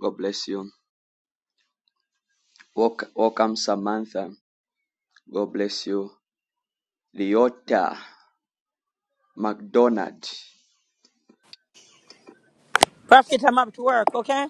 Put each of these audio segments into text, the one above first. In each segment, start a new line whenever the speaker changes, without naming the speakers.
God bless you. Welcome, Samantha. God bless you. Leota McDonald.
Prophet, I'm up to work, okay?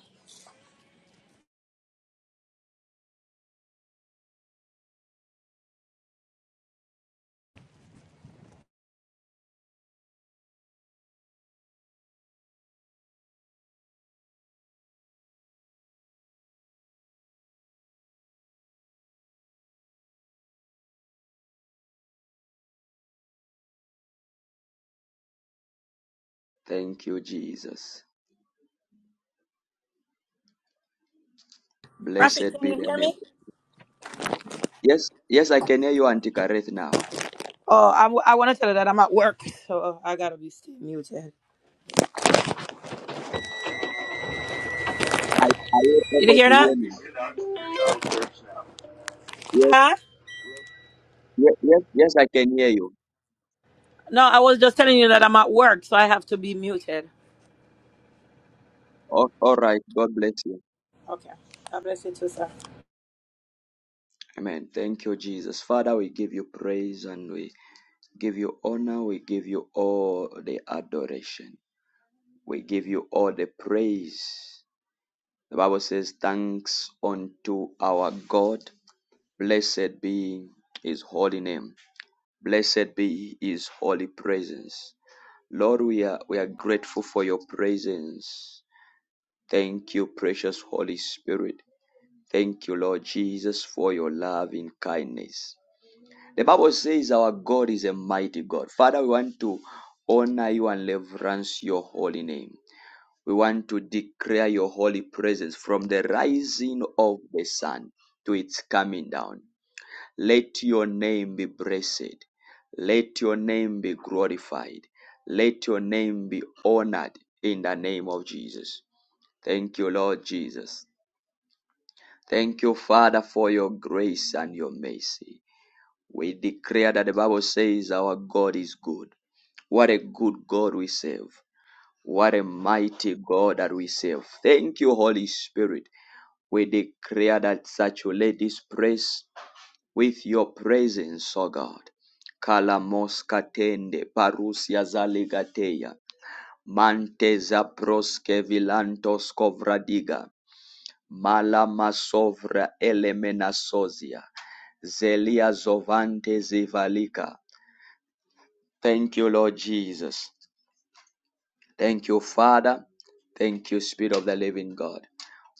Thank you, Jesus.
Prophet,
Blessed
can
be
you
the
hear
name.
me?
Yes, yes, I can hear you, Auntie Kareth, now.
Oh, I'm, I want to tell you that I'm at work, so I gotta be still muted.
are you
Did you
able
hear
to
that?
hear me? Yes,
Huh?
yes, yes, yes, I can hear you.
No, I was just telling you that I'm at work, so I have to be muted.
All, all right. God bless you.
Okay. God bless you too, sir.
Amen. Thank you, Jesus. Father, we give you praise and we give you honor. We give you all the adoration. We give you all the praise The Bible says, Thanks unto our God. Blessed be his holy name. Blessed be his holy presence. Lord, we are, we are grateful for your presence. Thank you, precious Holy Spirit. Thank you, Lord Jesus, for your loving kindness. The Bible says our God is a mighty God. Father, we want to honor you and reverence your holy name. We want to declare your holy presence from the rising of the sun to its coming down. Let your name be blessed. Let your name be glorified. Let your name be honored in the name of Jesus. Thank you, Lord Jesus. Thank you, Father, for your grace and your mercy. We declare that the Bible says our God is good. What a good God we serve. What a mighty God that we serve. Thank you, Holy Spirit. We declare that saturate this praise with your presence, O God. Kalamos katende parusia zaligateya. Manteza proske vilantos kovradiga. Malama sovra elemena sozia. Zelia zovante zivalika. Thank you, Lord Jesus. Thank you, Father. Thank you, Spirit of the Living God.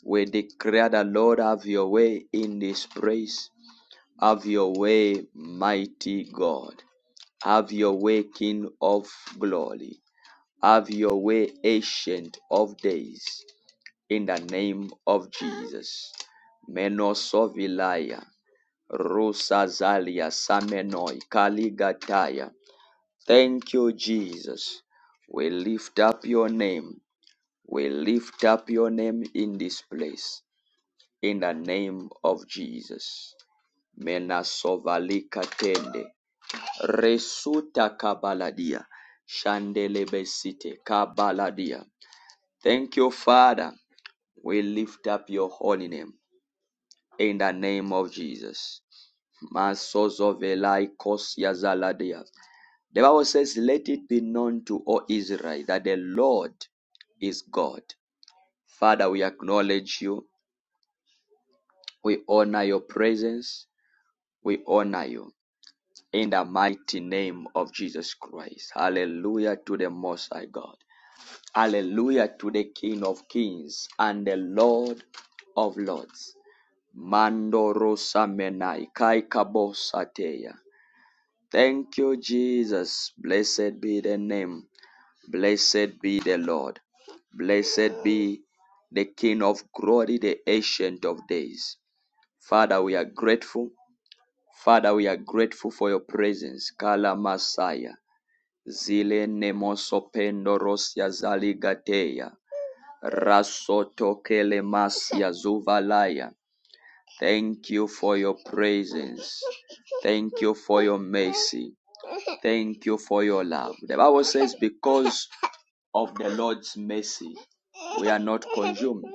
We declare that Lord have your way in this place. Have your way, mighty God. Have your way, King of glory. Have your way, ancient of days, in the name of Jesus. Menosovilaya, Rosazalia, Samenoi, Kaligataya. Thank you, Jesus. We lift up your name. We lift up your name in this place. In the name of Jesus. Menasovalika tende, Resuta kabaladia. Shandelebesite kabaladia. Thank you, Father. We lift up your holy name in the name of Jesus. Masozo velai kosia zaladia. The Bible says, Let it be known to all Israel that the Lord is God. Father, we acknowledge you. We honor your presence. We honor you. in the mighty name of Jesus Christ. Hallelujah to the Most High God. Hallelujah to the King of Kings and the Lord of Lords. Mando rosa menai kai kabosateya. Thank you, Jesus. Blessed be the name. Blessed be the Lord. Blessed be the King of glory, the Ancient of Days. Father, we are grateful. Father, we are grateful for your presence. Kala Messiah zile nemosopendorosia zaligateya rasotokelemasia zuvalaya. Thank you for your presence. Thank you for your mercy. Thank you for your love. The Bible says, because of the Lord's mercy, we are not consumed.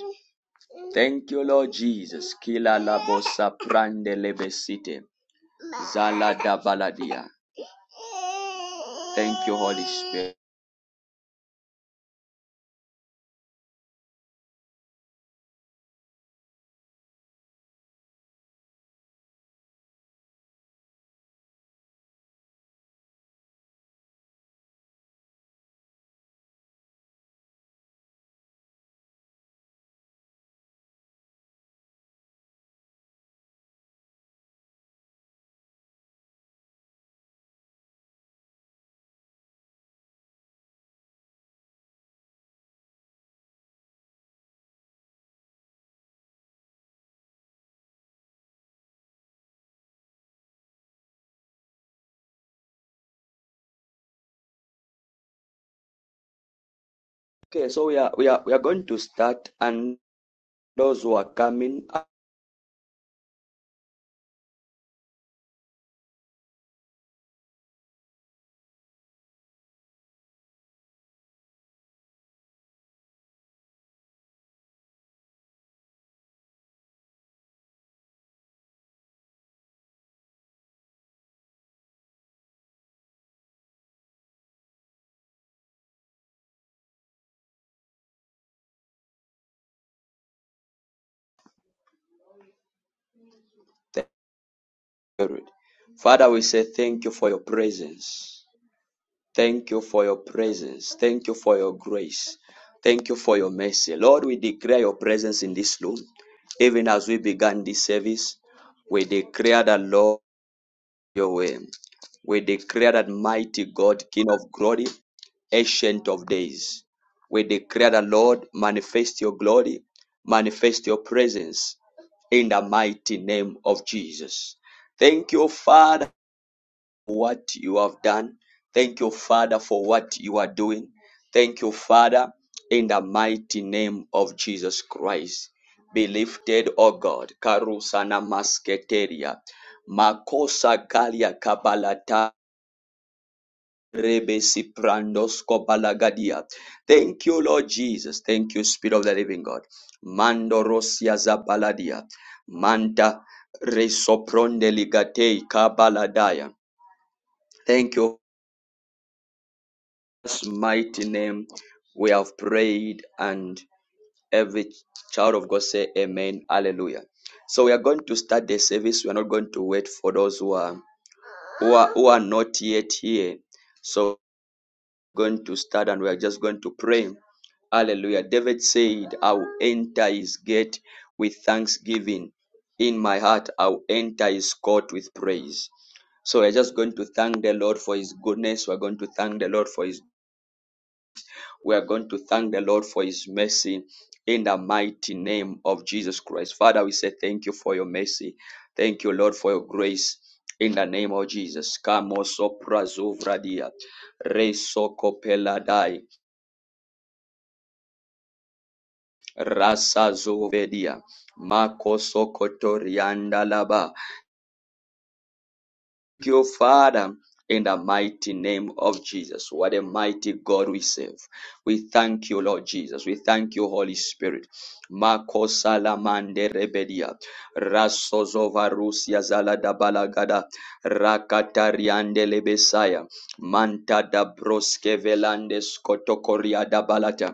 Thank you, Lord Jesus. Kila labosa prande lebesite. Zala da baladia. Thank you, Holy Spirit. Okay, so we are we are we are going to start, and those who are coming are the Lord. Father, we say thank you for your presence. Thank you for your presence. Thank you for your grace. Thank you for your mercy. Lord, we declare your presence in this room. Even as we began this service, we declare the Lord. your way. We declare that mighty God, King of glory, ancient of days. We declare the Lord, manifest your glory, manifest your presence in the mighty name of Jesus. Thank you, Father what you have done. Thank you, Father, for what you are doing. Thank you, Father, in the mighty name of Jesus Christ. Be lifted, O God. Karusana masketeria. Makosa galia kabalata. Rebesi prandos kobalagadia. Thank you, Lord Jesus. Thank you, Spirit of the Living God. Mando rosia zabaladia. Manta resopronde ligatei kabaladaya. Thank you. Jesus' mighty name we have prayed and every child of God say amen hallelujah so we are going to start the service we are not going to wait for those who are who are, who are not yet here so we're going to start and we are just going to pray hallelujah David said I'll enter his gate with thanksgiving in my heart I'll enter his court with praise so we're just going to thank the Lord for His goodness. We're going to thank the Lord for His we are going to thank the Lord for his mercy in the mighty name of Jesus Christ. Father, we say thank you for your mercy. Thank you, Lord, for your grace. In the name of Jesus. Kamo sopra zovradia. Re soko peladai. Rasa zovedia. Mako sokotorianda laba. you, Father. In the mighty name of Jesus. What a mighty God we serve. We thank you, Lord Jesus. We thank you, Holy Spirit. Mako salamande rebedia. Rasozova Rusia zalada balagada. Rakatariande lebesaya. Manta da broske velande skotokoria da balata.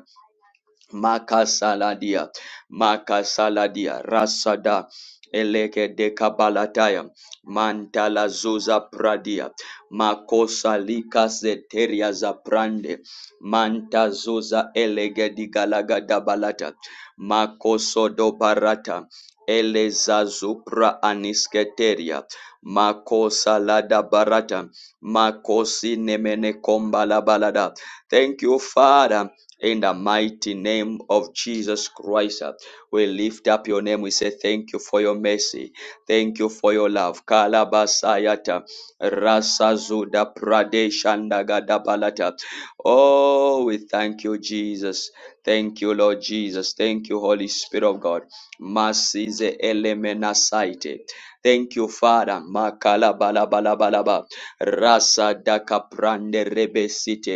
Makasaladia, Makasaladia, Rasada, Eleke de Kabalataya, Mantala Zuza Pradia, Makosa Lika Zeteria Zaprande, Manta Zuza Elege di Galaga da Balata, Makoso do Barata, Eleza Zupra Anisketeria, Makosa Lada Barata, Makosi Nemene Kombala Balada. Thank you, Father. In the mighty name of Jesus Christ, uh, we lift up your name. We say thank you for your mercy. Thank you for your love. Kalabasayata Rasazuda Pradeshandagadabalata. Oh, we thank you, Jesus. Thank you, Lord Jesus. Thank you, Holy Spirit of God. Masize elemena saite. Thank you, Father. Makala bala Rasa daka prande rebesite.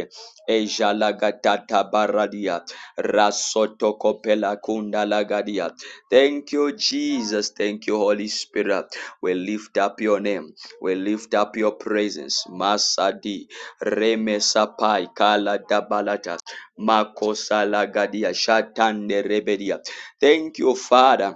Eja Ejalagatata baradia. Rasoto kopela kunda lagadia. Thank you, Jesus. Thank you, Holy Spirit. We lift up your name. We lift up your presence. Masadi Remesapai Kala Dabalata. Makosa Lagadia Shatande Rebedia. Thank you, Father.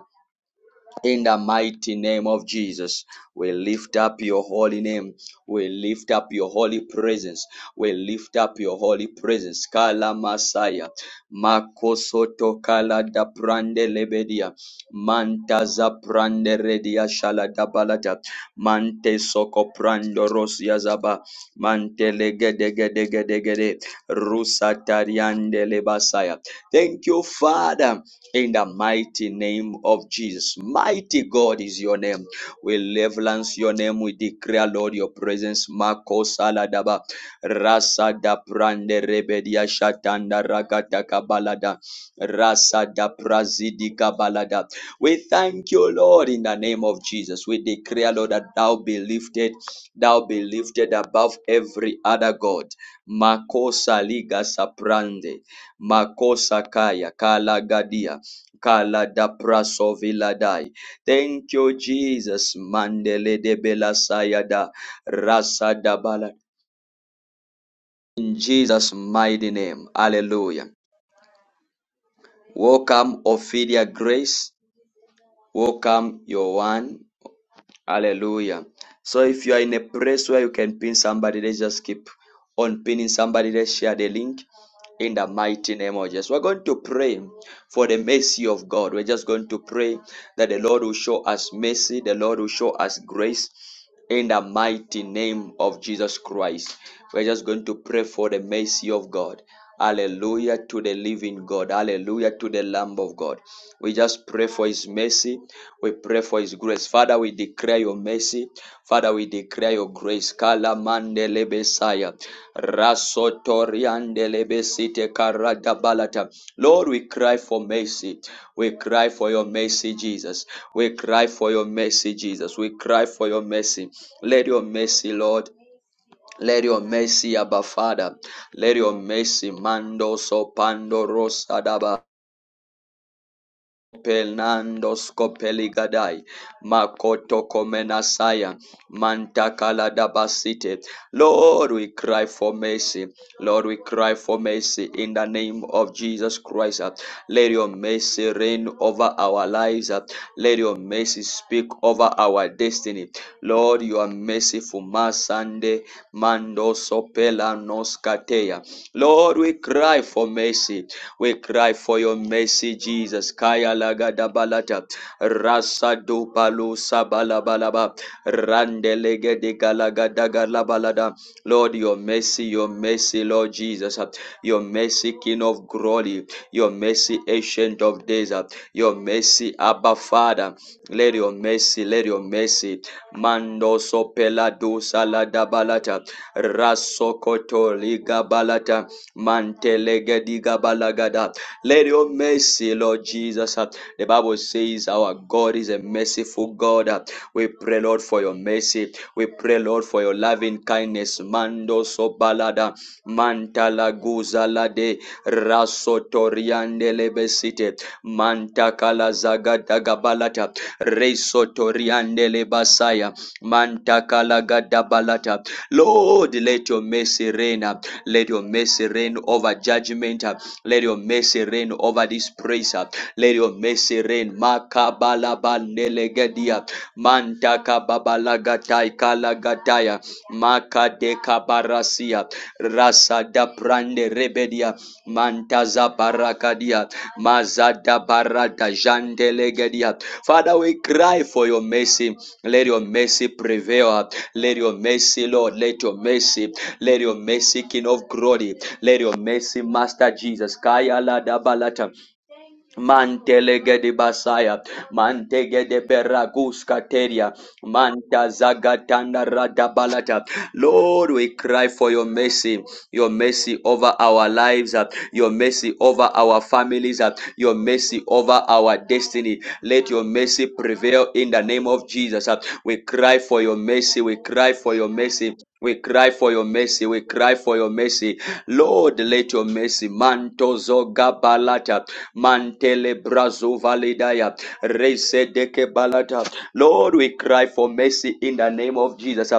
In the mighty name of Jesus, we lift up your holy name. We lift up your holy presence. We lift up your holy praises. Kala Masaya. Makosoto kala da prande lebedia. Mantaza prande redia shala da balata. Mante soko prando rosia zaba. Mante legedegedegedegede. Rusa tariande lebasaya. Thank you, Father, in the mighty name of Jesus. Mighty God is your name. We reverence your name. We declare, Lord, your presence. Mako saladaba. Rasa da prande rebedia shatanda ragada kabalada. Rasa da prazidi kabalada. We thank you, Lord, in the name of Jesus. We declare, Lord, that thou be lifted, thou be lifted above every other God. Makosa liga saprande, makosa kaya, kala gadia, kala da praso viladai. Thank you, Jesus. Mandele de bela sayada, rasa da bala. In Jesus' mighty name. Hallelujah. Welcome, Ophelia Grace. Welcome, your one. Hallelujah. So if you are in a place where you can pin somebody, let's just keep on pinning somebody. Let's share the link in the mighty name of Jesus. We're going to pray for the mercy of God. We're just going to pray that the Lord will show us mercy, the Lord will show us grace in the mighty name of Jesus Christ. We're just going to pray for the mercy of God. Hallelujah to the living God. Hallelujah to the Lamb of God. We just pray for His mercy. We pray for His grace. Father, we declare Your mercy. Father, we declare Your grace. Kala mandele besaya, rasotoriandele besite karada balata. Lord, we cry for mercy. We cry for Your mercy, Jesus. We cry for Your mercy, Jesus. We cry for Your mercy. Let Your mercy, Lord. Let your mercy, Abba Father, let your mercy, Mando so pando rosa Pelnandos Kopeligadai Makoto Komenasaya Mantakala Dabasite. Lord, we cry for mercy. Lord, we cry for mercy in the name of Jesus Christ. Let your mercy reign over our lives. Let your mercy speak over our destiny. Lord, you are merciful. Masande Mando Sopela Noskateya. Lord, we cry for mercy. We cry for your mercy, Jesus. Kaya lagada balata. Rasa do palo sabala balaba. Randelege de galagada galabalada. Lord, your mercy, your mercy, Lord Jesus. Your mercy, King of glory. Your mercy, Ancient of days. Your mercy, Abba Father. Let your mercy, let your mercy. Mando sopela do salada balata. Rasokoto liga balata. Mantelegedigabalagadab. Let your mercy, Lord Jesus. uh, The Bible says our God is a merciful God. uh. We pray, Lord, for your mercy. We pray, Lord, for your loving kindness. Mando so balada. Mantala guzalade. Rasotoriande lebesite. Mantakala zagadagabalata. Resotoriande lebasaya. Mantakala gadabalata. Lord, let your mercy reign. uh, let your mercy reign over judgment. uh, Let your mercy reign over this praise. uh, Let your mercy reign. Makabalabandelegedia. Mantakababalagatai kalagataya. Makadeka barasia. Rasa Rasada prande rebedia. Mantaza barakadia, mazada barada jandelegedia. Father, we cry for your mercy. Let your mercy prevail. Let your mercy, Lord, let your mercy, let your mercy, King of glory, let your mercy, Master Jesus. Kaya la da balata. Mantelege de basaya, mantege de beragus kateria, manta zagatanda radabalata. Lord, we cry for your mercy, your mercy over our lives, uh, your mercy over our families, uh, your mercy over our destiny. Let your mercy prevail in the name of Jesus. uh. We cry for your mercy, we cry for your mercy. We cry for your mercy. We cry for your mercy. Lord, let your mercy. Mantozo gabalata. Mantele brazo validaya. Rese deke balata. Lord, we cry for mercy in the name of Jesus.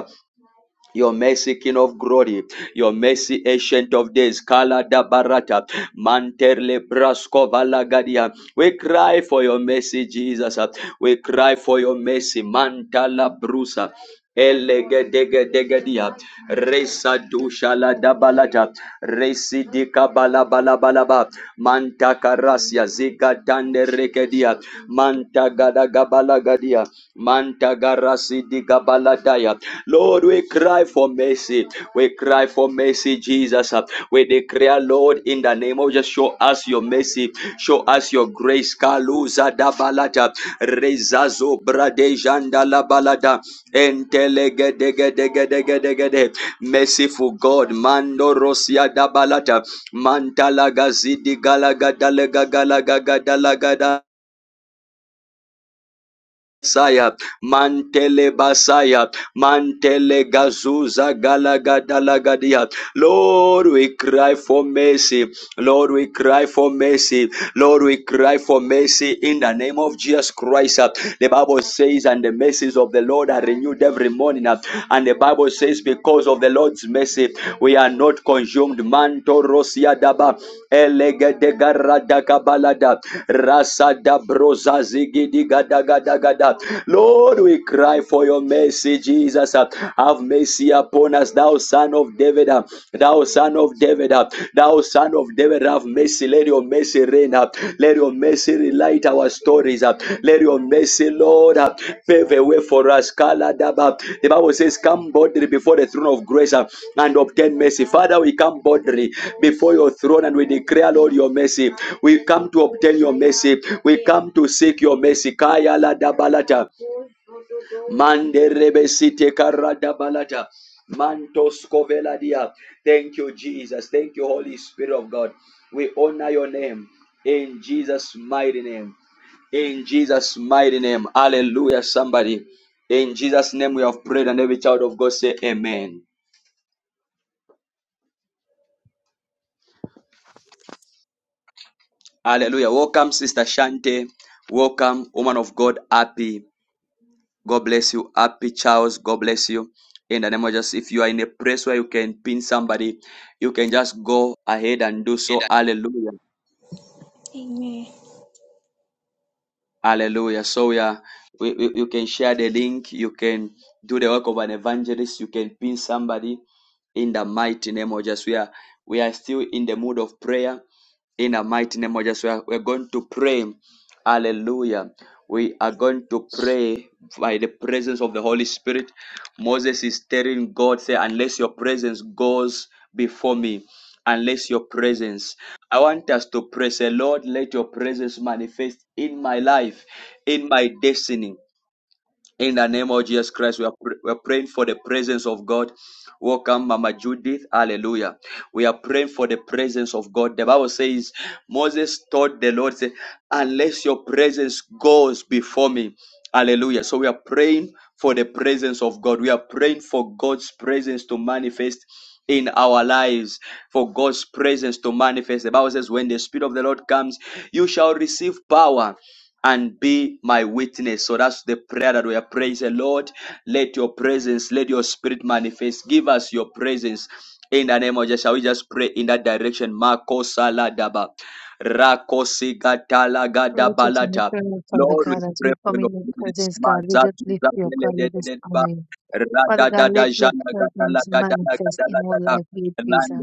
Your mercy, King of Glory, your mercy, Ancient of Days, Kala da Barata, Manterle Brasco Valagadia. We cry for your mercy, Jesus. We cry for your mercy, Mantala Brusa. Elegedegedegedia. Resa dushala dabalata. Resi dika balabalabalaba. Manta karasia zika tande rekedia. Manta gada gabalagadia. Manta garasi dika balataya. Lord, we cry for mercy. We cry for mercy, Jesus. We declare, Lord, in the name of just show us your mercy. Show us your grace. Kaluza dabalata. Rezazo brade janda balada. Entelegedegedegedegede. Merciful God, Mando Rosia Dabalata, Mantala Gazidi Galagadalaga Galaga Gadalagada. Saya Mantele Basaya Mantele Gazuza Galagadalagadia. Lord, we cry for mercy. Lord, we cry for mercy. Lord, we cry for mercy in the name of Jesus Christ. The Bible says, and the mercies of the Lord are renewed every morning. And the Bible says, because of the Lord. Lord's mercy. We are not consumed. Manto rosia daba elege de garada kabalada rasa da broza zigidi gada gada gada. Lord, we cry for your mercy, Jesus. Have mercy upon us, thou son of David, thou son of David, thou son of David. Have mercy, let your your mercy reign. uh, Let your mercy relight our stories. up. Let your mercy, Lord, uh, pave a way for us. Kala daba. The Bible says, Come boldly before the throne of grace uh, and obtain mercy. Father, we come boldly before your throne and we declare, Lord, your mercy. We come to obtain your mercy. We come to seek your mercy. Kaya la daba lata. Mande rebesite karada balata. Mantos koveladia. Thank you, Jesus. Thank you, Holy Spirit of God. We honor your name in Jesus' mighty name. In Jesus' mighty name. Hallelujah, somebody. In Jesus' name we have prayed, and every child of God say amen. Hallelujah. Welcome, Sister Shante. Welcome, woman of God. Happy. God bless you. Happy Charles. God bless you. In the name of Jesus, if you are in a place where you can pin somebody, you can just go ahead and do
It.
so. Hallelujah. Hallelujah. So yeah, we, we, you can share the link. You can do the work of an evangelist. You can pin somebody in the mighty name of Jesus. We are we are still in the mood of prayer in the mighty name of Jesus. We are, we are going to pray. Hallelujah. We are going to pray by the presence of the Holy Spirit. Moses is telling God, say, unless your presence goes before me unless your presence. I want us to pray, say, Lord, let your presence manifest in my life, in my destiny. In the name of Jesus Christ, we are, pr- we are praying for the presence of God. Welcome, Mama Judith. Hallelujah. We are praying for the presence of God. The Bible says, Moses told the Lord, say, unless your presence goes before me. Hallelujah. So we are praying for the presence of God. We are praying for God's presence to manifest in our lives, for God's presence to manifest. The Bible says, when the Spirit of the Lord comes, you shall receive power and be my witness. So that's the prayer that we are praying. Say, Lord, let your presence, let your spirit manifest. Give us your presence. In the name of Jesus, shall we just pray in that direction? Mako saladaba. Rako sigatala
Righteous and
gadabalata.
eternal Father
Lord, we
God, as
pray
we
for
come in
your
your
presence.
presence, God, we just
Mazatu
lift you up, God, we just
zabeledededeba.
honor you. Father God, let
Radadada
your
jana gadala
presence
gadala
manifest
gadala
in our
gadala.
life, be it Jesus.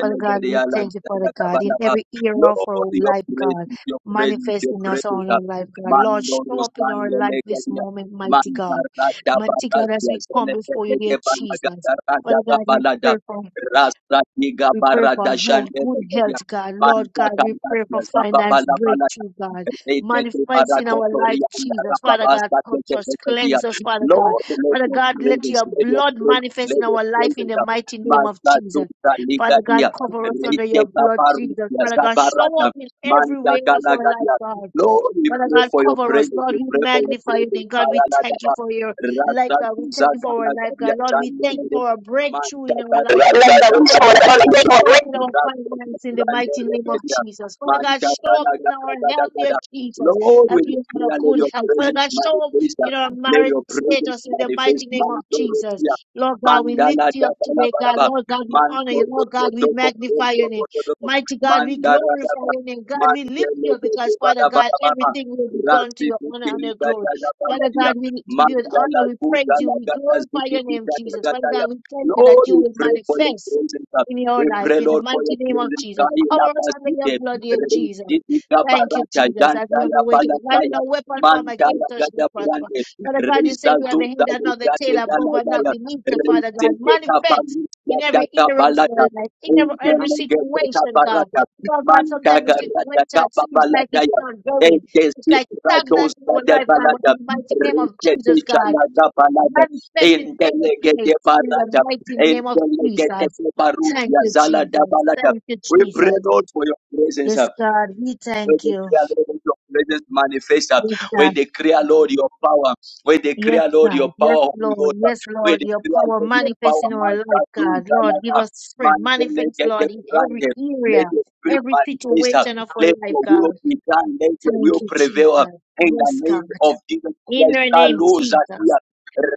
Father God, we thank you, Father
gadala
God, in
gadala.
every era of our
Lord, your
life, God,
presence, your presence,
manifest
your
in us on
presence.
our life, God. Lord,
Mandoro
show up in our life this
Sangalegalia,
moment, mighty God.
Mantarada
Mighty God, as
Barasia,
we come before you, dear
Zelete
Jesus. Father
Banagatarada
God, we
Balada,
pray for
Rasta Niga
we pray for
Barada
health, good
Shandelegalia,
health, God. Lord God, we pray for
Mantakanatia,
finance
Zababala Balada,
breakthrough, God.
Rete
Manifest in our life,
Barakotoria, and
Jesus. Father God,
Rababasta
touch us,
Telegalia,
cleanse us, Father God.
Lord, let
Father
your
God, let
presence,
your
let your
blood
presence,
manifest
let
in
your
our life in
presence.
the mighty name of
Masta
Jesus.
Duta
Father God,
Ligalia,
cover us under your
Rete
blood, Jesus.
Barusia,
Father God, show up
Zabarada,
in every
Manda
way of our life,
Galagadia.
God.
Lord, we
Father
pray
God,
for your
cover us.
presence.
Lord,
We
we
pray for your
magnify you.
presence.
name. God, we thank you
Kayaladaba.
for your life,
Rasta
God. We
Tuza
thank you for our life,
Galagadia
God. Lord, we thank you
Chandelere.
for our breakthrough
Manda
in our
i
life, Lord
Galagadia.
Jesus.
the reason of the
Father God,
Galagadia.
Holy Ghost
show up in our
Rasta
finances in the
Tuza
mighty name of
Remedia.
Jesus. Father God,
Manda
show up in our health, dear
Galagadia.
Jesus,
Lord,
that
we
we have a
declare, let
good
your
health. Father
presence
God, show up
manifest.
in our
Let
marriage
your presence
status in the
manifest.
mighty name of
Mando
Jesus.
Rosia.
Lord God, we lift
Mandala
you up
Dabala
today, God.
Baraba.
Lord God, we honor
Mando
you. Lord God, we magnify your name.
Rosia.
Mighty God, we glorify
Mandara
your name. God,
Lord,
we lift you up because, Father God, everything will be done to your honor and your glory. Father God, we give you the honor. We praise you. We glorify your name, Jesus. Father God, we thank you that you
we
will
pray for your
manifest
presence. uh,
in your
We
life
pray,
in the
Lord, for your
mighty name of
presence.
Jesus.
Kaila
Cover us under your
basite,
blood, dear Jesus.
rezidi
Thank you,
kabarata,
Jesus,
yanda
as we have
la
awakened. Not let
balataya,
no weapon form
manda la
against us shall
gada
prosper.
brande,
Father God, you say
reza
we are the
zuza
head and not the tail,
yugade
above and not
galadaya,
beneath the Father God.
rezeke
Manifest
kabalu,
in
yada
every era of
kabalata,
our life, in every, every
unkelege
situation, God.
kabarata,
Lord God, sometimes the
Mandaga Radaga
situation seems like it's
Babaladaya
not going. It's
Endesi
like stagnant in
Radosa
our
de
life, God, but
Balada
in the mighty name of
Rikete
Jesus, God.
Chalaga Balada
Manifest in every
Endelegete
place in the
Barada
mighty name of
Endelegete
Jesus. Thank
Barutia
you,
Zalada
Jesus.
Balada.
Thank you,
We pray,
Jesus.
Lord, for your presence.
Yes, God, we
Where
thank
We
you.
declare, Lord, let your presence manifest. uh,
Yes,
We
God.
declare, Lord, your power. where We
Yes,
declare, Lord,
God.
your
Yes,
power, Holy
Lord.
Ghost. uh,
Yes,
We
Lord. Your
declare,
power
Lord, your power.
manifest in our
Man,
life,
that do,
God.
that,
Lord,
that,
give
that.
us strength.
Man, so let
Manifest,
it be
Lord, in every
granted. Let
area,
your spirit
every
manifest. uh,
situation of our
Let
life,
your will
God.
be done. Let your
Thank
will
you,
prevail. uh,
Jesus.
In the
Yes, God.
name of Jesus
In
Christ,
your name, Jesus.
Hallelujah.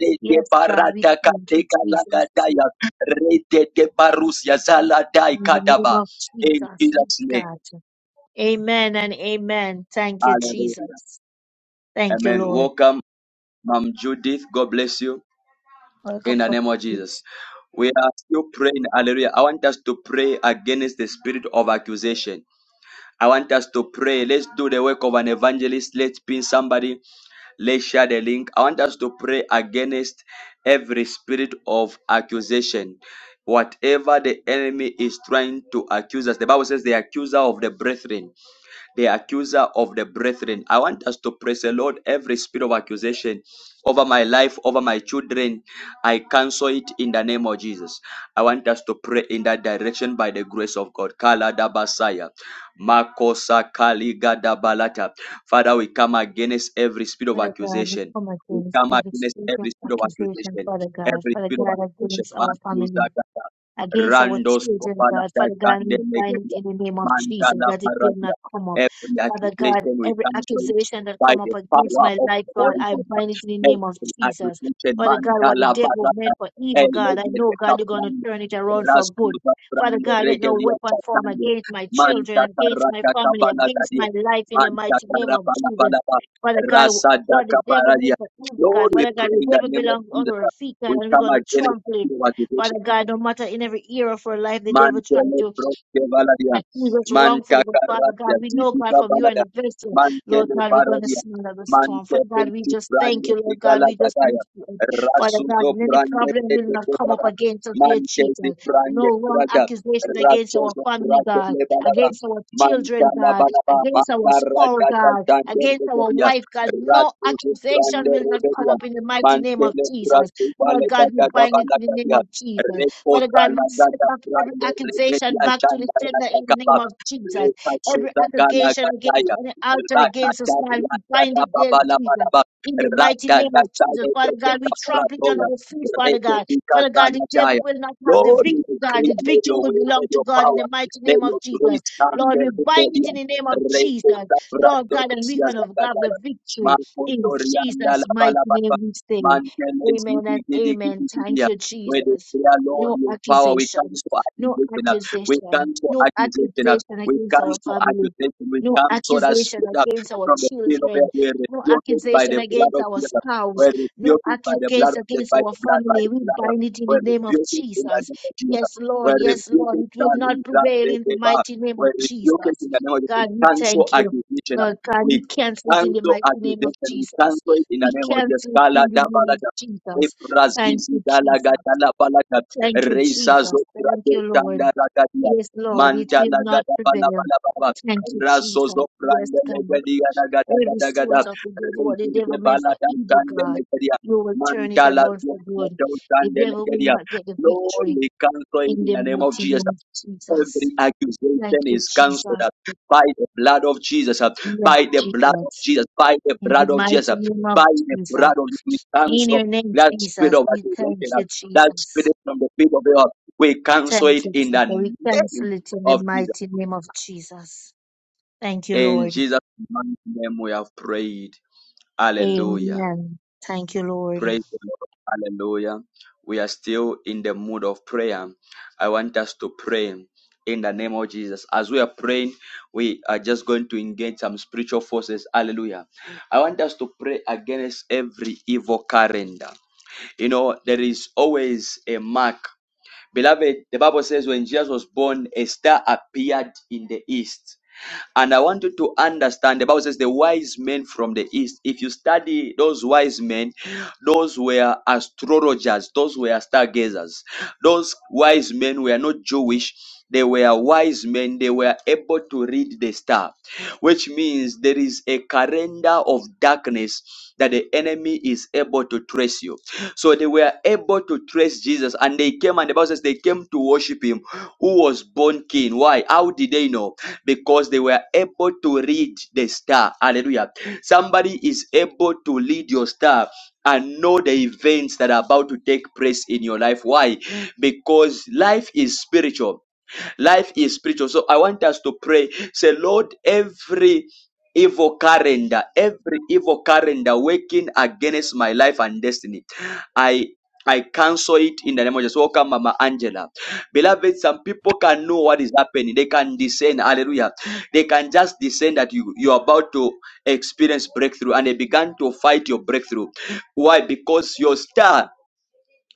Rete
Yes, God, we
barata
thank you,
kateka
Jesus.
lagadaya. Rete de barusia zala dai
In the name
kadaba.
of
In
Jesus. Yes,
Jesus' name.
God. Amen and amen. Thank you,
Hallelujah.
Jesus. Thank you,
Amen.
Lord.
Welcome, Mom Judith. God bless you
Welcome,
in the name of Jesus. We are still praying. Hallelujah. I want us to pray against the spirit of accusation. I want us to pray. Let's do the work of an evangelist. Let's pin somebody. Let's share the link. I want us to pray against every spirit of accusation. Whatever the enemy is trying to accuse us, the Bible says the accuser of the brethren the accuser of the brethren. I want us to praise the Lord every spirit of accusation over my life, over my children. I cancel it in the name of Jesus. I want us to pray in that direction by the grace of God. Kala dabasaya. Makosa kaliga dabalata. Father, we come against every spirit of
Father God. We
accusation.
come
We
against
come
every
against
spirit of
every spirit of
accusation,
accusation.
Father God.
Every
Father
spirit of
God,
accusation.
against our
Makusa
family.
gata.
against our
Randos
children,
kopala
God. Father
gata
God, we bind it
ndemegeria.
in the name of Jesus, that it will
Mandala
not come up.
Every
Father God,
accusation we
every
cancel it
accusation that
by
come
the
up against
power
my
of
life,
the
God,
Holy
I bind it
Ghost.
in the name of
Every
Jesus.
accusation,
Father
man,
God, what the
gala,
devil
barata,
meant for evil, God, I
elegede,
know, God, you're going to
caprano,
turn it around for good.
raspuza,
Father
prano,
God, let no
regedia,
weapon form
chatano,
against my
man,
children, against
tatara,
my family,
catabala,
against
dadia,
my life in the
man,
mighty name
tatara,
of
bala,
Jesus. Father God,
rasa,
what the
daca,
devil
baradia.
meant for evil, God.
Lord, we
Father God,
pray
the
in the
devil
name of
belongs
Jesus.
under our feet, God,
We
and we're
come
going to
against
trample it
the accusation
Father God, no matter in every era of our life, the devil tried
Mantele
to
proske valadia.
accuse us
Manta
wrongfully. But Father God,
carratia
we know, God,
tidica
from you and
valada.
the vessel, Lord
Mantele
God, we're going to
baradia.
see another storm.
Mante
Father God, we
penti
just thank
brande
you, Lord God.
tigala
We just
gadaya.
lift you up. Father God,
Rasuzo
any
brande
problem will
pete
not come up
kebaba.
against us, dear
Mante di
Jesus.
brande
No wrong
krada.
accusation against our
Rasozo
family,
brande
God,
le balaba.
against our
Manta
children,
la
God,
balaba.
against our
Manta
spouse,
rajata
God,
jande
against our
rebelia.
wife, God. No
Rasuzo
accusation
brande
will not come
rebelia.
up in the mighty name of
Mantele
Jesus.
brasu
Lord
vale
God, we
gada
bind it in the name
gabala
of Jesus. Father
Reposa
God, we
la
send
gada
back every
brando repeti
accusation back to the
achanda la
sender in the name
kakapa.
of Jesus.
Reka
Every
suda gala
accusation against
gataya.
any altar
Raka
against us,
tari
God, we bind
la
it there,
baba la
Jesus.
baraba.
In the
Rada
mighty
da
name of
da de
Jesus,
de
Father
de
God, we trample it on
kaparatoya.
our feet, Father God.
Repeti
Father God, the
kasala
devil
daya.
will not have the
Lord, we
victory, God. The
declare may
victory
your
will
will, may
belong to
your
God in
power,
the mighty
may
name of
your
Jesus.
grace come in
Lord, we
every
bind it in
rebellion.
the name of Jesus.
Reposa
Lord
brando
God, and we're
rusia
going to have the
zagadaya.
victory
Marco
in
Torianda
Jesus'
la
mighty name
balababa.
we
Mantele
say. Amen
zidi
and
gidi
amen.
gidi gidi
Thank you,
we
Jesus.
declare, Lord,
No
your power. We
accusation.
cancel
No
accusation. uh, We
accusation.
cancel
No
accusation. uh,
accusation
We
against our
cancel
family.
accusation. We
No
cancel that
accusation
spirit uh,
against our
from the field of hell.
children.
We
No
rebuke it by
accusation
the blood
against
of
our
Jesus. We
spouse. No
rebuke it by the blood
accusation
of Jesus.
against
By
our
the blood, by
family.
the
We
blood. uh,
bind it in
We
the name of
rebuke it in the
Jesus.
name of Jesus.
Yes,
We
Lord. Yes,
rebuke
Lord.
it,
It will not
darling, that
prevail
they
in the
gave up.
mighty name
We
of
rebuke it
Jesus.
in the name of Jesus. We
God, we
cancel
thank you.
accusation. uh,
Lord God, we
We
cancel it in the
cancel
mighty name of
accusation. We
Jesus.
cancel it in the
We
name of Jesus.
cancel it
Kala,
in the
da,
name
bala, da.
of Jesus. Thank
Ebrazizi
you, Jesus.
galagata la palaka.
Thank you,
Reisa
Jesus. Thank you, Lord.
tanga ragadia.
Yes, Lord, it
Manta
will not
lagada bala
prevail.
bala baba.
Thank you,
Raso
Jesus. Yes,
zokrate
God.
legadia nagada
Every
gada
source
gada.
of the devil, what the
Reisa
devil meant
bala
for evil,
tanga
God,
legadia.
you will turn it
Manta la
around for good.
zokrate
The
tanga
devil will
legadia.
not get the
Lord,
victory
we cancel it
in
in
the
the name of
mighty
Jesus
name of
every
Jesus. Thank
accusation
you,
is cancelled
Jesus.
uh, by the blood of Jesus, uh,
Yes,
by the blood of
Jesus.
Jesus, by the
In the
blood of Jesus,
mighty
uh,
name of
by the
Jesus.
blood of Jesus. We
In your
cancel
name,
that spirit
Jesus.
of
We thank
accusation, uh,
you,
that
Jesus.
spirit from the pit of the earth. We cancel
Thank
it
you,
in
Jesus.
the
We
name
cancel it in the
of Jesus.
mighty name of Jesus. Thank you,
In
Lord.
Jesus' mighty name we have prayed. Hallelujah.
Amen. Thank you, Lord.
Praise the Lord. Hallelujah. We are still in the mood of prayer. I want us to pray in the name of Jesus. As we are praying, we are just going to engage some spiritual forces. Hallelujah. I want us to pray against every evil calendar. You know, there is always a mark. Beloved, the Bible says when Jesus was born, a star appeared in the east. And I want you to understand the Bible says the wise men from the east. If you study those wise men, those were astrologers, those were stargazers. Those wise men were not Jewish. They were wise men. They were able to read the star, which means there is a calendar of darkness that the enemy is able to trace you. So they were able to trace Jesus and they came and the Bible says they came to worship him who was born king. Why? How did they know? Because they were able to read the star. Hallelujah. Somebody is able to read your star and know the events that are about to take place in your life. Why? Because life is spiritual life is spiritual so i want us to pray say lord every evil calendar, every evil calendar working against my life and destiny. I I cancel it in the name of Jesus. Welcome, Mama Angela. Beloved, some people can know what is happening. They can discern. Hallelujah. They can just discern that you, you're about to experience breakthrough and they began to fight your breakthrough. Why? Because your star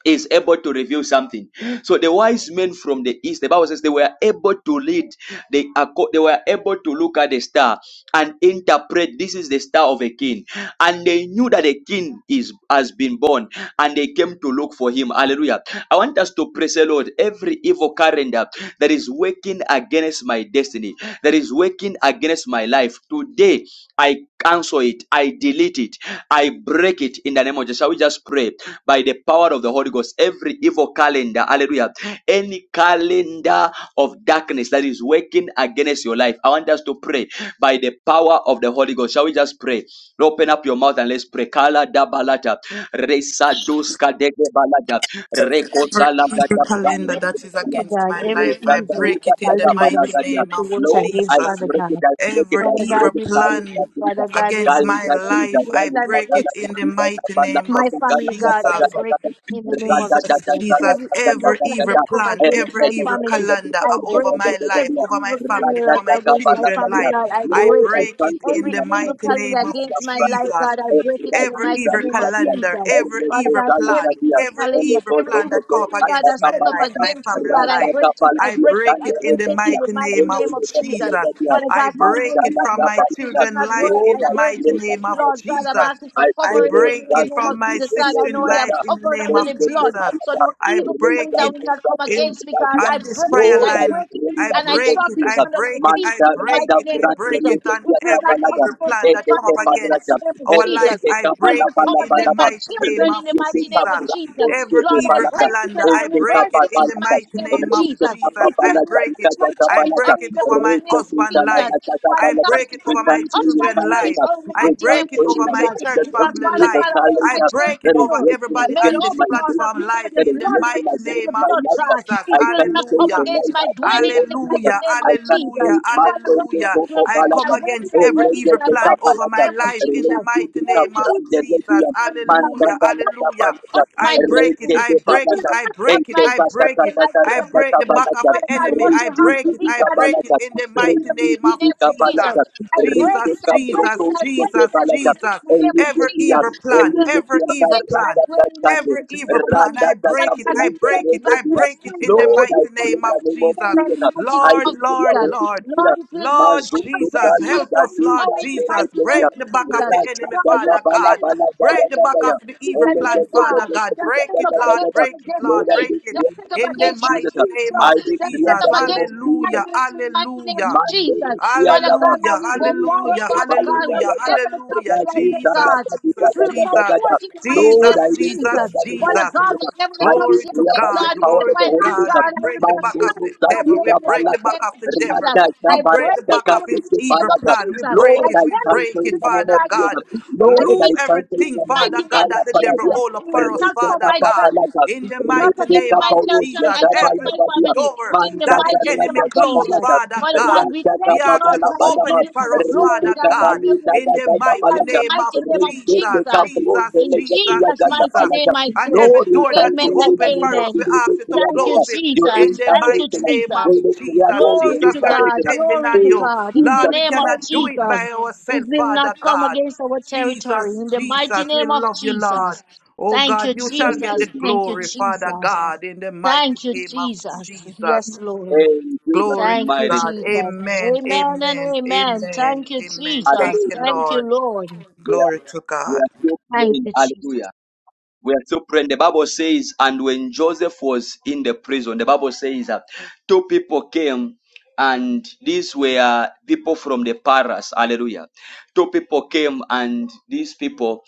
is able to reveal something. So the wise men from the east, the Bible says they were able to lead, they, they were able to look at the star and interpret this is the star of a king. And they knew that a king is has been born and they came to look for him. Hallelujah. I want us to praise the Lord every evil calendar that is working against my destiny, that is working against my life. Today I cancel it, I delete it, I break it in the name of Jesus. Shall we just pray? by the power of the Holy Ghost. Every evil calendar, hallelujah, any calendar of darkness that is working against your life, I want us to pray by the power of the Holy Ghost. Shall we just pray? Open up your mouth and let's pray. Kala da balata, resa duska dege balata,
Every
rekosa
evil
lagata
calendar
brande.
that is
Father
against
God,
my
every
life,
Resa
I
evil
break
daluga
it in the
daga
calendar
mighty
that's
banagaria.
set
name
to
of
work
I
against
Jesus.
Father
break
God.
it, I break it,
Every
I
Father God,
evil
break
we break it.
plan
it,
Father God, we
Lord, I
against
break
my
it.
stand for you
Every
in
life,
evil
I
the
plan against.
break it in the mighty name of
My family, God, I
Jesus.
break it in the name of
Jesus,
Jesus.
Jesus,
Every evil
every
plan
evil
that come
plan,
against
every
my
evil
family,
calendar
I
are over
break
my
it.
life,
Every
over my
evil
family,
calendar that
over my
against my
children's
family,
life,
God, I
I
break it.
break it in
Every
the
name of
evil
mighty
Jesus.
calendar
name
I
of
against
have
my life,
practiced
Jesus.
God, I
every
break it in
right
the
Every
thing
mighty
that
evil
is
name
that
of
here.
calendar,
Jesus.
every
Every
Father
cause
evil
God,
that is that
plan,
every
here.
evil
every
Every
calendar,
evil
cause
every
of
plan
the
that
evil
come
Lord,
up
plan,
I
God, that
have
against my
set up
life,
practiced.
my
against me,
family
God, I
Rasta
life,
break it,
Kapal,
I
I
here,
break it,
break
stand
I
it
there,
in
break
the
it
here,
in
here.
the
mighty
mighty
name of
name of
Every cause of the
Jesus.
Lord,
Jesus.
here.
Father
I
God,
Man,
it
break
will
I
it
not
from
have
my
work, it
practiced.
will
children's
not
life
work,
in
Lord,
I
the
I
break it.
mighty
pray that
name
you
of
will
Lord
keep
God, I'm
us.
Jesus.
asking for
I pray,
I
covering in the
Lord,
break
mighty
that
it
name
you
of
from my
Jesus.
will
God, I
let
sister's
know
me
I am
life
out.
in the
covered
name
under
of
Thank
the
you for
blood.
my
Jesus.
So
life.
no
I
evil
Raise
break
calendar
us
it
will
to
not
the
come
throne
in
against me,
of the
God.
on
I
Lord.
this
break it,
prayer
Lord,
I
I
line.
break
pray
it,
in
I
the
and I
name of
break it,
trample it
I
Jesus.
under my
break it,
feet
I
Manta
in the
break
Raja
mighty
it,
name
I
of
Branda
break
Jesus.
it on
It
Legia
will
every
not come
Kapalaga.
evil
against
plan
my
that come
family
up
Edeke
in the mighty
Palaja.
against
name of
our
Jesus.
life.
Erete
I
It will
Kapala
break
not
it
come
Pala
in the
against
Palava.
my
mighty name
children in
of
the
Raise
mighty name of
Jesus.
Kaprando
Jesus.
Every
Sede
Lord, I
evil
Palaja.
break it
calendar,
and I
I
Edeke
break
reverse
it
it
in
in
the
the
Kapalaja.
mighty
mighty
name of
name of
Raise
Jesus.
Jesus.
It will
I
not
Kapalaja
break it.
touch
Ikaja
my
I
Kapalaja.
break
territory
it
in the
over
mighty
my
Raise
name of
husband's
Jesus.
life.
Kapalaja Ikaja
I
Father
Kapalaja.
God,
break
you
it
We
could
over
not
my
thank you,
touch
we
my
children's
thank you
life.
that
territory in the
I
we
mighty
thank
break
name
it
of
you in
over
the
my
name
Jesus.
of
church
just
Because
every
family
Father
evil
God,
life.
I know
calendar
I
my
that
break
there
it
is
over
territory
working
is
everybody
made
on
against
all
this
my
because of
duty,
platform
you,
life
God, the
that
in
is
the
blood, when
working
they
mighty
see
against
the
name of
my
blood,
life.
God,
Jesus.
it
I
will
thank
not
you
come
Hallelujah.
the
against
night
my
I can
dwelling in
never
the
see it.
mighty
Hallelujah,
name of
I thank
Jesus.
hallelujah,
you,
Father
Master,
God,
the
hallelujah.
it
Coco
will
I
break, I
come
Palata.
break
against
it, I
Oh,
every
break
let
it,
us
evil
and I
take
plan
up
bind it in
over
the
Palata.
my
name of
life in the
Jesus.
Release
mighty
Every
name of
evil
the
Jesus.
Legion.
Hallelujah,
Mantata
every
Lata
hallelujah.
Palata.
up my
I break it,
destiny.
I
It
break it,
will
I
not
Lord,
up
break
I pray
it,
my
I
in
destiny in
break
the
the
it.
mighty
I
name of
break the
Jesus.
back of the
Father God,
enemy.
what you
I
have for
break it,
me,
I
God, it
break
will
it in the
fulfill in
mighty
the
name
mighty
of
name of
Jesus.
Jesus. I break it,
Jesus,
I break
Jesus,
it, I break it,
Jesus,
I break it
Jesus.
in the name of
Every
Jesus.
evil
It
plan,
will not
every
come
evil
against my
plan,
dwelling in the
every
mighty
evil
name of
plan,
Jesus.
I
Father
break it,
God, we
I
send
break
it
it,
back
I
to the
break it in
sender.
the
We
mighty
send it
name
back
of
to
name
the
of
Jesus.
sender in
Jesus.
the mighty
I
name
Lord,
of
decree a
Lord,
Jesus.
holy
Lord.
Lord,
spirit.
it will not
Lord
come
Mazuko
Jesus,
against my
dali
help us,
faith
dali
or
Lord
in the
dali
Jesus.
mighty
dali
name
Break
of
the back of
Jesus.
the
Racha
enemy,
God
da da
will
Father
bala
God.
send back
bala daya
Break the
every
back
daya.
of the
weak
evil plan,
against God.
Father God.
That
Break
set
it,
up
Lord.
against my
Break it, Lord.
Lord, I
destiny.
Break
decree
it.
in
That set up
the
In
name
the
of
against my
Jesus.
mighty name
future.
I
of
decree
That
in
set
Jesus.
up
the name of
against my
Jesus.
Hallelujah.
finances in the mighty name of
Hallelujah.
Jesus.
Mandere
Father
Yadaba,
God, I
Hallelujah,
will go
Rito
forward,
hallelujah,
Father
Valley
God,
hallelujah,
Gayata,
whatever the
hallelujah.
prophecy I
Raji
get,
Jesus,
God.
Sandaka
It
Jesus,
will come
Jesus,
Gada.
forth in the mighty name
Lord,
Jesus,
I
of
declare
Jesus.
Jesus,
by the most
Father
Jesus.
God,
Creator,
whatever the
I
Glory
prophecy I
to
declare
get,
by the
God,
God, even
power
the
glory
of the
to
Holy
finance,
God.
Ghost,
God,
We
I will
break the
not
back of
stand
Mandoro
the
no
devil.
more
We
Sakita
in the
break the
mighty
Balata,
back
name
of
of
the devil.
Jesus.
Rata
We
I
break the
break
Kabarata
it
back
in
of
the
his
mighty
Kakete
name
evil
of
Balata.
plan. We
Jesus.
break
I
Lord,
it,
I
we
send it
break
back
cancel
to
in
it,
the name
Father
sender.
of
I
God.
cast it
Jesus.
to my
Lord,
Loose
I
feet
cancel
in
in
everything,
the
the
Father
name
mighty
of
God,
name
Kala
that
of
the devil
Jesus.
Paradia.
hold
It
up for
will
us,
not
Rete
come
Father
my
Kapa
God.
belly
Balata,
In the
not
mighty
Rete
against
name
my
of
Kapa
territory,
Jesus,
against
every
my
Rosia,
family,
door
in the
Manta
that the
mighty
Jala
name
enemy
of
Jata
closed,
Jesus.
Palata,
Father
Father God,
God.
we
Rajata
thank
We
you,
ask you
Lord
Babala
to
God. We
open
give
Badaba,
you
it
all
for
the
us,
glory,
Father
Rita
God. We give
God,
you all
Balita
the
in the
Jata
mighty
honor in the
Palata,
name of
mighty name of
Rita
Jesus,
Jesus.
Capron
Jesus,
de
In
Jesus,
Legatia
Jesus'
Jata
mighty
Jesus.
Palata.
name, I
And
say,
every
Lord, we
door that
thank
He
Amen
you in
and
the
opened
name
for
of
us, we
Amen.
ask
Jesus,
you to
Thank you,
Creator.
close it
Your
Jesus.
in the
Thank you,
mighty
intervention,
name of
Jesus.
Holy Creator,
Jesus.
your
Glory
Jesus,
to
we are
God.
intervention.
depending
Glory
on
to
In
you.
God. In the
Lord, we
Jesus'
name of
mighty
cannot do
name.
it
Jesus, it
by ourselves,
will not
Father
come
God.
against our territory.
Jesus,
In the mighty
Jesus, we
name of
love you,
Jesus.
Lord. Oh
Thank you,
God, you shall
Thank
get
you,
the
Jesus.
Jesus.
Thank you,
glory, Father
Jesus.
God, in the mighty
Thank you,
name of
Jesus.
Jesus.
Yes, Lord.
In Jesus'
Glory to
Thank you,
mighty name.
God.
Jesus.
Amen,
Amen and
amen,
amen.
amen,
Thank you,
amen. Thank
Jesus.
you,
Hallelujah.
Thank you,
Lord.
Lord.
We are,
Glory to
we are
God.
still
Thank
praying.
you, Jesus.
Hallelujah. We are still praying. The Bible says, and when Joseph was in the prison, the Bible says that two people came, and these were people from the Paras. Hallelujah. Two people came, and these people,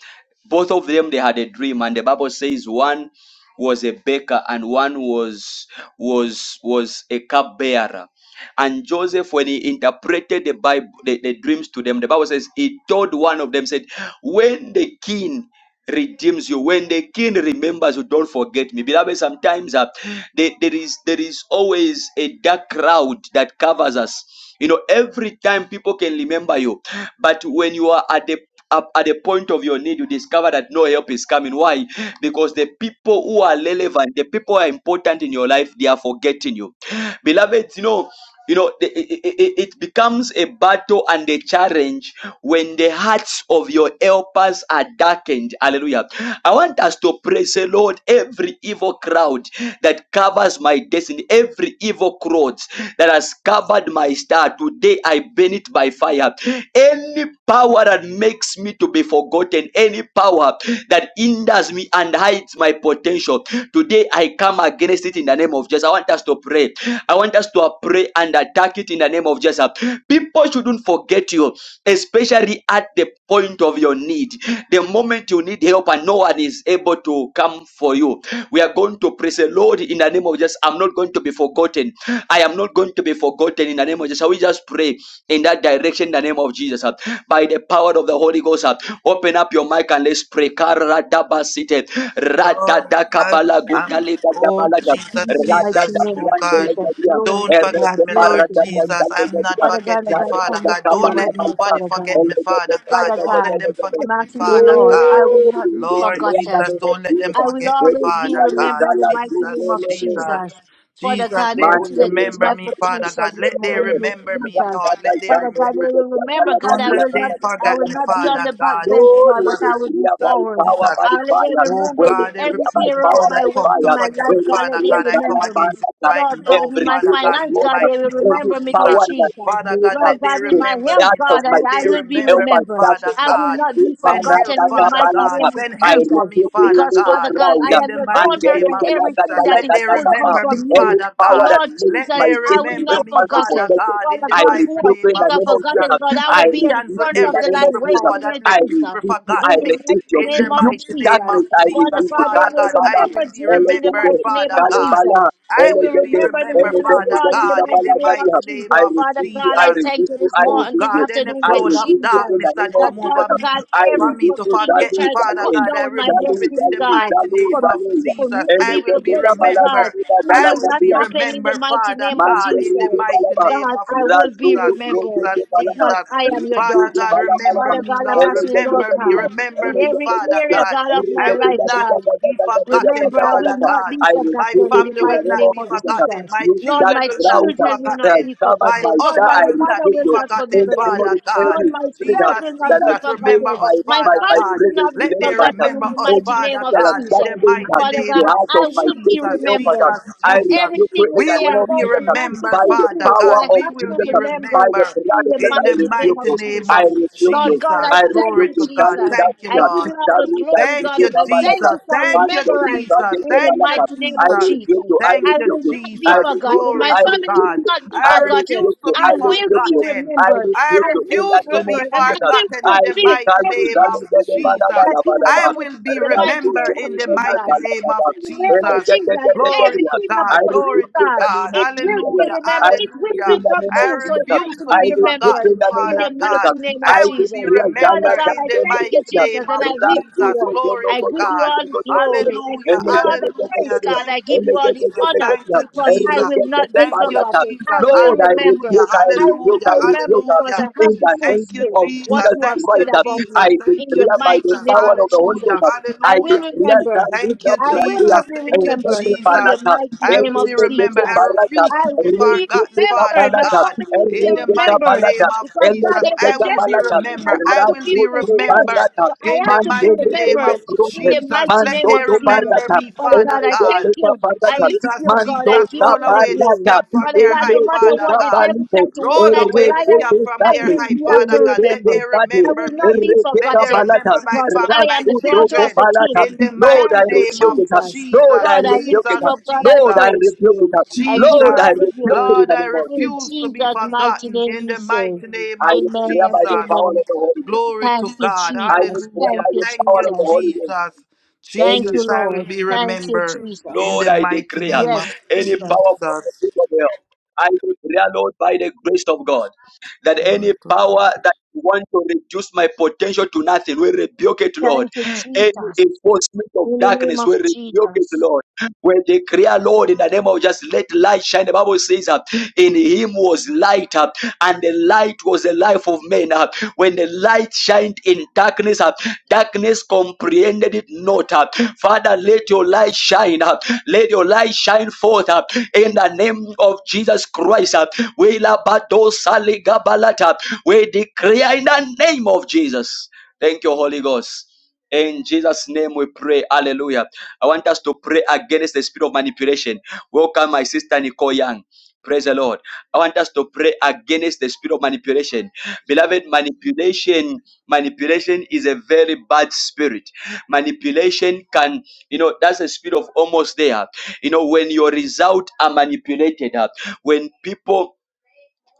both of them, they had a dream, and the Bible says one was a baker and one was was was a cupbearer. And Joseph, when he interpreted the Bible, the, the dreams to them, the Bible says he told one of them, said, When the king redeems you. When the king remembers you, don't forget me. Beloved, sometimes uh, there, there is there is always a dark cloud that covers us. You know, every time people can remember you, but when you are at the up at the point of your need, you discover that no help is coming. Why? Because the people who are relevant, the people who are important in your life, they are forgetting you. Beloved, you know, you know, the- it, it, it becomes a battle and a challenge when the hearts of your helpers are darkened. Hallelujah. I want us to praise the Lord every evil crowd that covers my destiny, every evil crowd that has covered my star. Today I burn it by fire. Any power that makes makes me to be forgotten, any power that hinders me and hides my potential. Today I come against it in the name of Jesus. I want us to pray. I want us to pray and attack it in the name of Jesus. People shouldn't forget you, especially at the point of your need. The moment you need help and no one is able to come for you, we are going to praise the Lord in the name of Jesus. I'm not going to be forgotten. I am not going to be forgotten in the name of Jesus. Shall we just pray in that direction in the name of Jesus? by the power of the Holy Ghost. uh, Open up your mic and let's pray. Karadabasite,
Lord, I,
radadakabalagodalegadabalaga,
I'm, oh Jesus,
In the mighty
Jesus,
name
oh
of
God.
Jesus.
radadabrandelegadia,
Glory
Don't
to God.
forget me,
Glory
Lord
to God.
Jesus. I'm not
erekeparadadadalegadia,
Father God, as
forgetting,
I
Father
come
God.
before you
Don't
right
let
now,
daradakabalabalaba,
nobody
Father God.
forget me, Father God.
Father
Don't let
God,
them
elegadagadagadagadagadagada.
forget
I'm
me,
asking you,
Father
Lord,
God.
I will
Lord,
not be
we
Lord
declare that
forgotten.
Jesus,
it was
don't let them
I
Jesus.
will
forget me,
We
always be
Father
declare it,
God.
remembering the mighty name
Jesus,
of
Allah,
Jesus.
Jesus. Father
Jesus,
God,
they
Lord,
will
everything
we
against
remember
my
me, Father
potential
God.
this
Let they
morning, dear
remember me,
Jesus.
Lord. Let they
Father God, I
remember
will remember, God,
don't
I will
let
not,
them
I
forget
will
me,
not be on
Father
the back
God,
bench,
Jesus,
God, but I will be
declare
Jesus,
by
forward.
power,
Jesus.
by
I let
fire.
they
Oh
remember
We
me
God, every
declare
every
by
year
people
of
power,
my
that
by
work
come
in
to
fire.
my
forget
We
life,
me,
God,
Father
let they
declare
God, I come
Gala
remember me.
against it
Banaka,
right
Lord God,
now,
in
every
my
Father
evil
God, in
finance,
the
God,
water,
they
mighty
will
name of
any
remember me, dear
Jesus.
power
Jesus.
that
Father
made
God,
us
Lord
let they
God, in
the
my
remember
health,
out
me,
of
God,
Lord.
I,
my
Let
I
they
will
safety,
be
help
remember me,
us
remembered.
Father
shatter
I
that.
will
God.
not be
Send help,
forgotten in the
Ibarataka
Father
mighty
God.
Balaka,
name of
Send
I
help for
Jesus.
me,
refuse to
Father
be
Because,
evil
Father
God.
God, I
crowd.
In
am
the
your
mighty
And any
daughter
name
and
of Jesus.
everything that
Let
is
they
good comes
remember me,
from you.
Father
The
power
God.
that
Lord
makes
Let
my
they
Jesus, I will
destiny
remember
not
help
me,
to
Father
forgotten.
protect it.
God, in
Father
the
I
God, who
mighty
I
rebuke you
name
in
think
the
of
I
name of
Jesus.
forgotten, God,
Jesus.
I
I
I
will be at the
rebuke
cancel
front
you in
of
the
every
the
name of
line
evil
Jesus.
power
waiting
that
there,
I
let
Jesus.
people
rebuke you.
forget
In
I
the
me.
resist
mighty
you.
In
name
the
of
You
mighty name of
Jesus.
darkness, I
Father
rebuke
Jesus,
you.
God, they
Father
will
God,
Kalebala,
I
remember
will be
Judith in the
elegede,
remembered,
mighty name
Father
of
God.
Jesus.
kalebala,
They
I
will
will be
elegede,
remember the
remembered,
woman of
elegede,
Father
God in the
God, in
mighty
kalebala,
the
name of
kalebala.
mighty name
Jesus.
I
of
Father
rebuke you.
God,
I
I
Jesus.
thank
rebuke
you
you.
this
I
Oh
morning,
rebuke
this
you.
God, any
afternoon
I
with
cloud of
rebuke
Jesus.
you in the
darkness
name
that
of
That
come
Jesus.
over
Father
me,
God,
I
for
every
me
rebuke
to
you.
thing they
forget,
Zalu,
try to
Father
zalu.
cut
God, I
down my
remove
Jalou,
it in
destiny,
the
jalou,
God,
mighty
jalou,
name
for,
of
jalou.
for
Jesus.
me to
I
Ele
be
que
will be
llega para
forgetful, God, it
remembered. I
la
will
will
not
cabala,
be
happen in the
remembered,
mighty
Father
name of
God,
Jesus.
in
Mandere
the
de
mighty
balaba,
name
God,
of
I will
Jesus.
razu
be
bro
remembered
Jesus,
de
Jesus.
balada,
because
Jesus!
I am your
razu
Father
de
daughter.
God, remember
Father
balaba,
me,
God, I'm
Lord.
ele
asking you,
de de
Lord
Remember
de
me,
de,
God,
remember
in
ele
me,
de
every
de de
Father
de,
area,
God.
God, of
ele
my
de
I
de de
will
life,
de de
not
God.
be
de de de de de
forgotten,
Remember,
de
I will
Father
balada.
not
God.
be
I
My
refuse
forgotten in
it
the
family
in the
will
mighty
name
not
name
of
be
of
Jesus.
forgotten.
Jesus.
My
You
Lord,
that
children
my
will not
crowd
be
children will not
that has
forgotten.
be
covered
My
forgotten.
my
Lord,
star,
my
husband
I
will
mother
not
refuse
be
will
you
not be
in
forgotten,
the name of
forgotten.
Father
the
God.
Lord,
enemy spirit
Jesus,
myself
that
Jesus,
will not
that
be
has
Jesus,
made
remember
forgotten.
my
us,
My
my
Father
my
family
God.
will
presence
not be
Let they
irrelevant.
forgotten in
remember
the
us,
Any
mighty name
Father
of
that has
God, in
that
the
Jesus.
thing that
mighty
Father
the
name
God,
of
heart of
I
my
will be
destiny
Jesus,
help us.
remembered.
Jesus,
I
Because
Jesus.
rebuke you
everything you
in the
We
say
name
will
of
be
about
Jesus.
me
I
has
speak
to
by
remembered,
the
Father
fulfill. So
power
God.
I
of
We
have to
will
Jesus.
be
I speak
remember
by the
remembered
blood
in
of
the
Jesus.
in
I
the
mighty name
rebuke
of
mighty
you.
name
I
of
Jesus.
rebuke you.
Lord God,
Jesus.
I
I
thank
Glory
rebuke
you,
to
you. Can
God.
you
Jesus.
that
Thank you,
I give you
speak
Lord.
all
that
the
rule that
glory,
Thank
speak
God,
you,
and
that
I
Jesus.
thank
balata?
you for
Man,
Thank you,
the rule
remembrance
that
Jesus.
is
in
the
the
Thank you,
mighty
balata.
name
I
of
Jesus.
Jesus.
rebuke you. I
Thank
I
you,
will
rebuke you.
not be
I
Jesus.
rebuke
forgotten.
you.
Glory
My
I
to
family
rebuke
God.
will not
you.
be
I
I
forgotten.
refuse
rebuke you.
to
I
be
I will
rebuke
be
you.
forgotten.
I
remembered.
I
I
rebuke you
will
in
be
the
refuse to
name of
be
remembered, and I
Jesus.
will
forgotten
I
in the
rebuke
fulfill
mighty
you.
every
name
I
of
rebuke you.
destiny
Bala
Jesus.
that
bala
you
bala
have
I
bala.
set
will
in
be
the mighty
Rasu
name
remembered
of
in
jeni
the
bala
Jesus
mighty
bala
name of
bala.
in the name
Ende
of
Jesus.
jeni
Jesus,
jeni
Glory
jeni.
to
everything
I
God.
about
Glory
rebuke you
to
in the
Jesus,
God.
name of
it will
Jesus.
be
Hallelujah.
remembered.
I
It will
rebuke
Hallelujah.
you in the
become
name
I
of
true. So it
Jesus.
has
refuse
to
to
be
I
be
rebuke
remembered
you in
forgotten,
the name
in
of
Father
the
Jesus.
God.
mighty name of
I
I will be
Jesus.
decree
Father
Jana
remembered
God,
in
I
the
Jana
thank
mighty
you,
name
Jesus, and I
of
lift
Razo
you
Jesus.
up.
Jogo
Glory
I
to
Jogo
give
Jogo
you
God.
all the
Jogo Jogo
glory. I
Hallelujah.
give you all the praise,
Hallelujah.
God.
Thank
I give you
you,
all the
Jesus.
honor
Thank you,
because I
Jesus.
will not be
Thank you,
forgotten. I
Jesus.
will
Lord, I
remember.
Hallelujah.
rebuke, I
I will
rebuke,
be
Hallelujah.
I
remembered
rebuke
because
Hallelujah.
I
in
have to
the
Thank you,
name
fulfill
of
what
Jesus.
Jesus
you have
Thank you,
said
Christ.
about
Jesus.
I
me in
Thank you,
the
declare by the
mighty
Jesus.
name
power
of
of the
Jesus.
Holy
Hallelujah.
Ghost.
I
I
will
Hallelujah.
declare
remember
that lift
Thank you,
up
I
Radia
will
Jesus.
be
Thank
and
you,
let
remembered
the
in the
Jesus.
Barata
mighty
I
name
will
of
be
Elegete
remembered. I
Jesus.
balaga,
refuse
I
to be
will be
forgotten,
elegete
Father
remembered. My
balaga,
God.
family will be
In the
elegete
mighty
remembered
balaga,
name of
because God
Jesus,
elegete
there's a
I will be
destiny
balaga,
that I
remembered.
have
I
to
will
be
be
rabuto
fulfilled.
remembered.
balaga,
So I
In
have
the
to be
mighty name of
mandelegete
remembered in
brunde,
the
Jesus,
mighty
let
mando
name of
they
to
Jesus.
remember
balaga,
me,
Father
Father
God, I
God.
thank
elegete
you. I
balaga,
lift
Jesus,
you up, God. I
mando
Jesus,
give
sa
you
roll
all the
away the
glory.
balaga,
scab from
Father
their
God, no
high,
matter
elegete
Father
what the
God.
devil
balite,
tried to
Roll
warn like a
away the
lion,
elegete
scab from
I
their
sadi,
will
high,
be have to
Father God. Let
remember.
elegete
they
I
sadi,
remember
will not
me.
be
Let
elegete
they
forgotten
balaga,
remember my
because
family,
I
my
am the
rabuto
daughter of
children.
the
balaga,
King.
In the
Lord, I
mighty
Thank you,
name
rebuke
of
it.
Jesus.
Lord,
Jesus,
I
God, I
rebuke
lift
it.
Jesus,
you up. God, I
Lord,
Jesus,
I
praise
rebuke it.
you. I give you
Lord,
Jesus.
I
all the
rebuke it in
glory.
Lord,
the
I
name of
In
Jesus.
refuse to be
Jesus' mighty
forgotten
name
in
we
the
say,
mighty name
I
of
Amen
declare
and
by the
Jesus.
power
amen.
of the Holy Ghost.
Glory
Thank
to
you,
God.
I
Jesus.
declare
Thank
Hallelujah.
by
you,
the
Thank
power
you,
of the
Jesus.
Holy Ghost.
Jesus.
Thank you,
Any
Jesus, I will
Lord.
be
Thank you,
remembered in
Lord,
the
Jesus.
I
mighty
declare
name of
Yes,
any
Jesus.
power from the pit
Jesus.
of hell. I declare, Lord, by the grace of God, that any
Glory to
power
God.
that want to reduce my potential to nothing we rebuke it, Lord.
Thank you,
Any
Jesus.
enforcement of
In the name
darkness
of
we rebuke it,
Jesus.
Lord. We declare, Lord, in the name of just let light shine. The Bible says, uh, in him was light, uh, and the light was the life of men. uh. When the light shined in darkness, uh, Darkness comprehended it not. uh. Father, let your light shine. uh. Let your light shine forth uh, in the name of Jesus Christ. uh. We labado saligabalata. We declare in the name of Jesus. Thank you, Holy Ghost. In Jesus' name we pray. Hallelujah. I want us to pray against the spirit of manipulation. Welcome, my sister Nicole Young. Praise the Lord. I want us to pray against the spirit of manipulation. Beloved, manipulation Manipulation is a very bad spirit. Manipulation can, you know, that's a spirit of almost there. You know, when your results are manipulated, uh, when people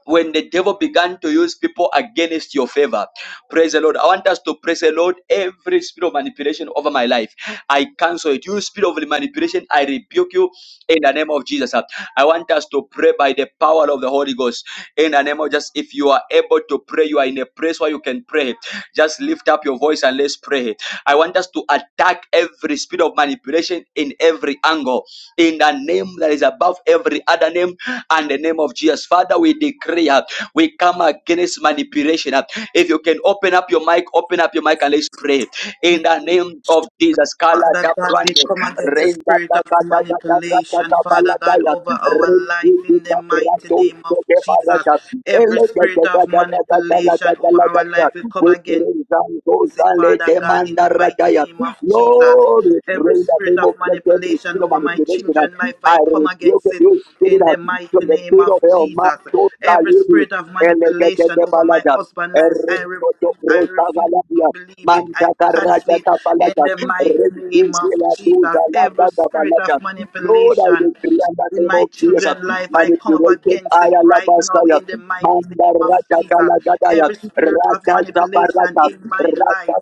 when the devil began to use people against your favor. Praise the Lord. I want us to praise the Lord. Every spirit of manipulation over my life, I cancel it. You spirit of manipulation, I rebuke you in the name of Jesus. I want us to pray by the power of the Holy Ghost. In the name of just if you are able to pray, you are in a place where you can pray. Just lift up your voice and let's pray. I want us to attack every spirit of manipulation in every angle. In the name that is above every other name and the name of Jesus. Father, we decree, uh, we come against manipulation. uh. If you can open up your mic, open up your mic and let's pray. In the name of Jesus. Kala
Father
da
God, we
brande,
come against the
renda
spirit
da
of
da da da da da da
manipulation,
da
Father
da
God,
ya,
over our
rezi
life in the
da
mighty
brando,
name
se
of
de ba
Jesus.
da,
Every
ele de de
spirit
da
of
da da da da la da
manipulation
da
over
la da
our
da.
life, we come
We
against
pray, zanzo,
it,
zale,
Father God, in
demanda
the mighty
radaya.
name of Jesus.
Lord, we
Every
pray in the
spirit
name
of
of Jesus, every
manipulation
spirit of
over my
manipulation.
children's
uh,
life,
I
I come against
rebuke
it in
you
the mighty
from the
name
pit
of
of hell.
Jesus.
Mando
Every
salidi,
spirit of manipulation
elegete
over my
balada,
husband's life, I
errito yo
refuse, I
rosa
refuse. to
galadia,
Believe it,
manda
I cancel
carrata
it in
capalata,
the mighty name
reduce
of
la
Jesus.
duda la
Every
da
spirit
balata.
of
Lord, I
manipulation
decree in the
in
name
my
of Jesus,
children's life. I come up
manipulation,
against
I
it right now
alabastaya,
in the mighty
manda
name of
rata
Jesus.
calagadaya,
Every spirit of
rata
manipulation
zaparata,
in my life,
rata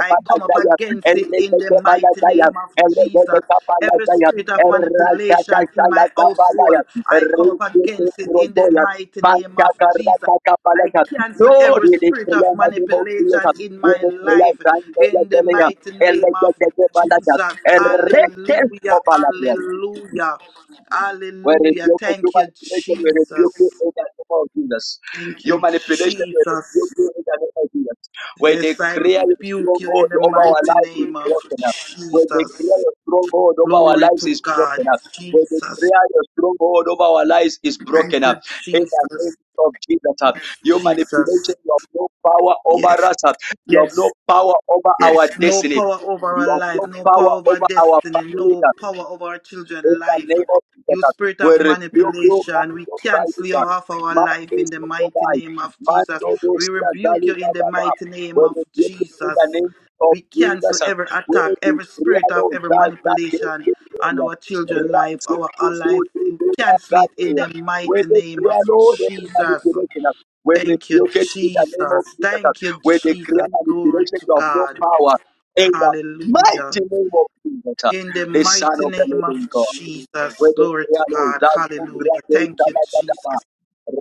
I come up
jaya,
against it in the
elegete
mighty
balataya,
name of Jesus. Every
elegete
spirit of
Lord, we
manipulation
declare
in my household, I come up against it in the mighty name of Jesus. I cancel every spirit
in
of
the name of Jesus.
manipulation in
We
my
declare
life
Zion, Lord,
in the
Hallelujah.
mighty
And let
name
the
of
dead of Allah,
Jesus.
and rest us
Hallelujah.
of Allah.
Hallelujah.
We
Hallelujah.
rebuke you,
Thank you,
manipulation, we rebuke you
Jesus.
in the name of Jesus.
Thank
Your
you,
manipulation, we rebuke
Jesus.
you in the name of Jesus. We
Yes, I
declare your
rebuke you in
stronghold
the
over our
mighty
lives is
name of
broken up. We declare
Jesus.
your stronghold over our
Glory
lives
to
is broken
God.
up. We
Jesus.
declare your stronghold over our lives is broken
Thank
up.
you,
In the name
Jesus.
of Jesus, uh, your
Jesus.
manipulation, you have no power over
Yes.
us. uh, You have
Yes.
no power over our
Yes, no
destiny.
power over
You
our
have
life,
no
no
power
power over our
over our
destiny,
family.
no power over our children's
In the
life.
name of Jesus,
You spirit
we
of
rebuke you,
manipulation, we
Mando
cancel you
Saiba,
off our life
Mando
in the mighty
Sokodai,
name of Jesus.
Mando
We
Dosia
rebuke you
Galila
in the
Baba.
mighty
We
name of
rebuke you in
Jesus.
the name of
We cancel
Jesus.
every
We
attack, every
decree
spirit of
alone
every
that that is
manipulation
the
on
area.
our children's life,
Razo
our, our
Kudu
life. We cancel it in
Gadea.
the
We
mighty name
decree
of
alone every
Jesus.
manipulation. We
Thank you,
rebuke it in the name of
Jesus.
Jesus.
Thank you,
We decree
Jesus. Glory
manipulation
to
of no
God.
power. In the
Hallelujah.
mighty name of Jesus,
In the
the Son
mighty
of the
name
Living
of
God.
Jesus, glory to God. Hallelujah. Thank you, Jesus.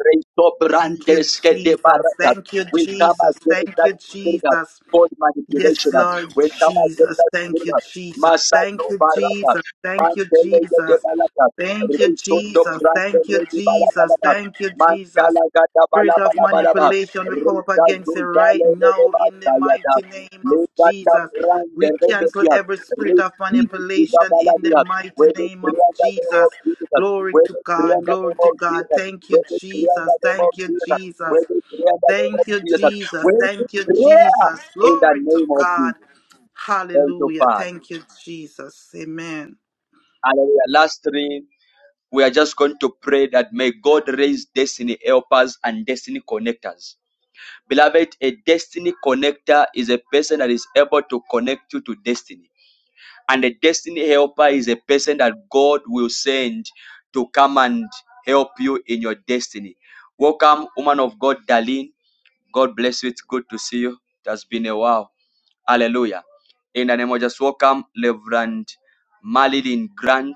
Resto
Thank you,
brandes que de
Jesus.
baraya.
Thank you,
We come
Jesus.
against
Thank
that
you,
spirit of
Jesus.
God manipulation.
Yes, Lord
We come against
Jesus.
that
Thank
spirit
you,
of
Jesus.
Masato
Thank you,
baraka.
Jesus. Thank you,
Mandele de
Jesus.
balaka.
Thank you,
Resto to
Jesus. Thank you,
brande de
Jesus.
balaka.
Thank you, Jesus.
Mancala gata bala
Spirit of
bala bala ba.
manipulation, we come up
Resto to
against it right
zale de
now in
basta
the
yada.
mighty name of
Lega da
Jesus.
brande
We
de
cancel
pedia.
every spirit of manipulation in the
Resto we
mighty
decree
name
in
of
the name
Jesus.
of Jesus.
Glory
We
to
decree
God.
in the
Glory
name
to
of
God.
Jesus.
Thank you,
We decree in the
Jesus.
name of
Thank you,
Jesus. We
Jesus.
decree in the name of
Thank you,
Jesus.
Jesus.
We
Thank you,
declare
Jesus.
in the
Glory to
name of
God.
Jesus. Thank you,
Hallelujah.
Father.
Thank you, Jesus. Amen.
Hallelujah. Last three, we are just going to pray that may God raise destiny helpers and destiny connectors. Beloved, a destiny connector is a person that is able to connect you to destiny And a destiny helper is a person that God will send to come and help you in your destiny. Welcome, woman of God, Darlene. God bless you. It's good to see you. It has been a while. Hallelujah. In the name of Jesus, welcome, Reverend Marilyn Grant.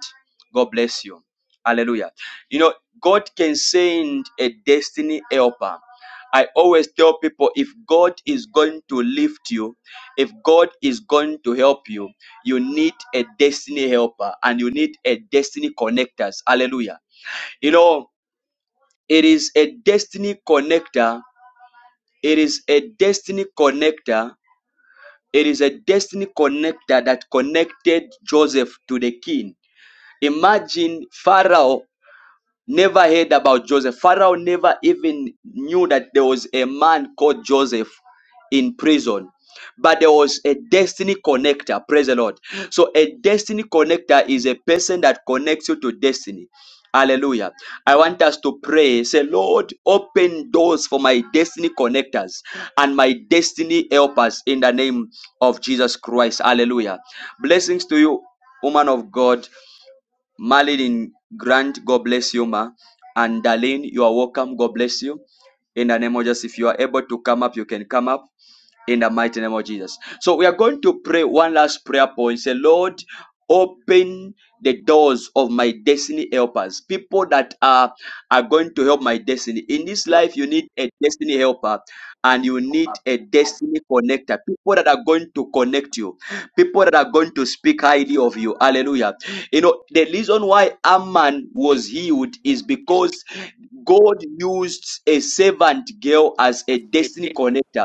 God bless you. Hallelujah. You know, God can send a destiny helper. I always tell people if God is going to lift you, if God is going to help you, you need a destiny helper and you need a destiny connectors. Hallelujah. You know, it is a destiny connector. It is a destiny connector it is a destiny connector that connected Joseph to the king. Imagine Pharaoh never heard about Joseph. Pharaoh never even knew that there was a man called Joseph in prison. But there was a destiny connector. Praise the Lord. So a destiny connector is a person that connects you to destiny. Hallelujah. I want us to pray. Say, Lord, open doors for my destiny connectors and my destiny helpers in the name of Jesus Christ. Hallelujah. Blessings to you, woman of God married Grant, God bless you, ma. And Darlene, you are welcome, God bless you. In the name of Jesus, if you are able to come up, you can come up in the mighty name of Jesus. So we are going to pray one last prayer point. Say, Lord, open the doors of my destiny helpers. People that are, are going to help my destiny. In this
Jesus,
life, you need a destiny helper and you need a destiny connector. People that are going to connect you. People that are going to speak highly of you. Hallelujah. You know, the reason why Amman was healed is because God used a servant girl as a destiny connector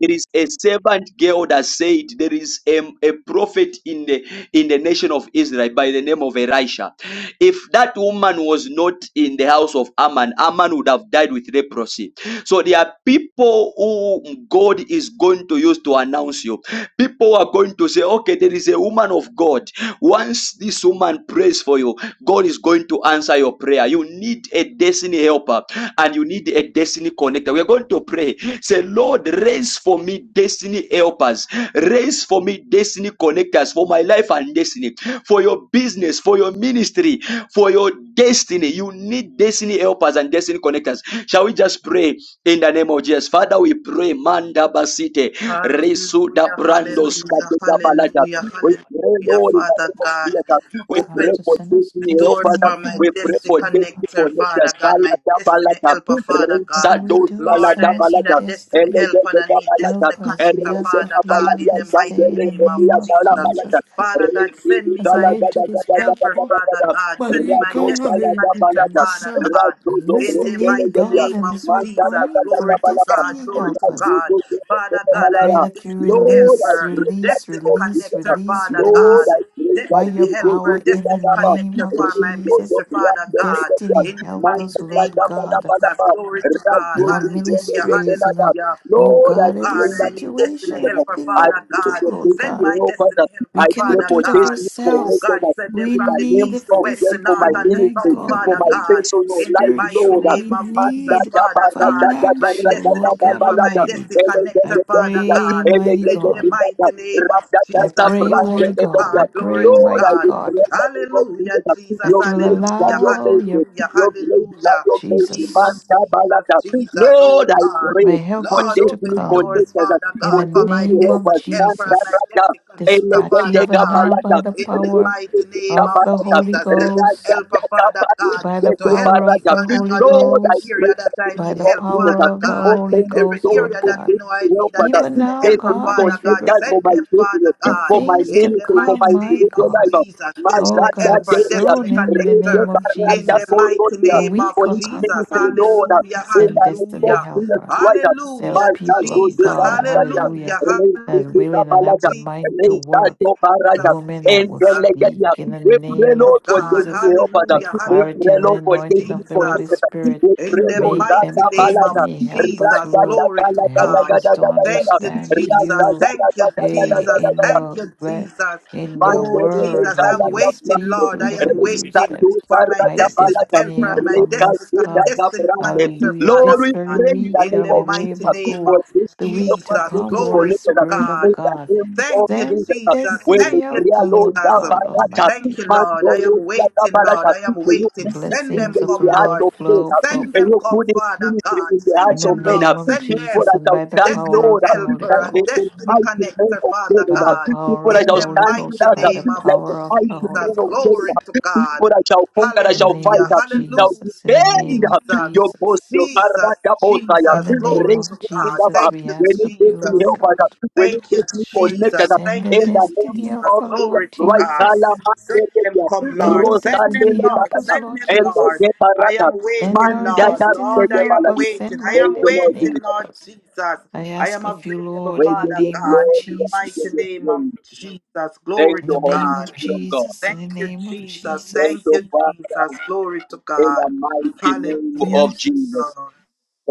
there is a servant girl that said there is a, a prophet in the in the nation of Israel by the name of Elisha. If that woman was not in the house of Ammon, Ammon would have died with leprosy. So there are people who God is going to use to announce you. People are going to say, okay, there is a woman of God. Once this woman prays for you, God is going to answer your prayer. You need a destiny helper and you need a destiny connector. We're going to pray. Say, Lord, raise for me destiny helpers. Raise for me destiny connectors for my life and destiny, for your business, for your ministry, for your destiny. You need destiny helpers and destiny connectors. Shall we just pray in the name of Jesus? Father, we pray. Manda basite. Resuda
Hallelujah,
brandos.
hallelujah,
kadega balada.
hallelujah,
what
We
a
pray,
wonder
hallelujah.
you are.
Lord, in the
Father
name of
God,
Jesus. We pray
open
Master,
for
send us
Tiffany, oh
doors
Father.
destiny,
for my
We
help
pray
us,
destiny
for
Lord God.
Tiffany
connector,
for
Father
Nicholas
God, my
Palata
destiny
Palata.
helper, Father God.
Whatever
Rinsa
we
dos
do,
Lord,
Palata
send
I
us our
need a
Palata.
destiny
destiny,
helper and
Elegeta
I need
Palata.
destiny
help us. We
connector,
ask of
Elegeta
Father God,
you
in
Palata.
the
this
mighty
day in
Sandere
the
name of
name
Elia
of
Jesus.
Palata Palata.
Jesus.
Father God, send
Rinsa
me
As I
my
Palata
enter
Palata
this
destiny helper,
Palata
platform,
Father
Palata.
God. Send me
my
my
Rados
God,
destiny
Palata
connector,
and
Palata.
just
Father
uh,
God.
Rados
In the
Obros
listening in,
mighty
Elegeria.
God,
name
and
of
as we're
Manta
Jesus,
praying for
glory
Palata
to
Palata.
God,
destiny,
glory
help
to
Rados
us.
God.
Obros
Father
I
God, I
pray
Elegeria.
need
that you
destiny
Lord, I
release,
helper,
pray that
release,
destiny
you
release,
will
connector,
release,
Father
Lord,
God,
release
I pray
by
that
your
destiny
you go to
power
helper,
the
in the
destiny
Dadaba,
name
connector
of
for my
Rico
Jesus.
ministry,
to
Father God.
Rakata,
Destiny,
In the
help us,
mighty
Manda
name
Lord
of
God,
Jesus,
Dadaba,
glory to God,
in
Rago
our
to
hallelujah,
ministries, in
Zenada.
our,
hallelujah.
oh
Lord,
Oh
I
God, every
pray
God,
in the
I need
name of
situation,
destiny
Jesus.
helper,
everything
I
that we
Father
pray
do,
God.
for
Lord
Send
safety,
God.
my
oh
destiny
Father.
We
I
helper,
pray
cannot
Father
do
for
it of
God.
safety, for
Oh
ourselves.
making
God,
that
send
in
them
We
the
from the
need
name
the
east, the
of
west,
Jesus,
the
for
north,
my
physical.
and the
My
ministry,
south,
God, we
for
Father
my
need
God.
personal
In the
life,
mighty
Lord.
spiritual.
name
We
of
Manda
Jesus,
need
Daba,
Father
Rada,
God,
Rada,
my
Rada, Rada,
financial,
destiny
Rada, Rada,
Lord God
helper, my
Rada,
Almighty.
destiny
I
connector,
Rada,
Father
Rada,
pray,
God.
Rada,
mighty
In
Rada,
the
God.
Rada,
mighty
Lord,
name of
I
Jesus,
pray,
I
glory
mighty
to
God. I
God, glory
pray,
to
mighty
God.
God,
declare that we will be the name of
Hallelujah,
Jesus,
Jesus,
Your
that you'll
grace
hallelujah,
and your
allow
mercy.
your
hallelujah,
Your grace
hallelujah.
and your mercy. Man,
Jesus,
Jesus, Jesus,
Tabalata.
Jesus,
Lord,
oh
I
God.
pray
my
for
helpers,
Lord,
to
destiny
open
come
doors,
connectors,
Father
in
for
the
God, for my
destiny
name of
destiny
helpers. Man,
helper and my
Jesus.
Tabalata.
destiny connector,
Dispatch
Father
even
God.
now by
Elegedegabalata.
the
In the
power
mighty name
of
of
the
Rekedegabalata.
Jesus,
Holy
destiny
Ghost
helper, Father God,
by the
to help
power
me,
of
Rajagabalata.
the
Father
Holy
God, in
Lord, I
every
Ghost,
pray
area that
that you
I
by
need
the
of
help,
power
Jesus,
Father
of the
God.
Holy
open the
Every
Ghost,
area
Lord
area that
door
God.
you know I
well,
need a
Father.
Even
This
destiny
now,
day,
helper,
please,
God,
for
Father
as we
let
God.
that for
Send
my
prepare
them,
business,
Father
for
God,
for my
things
in
to
the
ministry, for my
come,
mighty
my
name
individual
of
God.
life.
Jesus.
Oh
Destiny
Mazata
God,
helper,
Deria,
destiny
soon in the
Rete
name
connector,
of
in
Barata
the
Jesus.
mighty
Korotia,
A
name of
week
for
or
this
Jesus.
ministry,
conference,
Lord,
Hallelujah,
in the
said
name of
Destiny
hallelujah,
Jesus
Helper.
Christ.
Sell
hallelujah,
people
Mazazo
of
de
Jesus,
God,
Galatia,
hallelujah,
hallelujah, hallelujah,
Rete
that's
de
willing and have
Gabalata,
the mind to
Rete
Jesus,
work.
de Barata,
Women that
and
will
then
Jesus
like that,
speak
yeah.
in
We
the
pray,
name of
Lord,
of
for
God.
Jesus
destiny help us.
with
Hallelujah.
We
clarity
pray,
and the
Lord,
Hallelujah.
for
anointing
destiny
of the Holy
Jesus.
connected.
Spirit.
We
In
pray,
the
Lord,
Make
mighty
them
God,
name of
Balata.
destiny.
Lord, we
Help us,
pray
Jesus.
Lord.
Glory to
Help
God.
us to
Thank you,
understand
Jesus.
you.
Thank you,
Hey,
Jesus.
in
Thank
your
you,
ble-
Jesus.
in your
Oh,
word,
Jesus,
as
I'm
you
waiting,
speak
Lord.
through
I am
them and use
waiting
them.
for my
My
destiny
destiny
helper and my
helper must
destiny
come.
destiny hunter,
Hallelujah.
Father
This very
God.
in
week,
the
In
name
the
of Jesus
hallelujah,
mighty name
for
Bako,
of
this
the week
people
to
to
Jesus.
be
come, Holy
Glory
connected
to
Spirit of
in
God.
the
God.
name of
Thank you,
Jesus.
Send
Jesus.
When the
destiny
Thank you,
prayer
helper,
Lord
Lord
Jesus.
God
Yabarata,
Thank
Almighty.
you, Lord. I am
Mando
waiting, Lord.
Yabarata,
I am
may you
The
put
waiting.
this
Send
vision
them,
blessings of
in
the
come,
the hearts
Lord
of
Lord.
men.
flow, flow,
Send
May
them,
you
flow.
come,
put this
Father
ministry
God.
in the
In
Send
hearts
the
of
them,
men.
name
Lord.
of
Send
People
Jesus
them.
that
and
shall
by the
stand,
power
Destiny
of
Lord,
the Holy
helper
like the,
and
the
Ghost.
destiny
mighty men
connector,
of
Father
David.
By the
God.
People
power
that
of
In
the
shall
the
Holy
stand with
mighty
Ghost,
us
by
name
the
of
like the
power of the
mighty
Holy
men
Jesus.
of David.
Glory
Ghost.
to God.
People that shall conquer, that
In
shall
the name
fight,
Hallelujah.
of
shall
Hallelujah.
Jesus, in the
defend
name of
Jesus.
your post,
Jesus.
your
Jesus,
Barata Bosaya,
In
Jesus,
the
glory
name
raise
to
of
God.
the
Jesus,
Thank
we
you,
we
ask
need
of you,
destiny
Jesus.
Lord
help
God,
us. We need
Thank you,
destiny
Jesus.
connected us.
send the
Thank you,
In the
destiny
Jesus.
name of
helper,
Jesus
Lord
Glory to
Christ,
God.
Jesus.
Send them,
Alamakedia,
come,
Send
Lord.
our
Send them,
destiny
Rosandele
Lord.
helpers,
Barata,
Send
Lord
them, Lord.
Elge
Jesus.
I
Barata,
am
Send
waiting,
our
Lord.
Mandata
destiny
Lord,
Sege
I am
Baladi.
helpers.
waiting.
Send
I
my
am
Thank you, Lord
destiny
waiting,
Jesus.
Lord
helpers.
Jesus.
I
I am
ask of you,
available,
Lord,
We
in the
give
Father
you
name of
God,
glory.
in the
We
mighty
give
Jesus.
you
name of
praise.
Jesus.
Thank
Glory
In the
you,
to
Holy
name of
God.
Spirit of God.
Jesus. In
Thank
the
you,
name of
Jesus.
Thank
Thank
Jesus.
you,
you, Jesus.
Father,
Glory to
in the
God.
mighty name of
Hallelujah,
Jesus.
Jesus.
Lord.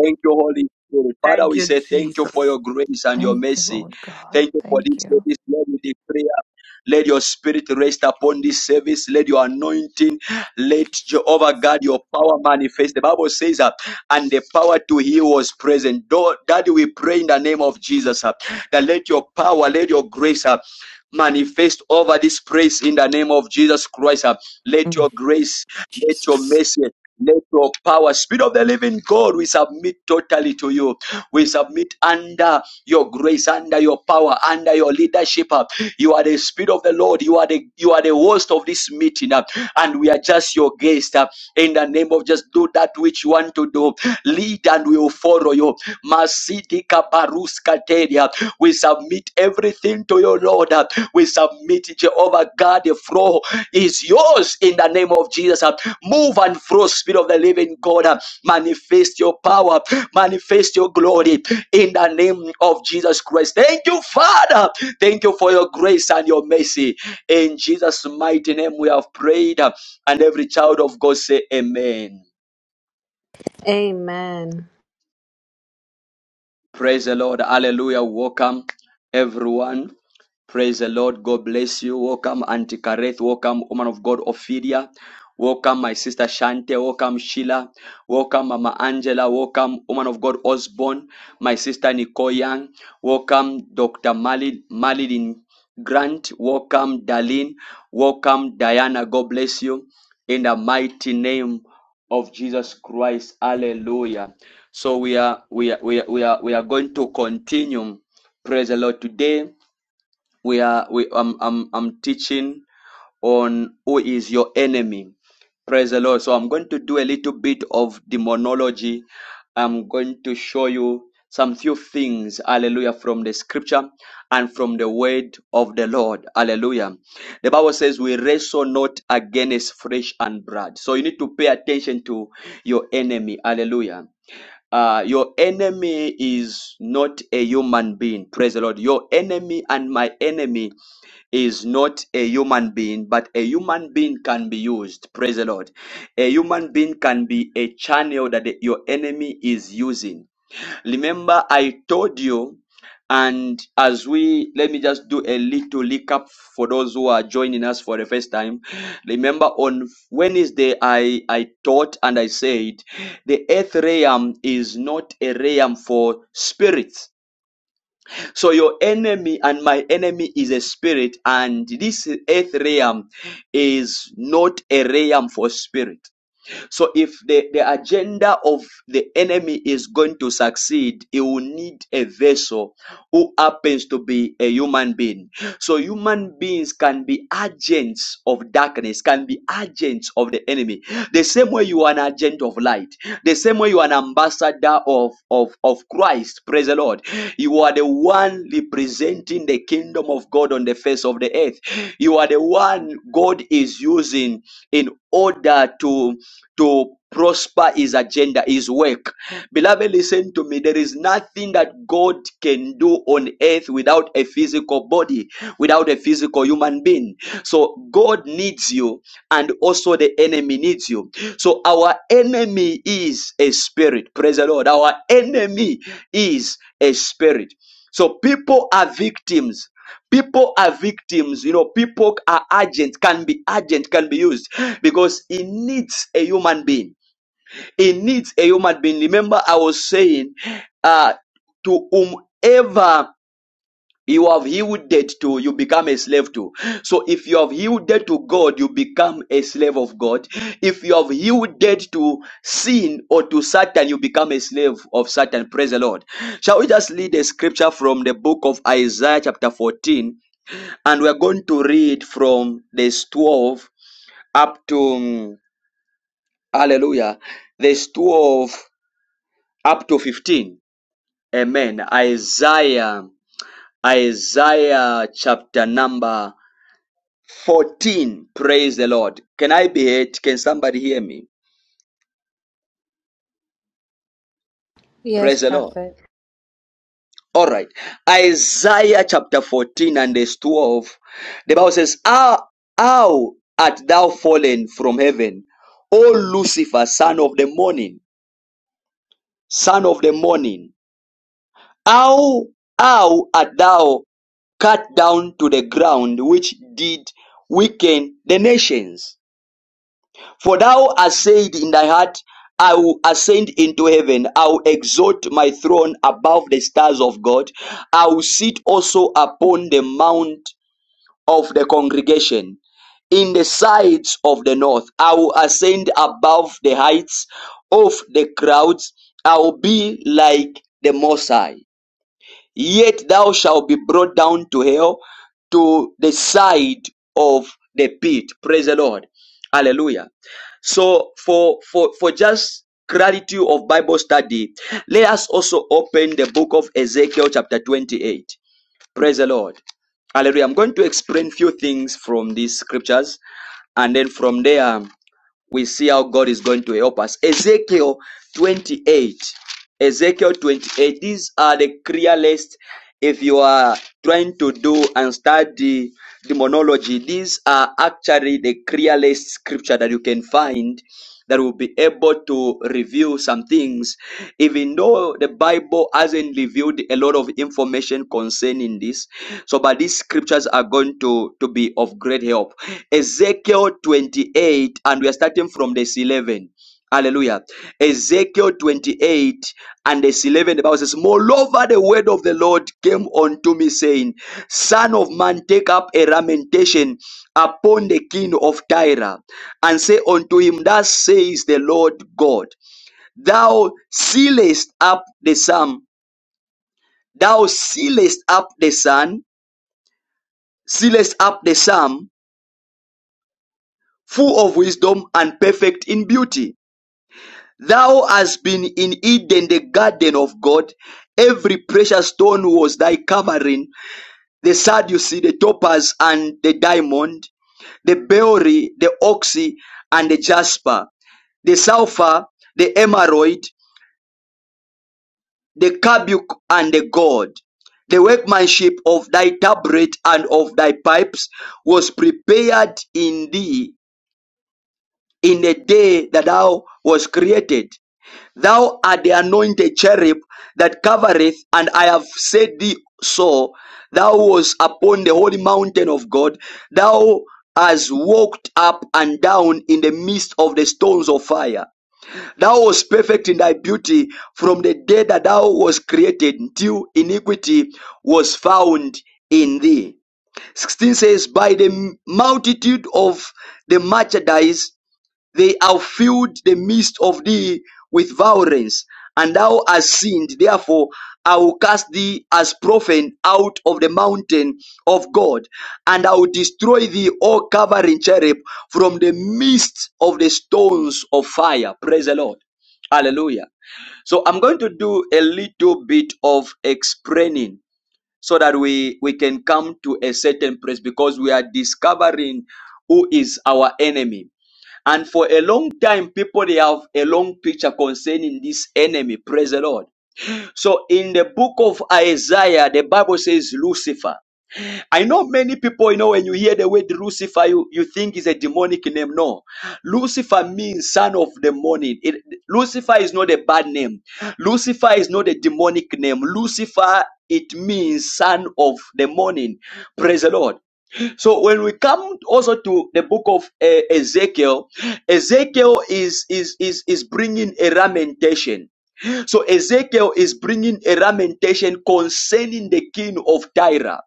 Thank you, Holy Spirit. Father,
Thank
we
you,
say thank you for
Jesus.
your grace and your
Thank you,
mercy.
Lord God.
Thank you for
Thank
this
you,
service. Lord, we prayer. let your spirit rest upon this service. Let your anointing, let
Jesus.
Jehovah God, your power manifest. The Bible says that, and the power to heal was present. Though- Daddy, we pray in the name of Jesus uh, that let your power, let your grace uh, manifest over this place in the name of Jesus Christ. uh. Let
Mm.
your grace, let your
Jesus.
mercy. Let your power, Spirit of the living God, we submit totally to you. We submit under your grace, under your power, under your leadership. uh. You are the Spirit of the Lord. You are the you are the host of this meeting, uh, and we are just your guest. uh. In the name of just do that which you want to do. Lead and we will follow you. Masidika baruska teria. We submit everything to your Lord. uh. We submit Jehovah God. The floor is yours in the name of Jesus. uh. Move and flow, Spirit of the living God. Manifest your power, manifest your glory in the name of Jesus Christ. Thank you, Father. Thank you for your grace and your mercy. In Jesus' mighty name, we have prayed. And every child of God say, Amen.
Amen.
Praise the Lord. Hallelujah. Welcome, everyone. Praise the Lord. God bless you. Welcome, Auntie Kareth. Welcome, woman of God, Ophelia. Welcome, my sister Shante. Welcome, Sheila. Welcome, Mama Angela. Welcome, woman of God, Osborne. My sister Nicole Young. Welcome, Dr. Malin, Malin Grant. Welcome, Darlene. Welcome, Diana. God bless you. In the mighty name of Jesus Christ. Hallelujah. So we are we are we are we are, we are going to continue. Praise the Lord. Today we are we I'm, I'm I'm teaching on who is your enemy. Praise the Lord. So I'm going to do a little bit of demonology. I'm going to show you some few things, hallelujah, from the scripture and from the word of the Lord. Hallelujah. The Bible says we wrestle not against flesh and blood. So you need to pay attention to your enemy. Hallelujah. Uh, your enemy is not a human being. Praise the Lord. Your enemy and my enemy is not a human being, but a human being can be used. Praise the Lord. A human being can be a channel that the- your enemy is using. Remember, I told you, and as we let me just do a little recap for those who are joining us for the first time. Remember, on Wednesday, I I taught and I said the earth realm is not a realm for spirits. So your enemy and my enemy is a spirit, and this earth realm is not a realm for spirit. So if the, the agenda of the enemy is going to succeed, it will need a vessel who happens to be a human being. So human beings can be agents of darkness, can be agents of the enemy. The same way you are an agent of light, the same way you are an ambassador of, of, of Christ, praise the Lord. You are the one representing the kingdom of God on the face of the earth. You are the one God is using in order to to prosper his agenda, his work. Beloved, listen to me. There is nothing that God can do on earth without a physical body, without a physical human being. So God needs you, and also the enemy needs you. So our enemy is a spirit. Praise the Lord. Our enemy is a spirit. So people are victims People are victims, you know, people are agents. can be agent, can be used because it needs a human being. It needs a human being. Remember, I was saying, uh, to whomever you have yielded to, you become a slave to. So if you have yielded to God, you become a slave of God. If you have yielded to sin or to Satan, you become a slave of Satan. Praise the Lord. Shall we just read a scripture from the book of Isaiah, chapter 14? and we're going to read from verse 12 up to mm, hallelujah verse 12 up to 15 amen isaiah isaiah chapter number 14 praise the lord can i be it can somebody hear me
Yes,
praise the lord
prophet.
all right isaiah chapter 14 and verse 12 the bible says how, how art thou fallen from heaven o lucifer son of the morning son of the morning. How, how art thou cut down to the ground which did weaken the nations? For thou hast said in thy heart, I will ascend into heaven. I will exalt my throne above the stars of God. I will sit also upon the mount of the congregation in the sides of the north. I will ascend above the heights of the crowds. I will be like the Most High." Yet thou shalt be brought down to hell to the side of the pit. Praise the Lord. Hallelujah. So for for for just clarity of Bible study, let us also open the book of Ezekiel chapter 28. Praise the Lord. Hallelujah. I'm going to explain few things from these scriptures and then from there we see how God is going to help us. Ezekiel 28. Ezekiel 28. These are the clear list. If you are trying to do and study demonology, these are actually the clearest scripture that you can find that will be able to reveal some things. Even though the Bible hasn't revealed a lot of information concerning this, so but these scriptures are going to, to be of great help. Ezekiel 28, and we are starting from verse 11. Hallelujah. Ezekiel 28 and verse 11, the Bible says, Moreover, the word of the Lord came unto me, saying, Son of man, take up a lamentation upon the king of Tyre, and say unto him, Thus says the Lord God, Thou sealest up the sum, thou sealest up the sun, sealest up the sum, full of wisdom and perfect in beauty. Thou hast been in Eden, the garden of God. Every precious stone was thy covering, the sardius, the topaz, and the diamond, the beryl, the oxy, and the jasper, the sulfur, the emerald, the carbuncle, and the gold. The workmanship of thy tabret and of thy pipes was prepared in thee in the day that thou was created. Thou art the anointed cherub that covereth, and I have said thee so. Thou was upon the holy mountain of God. Thou hast walked up and down in the midst of the stones of fire. Thou was perfect in thy beauty from the day that thou was created till iniquity was found in thee. 16 says, By the multitude of the merchandise they have filled the midst of thee with violence, and thou hast sinned. Therefore, I will cast thee as profane out of the mountain of God, and I will destroy thee, O covering cherub, from the midst of the stones of fire. Praise the Lord. Hallelujah. So I'm going to do a little bit of explaining so that we, we can come to a certain place because we are discovering who is our enemy. And for a long time, people they have a long picture concerning this enemy. Praise the Lord. So in the book of Isaiah, the Bible says Lucifer. I know many people, you know, when you hear the word Lucifer, you, you think it's a demonic name. No. Lucifer means son of the morning. It, Lucifer is not a bad name. Lucifer is not a demonic name. Lucifer, it means son of the morning. Praise the Lord. So when we come also to the book of uh, Ezekiel, Ezekiel is is is is bringing a lamentation. So Ezekiel is bringing a lamentation concerning the king of Tyre.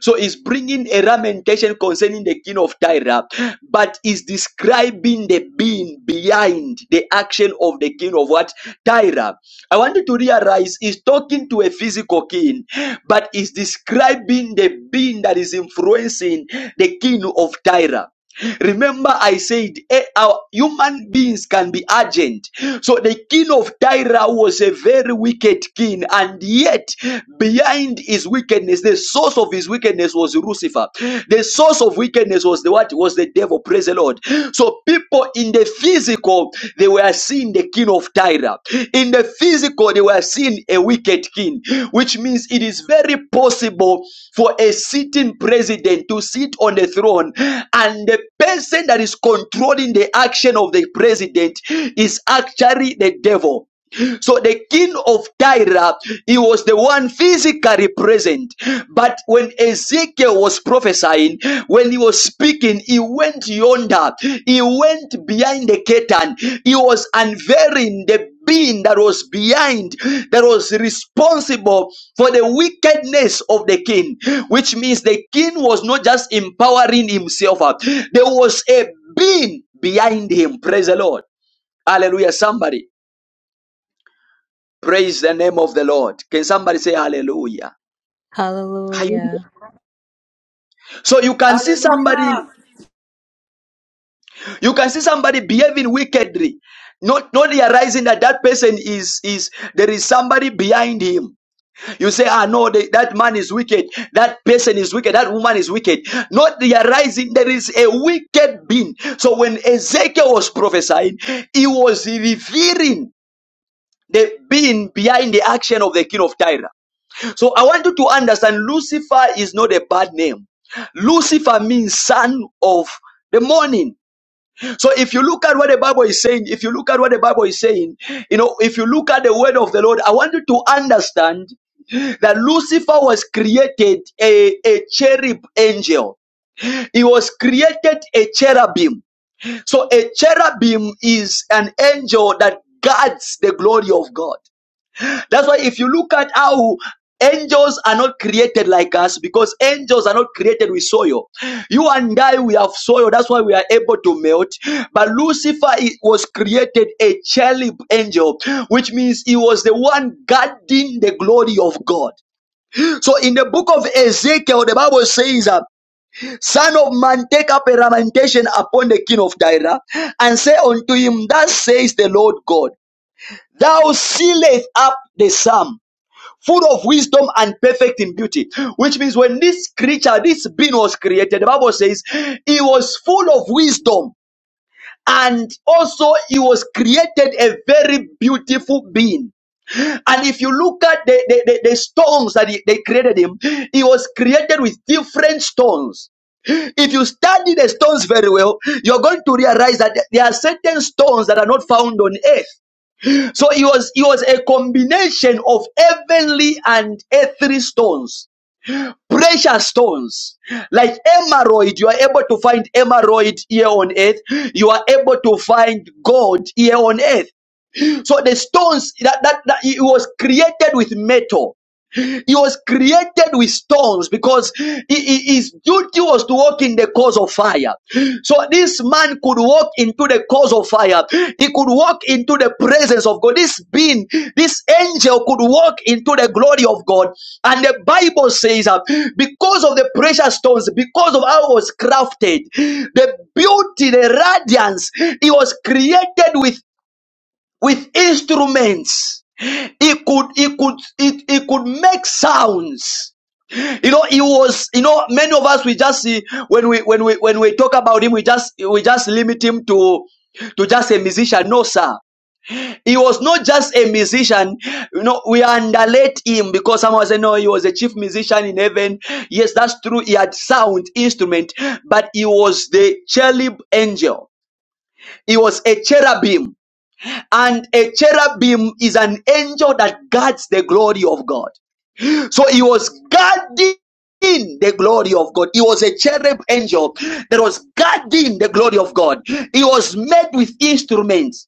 So he's bringing a lamentation concerning the king of Tyre, but is describing the being behind the action of the king of what? Tyre. I want you to realize he's talking to a physical king, but is describing the being that is influencing the king of Tyre. Remember, I said eh, our human beings can be urgent. So the king of Tyre was a very wicked king, and yet behind his wickedness, the source of his wickedness was Lucifer. The source of wickedness was the what was the devil. Praise the Lord. So people in the physical physical, they were seeing the king of Tyre. In the physical, they were seeing a wicked king, which means it is very possible for a sitting president to sit on the throne and the person that is controlling the action of the president is actually the devil. So the king of Tyre, he was the one physically present. But when Ezekiel was prophesying, when he was speaking, he went yonder, he went behind the curtain, he was unveiling the being that was behind, that was responsible for the wickedness of the king, which means the king was not just empowering himself up, there was a being behind him. Praise the Lord. Hallelujah, somebody. Praise the name of the Lord. Can somebody say hallelujah? Are you-
Hallelujah.
So you can see somebody,
Hallelujah.
you can see somebody behaving wickedly, not not realizing that that person is is there is somebody behind him. You say, ah no, they, that man is wicked, that person is wicked, that woman is wicked. Not realizing there is a wicked being. So when Ezekiel was prophesying, he was revealing the being behind the action of the king of Tyre. So I want you to understand Lucifer is not a bad name. Lucifer means son of the morning. So if you look at what the Bible is saying, if you look at what the Bible is saying, you know, if you look at the word of the Lord, I want you to understand that Lucifer was created a, a cherub angel. He was created a cherubim. So a cherubim is an angel that guards the glory of God. That's why if you look at how angels are not created like us, because angels are not created with soil. You and I, we have soil. That's why we are able to melt. But Lucifer he was created a cherub angel, which means he was the one guarding the glory of God. So in the book of Ezekiel, the Bible says, uh, Son of man, take up a lamentation upon the king of Tyre and say unto him, Thus says the Lord God, Thou sealest up the sum full of wisdom and perfect in beauty. Which means when this creature, this being was created, the Bible says he was full of wisdom and also he was created a very beautiful being. And if you look at the, the, the, the stones that he, they created him, he was created with different stones. If you study the stones very well, you're going to realize that there are certain stones that are not found on earth. So it was it was a combination of heavenly and earthly stones, precious stones. Like emerald, you are able to find emerald here on earth. You are able to find gold here on earth. So the stones that, that, that it was created with metal. He was created with stones because he- he- his duty was to walk in the cause of fire. So this man could walk into the cause of fire. He could walk into the presence of God. This being, this angel could walk into the glory of God. And the Bible says that because of the precious stones, because of how it was crafted, the beauty, the radiance, he was created with with instruments. He could, he could, it he could make sounds. You know, he was, you know, many of us, we just see, when we, when we, when we talk about him, we just, we just limit him to, to just a musician. No, sir. He was not just a musician. You know, we underlate him because someone said, no, he was a chief musician in heaven. Yes, that's true. He had sound instrument, but he was the cherub angel. He was a cherubim. And a cherubim is an angel that guards the glory of God. So he was guarding the glory of God. He was a cherub angel that was guarding the glory of God. He was made with instruments.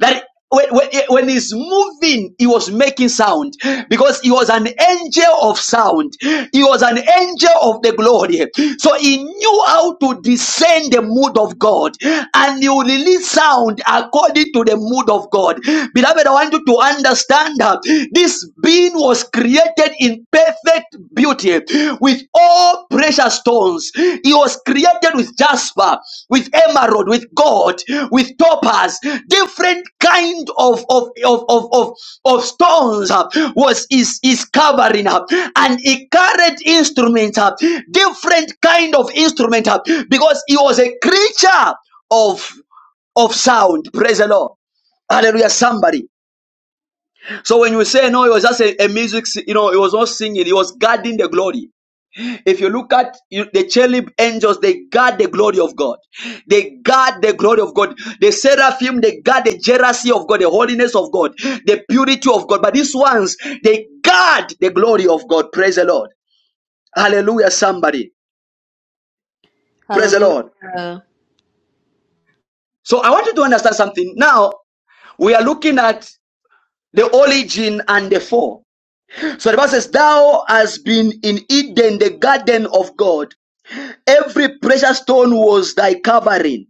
That when, when, when he's moving, he was making sound because he was an angel of sound. He was an angel of the glory. So he knew how to discern the mood of God and he will release sound according to the mood of God. Beloved, I want you to understand that this being was created in perfect beauty with all precious stones. He was created with jasper, with emerald, with gold, with topaz, different kind of of of of of, of stones uh, was his his covering up, and he carried instruments up, different kind of instrument up, because he was a creature of of sound. Praise the Lord. Hallelujah, somebody. So when you say no, it was just a, a music, si- you know, it was not singing, it was guarding the glory. If you look at you- the cherub angels, they guard the glory of God. They guard the glory of God. The seraphim, they guard the jealousy of God, the holiness of God, the purity of God. But these ones, they guard the glory of God. Praise the Lord. Hallelujah, somebody. Praise the Lord.
Hallelujah.
So I want you to understand something. Now we are looking at the origin and the fall. So the Bible says, Thou hast been in Eden, the garden of God. Every precious stone was thy covering.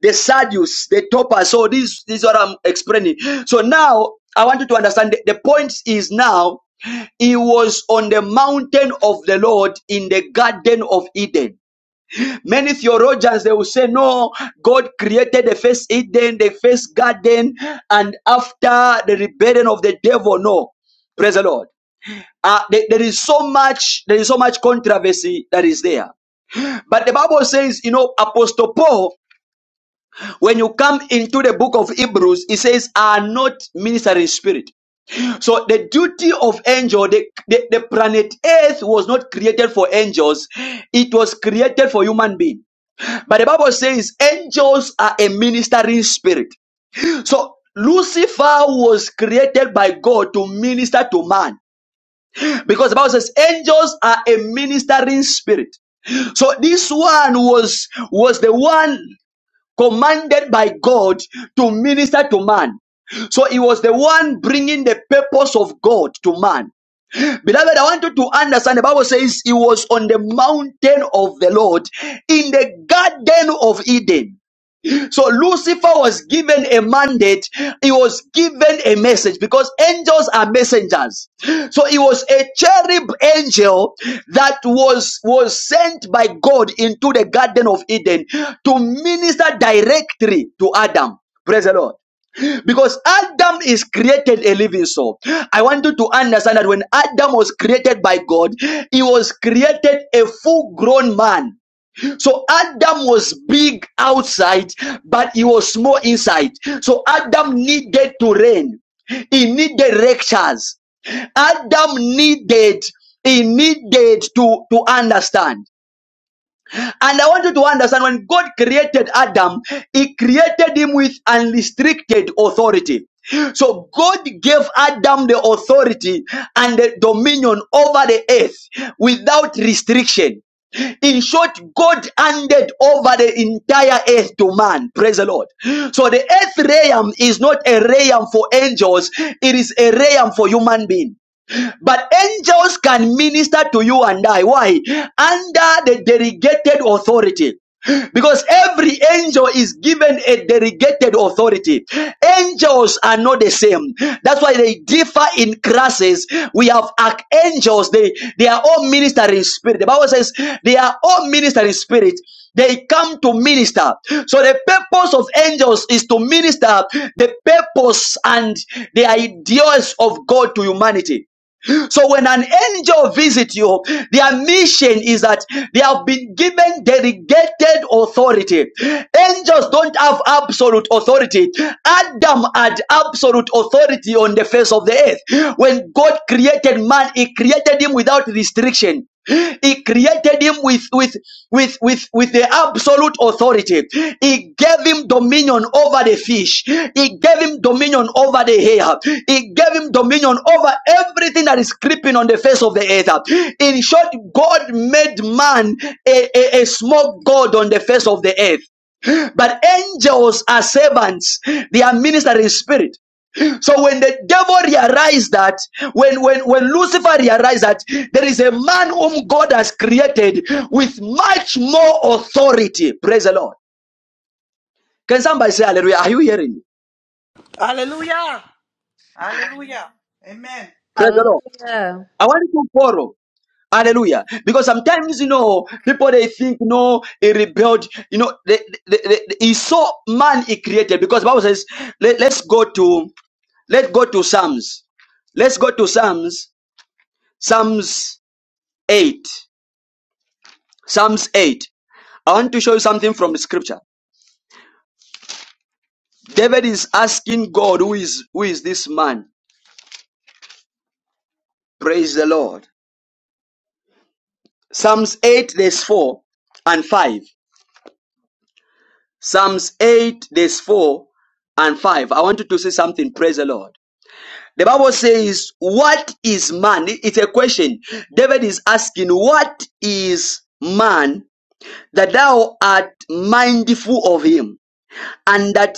the Sadius, the topper. So this, this is what I'm explaining. So now I want you to understand the, the point is now he was on the mountain of the Lord in the Garden of Eden. Many theologians they will say, No, God created the first Eden, the first garden, and after the rebellion of the devil. No, praise the Lord. Uh, there there is so much, there is so much controversy that is there. But the Bible says, you know, Apostle Paul when you come into the book of Hebrews, it says, are not ministering spirit. So the duty of angel, the, the, the planet earth was not created for angels. It was created for human being. But the Bible says angels are a ministering spirit. So Lucifer was created by God to minister to man because the Bible says angels are a ministering spirit. So this one was was the one commanded by God to minister to man. So he was the one bringing the purpose of God to man. Beloved, I want you to understand the Bible says he was on the mountain of the Lord in the garden of Eden. So Lucifer was given a mandate. He was given a message because angels are messengers. So he was a cherub angel that was, was sent by God into the Garden of Eden to minister directly to Adam. Praise the Lord. Because Adam is created a living soul. I want you to understand that when Adam was created by God, he was created a full grown man so Adam was big outside, but he was small inside. So Adam needed to reign. He needed lectures. Adam needed, he needed to, to understand. And I want you to understand when God created Adam, He created him with unrestricted authority. So God gave Adam the authority and the dominion over the earth without restriction. In short, God handed over the entire earth to man. Praise the Lord. So the earth realm is not a realm for angels, it is a realm for human beings. But angels can minister to you and I. Why? Under the delegated authority. Because every angel is given a delegated authority. Angels are not the same. That's why they differ in classes. We have archangels. They, they are all ministering spirit. The Bible says they are all ministering spirit. They come to minister. So the purpose of angels is to minister the purpose and the ideas of God to humanity. So when an angel visits you, their mission is that they have been given delegated authority. Angels don't have absolute authority. Adam had absolute authority on the face of the earth. When God created man, he created him without restriction. He created him with, with, with, with, with the absolute authority. He gave him dominion over the fish. He gave him dominion over the hair. He gave him dominion over everything that is creeping on the face of the earth. In short, God made man a, a, a small God on the face of the earth. But angels are servants. They are ministering spirit. So when the devil realized that, when, when, when Lucifer realized that there is a man whom God has created with much more authority, praise the Lord. Can somebody say hallelujah? Are you hearing me?
Hallelujah. Amen.
Praise the Lord.
Hallelujah.
I want you to borrow Hallelujah. Because sometimes, you know, people they think, no, he rebelled. You know, they, they, they, he saw man he created. Because Bible says, let, let's go to, let's go to Psalms. Let's go to Psalms, Psalms 8. Psalms 8. I want to show you something from the scripture. David is asking God, who is, who is this man? Praise the Lord. Psalms 8, verse 4 and 5. Psalms 8, verse 4 and 5. I want you to say something. Praise the Lord. The Bible says, What is man? It's a question. David is asking, What is man that thou art mindful of him? and that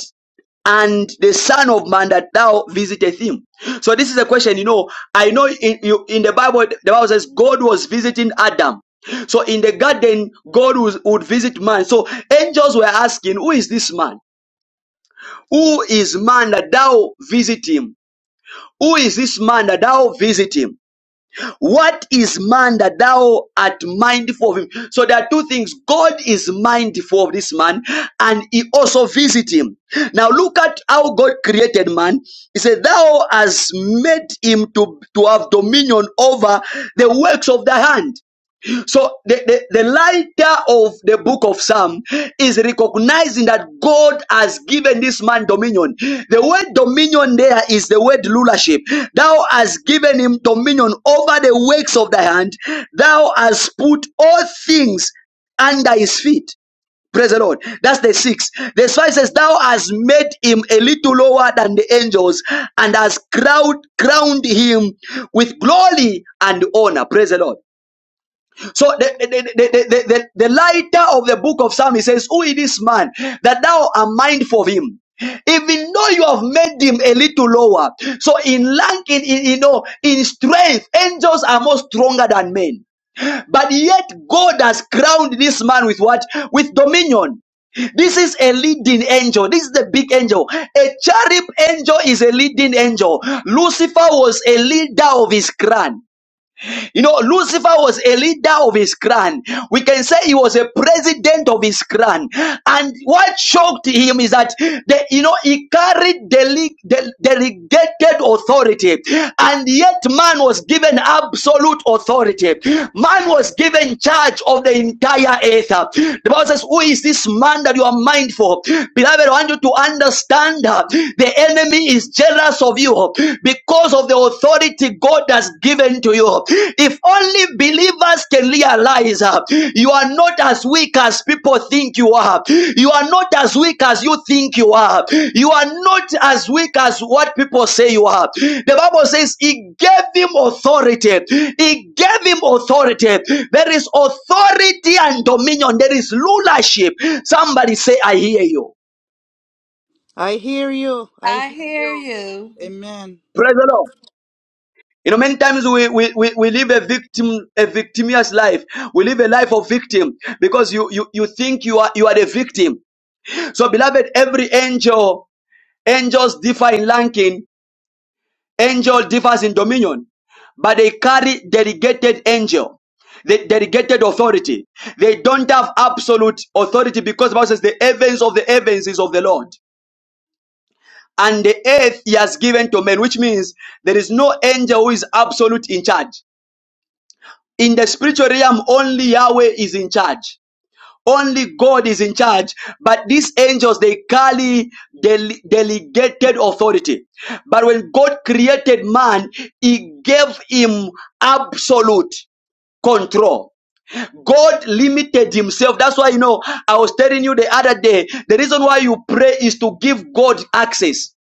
and the son of man that thou visiteth him so this is a question you know i know in, you, in the bible the bible says god was visiting adam so in the garden god was, would visit man so angels were asking who is this man who is man that thou visit him who is this man that thou visit him what is man that thou art mindful of him? So there are two things. God is mindful of this man and he also visits him. Now look at how God created man. He said, Thou hast made him to, to have dominion over the works of thy hand. So the, the, the writer of the book of Psalm is recognizing that God has given this man dominion. The word dominion there is the word rulership. Thou hast given him dominion over the works of thy hand. Thou hast put all things under his feet. Praise the Lord. That's the six. The five says, Thou hast made him a little lower than the angels and has crowned, crowned him with glory and honor. Praise the Lord. So the, the, the, the, the, the the lighter of the book of Psalms says, Who is this man that thou art mindful of him? Even though you have made him a little lower. So in rank, in, in you know, in strength, angels are more stronger than men. But yet God has crowned this man with what? With dominion. This is a leading angel. This is the big angel. A cherub angel is a leading angel. Lucifer was a leader of his clan. You know, Lucifer was a leader of his clan. We can say he was a president of his clan. And what shocked him is that, the, you know, he carried dele- de- delegated authority. And yet man was given absolute authority. Man was given charge of the entire earth. The Bible says, who is this man that you are mindful? Beloved, I want you to understand uh, the enemy is jealous of you because of the authority God has given to you. If only believers can realize uh, you are not as weak as people think you are, you are not as weak as you think you are, you are not as weak as what people say you are. The Bible says He gave him authority, He gave him authority. There is authority and dominion, there is rulership. Somebody say, I hear you.
I hear you. I
I
hear
hear
you.
you.
Amen.
Praise the Lord. You know, many times we, we, we, we live a victim, a victimious life. We live a life of victim because you, you, you think you are, you are the victim. So beloved, every angel, angels differ in ranking, angel differs in dominion, but they carry delegated angel, the delegated authority. They don't have absolute authority because the Bible says the heavens of the heavens is of the Lord. And the earth he has given to men, which means there is no angel who is absolute in charge. in the spiritual realm only yahweh is in charge only god is in charge but these angels they carry dele- delegated authority but when god created man he gave him absolute control God limited himself. That's why, you know, I was telling you the other day, the reason why you pray is to give God access.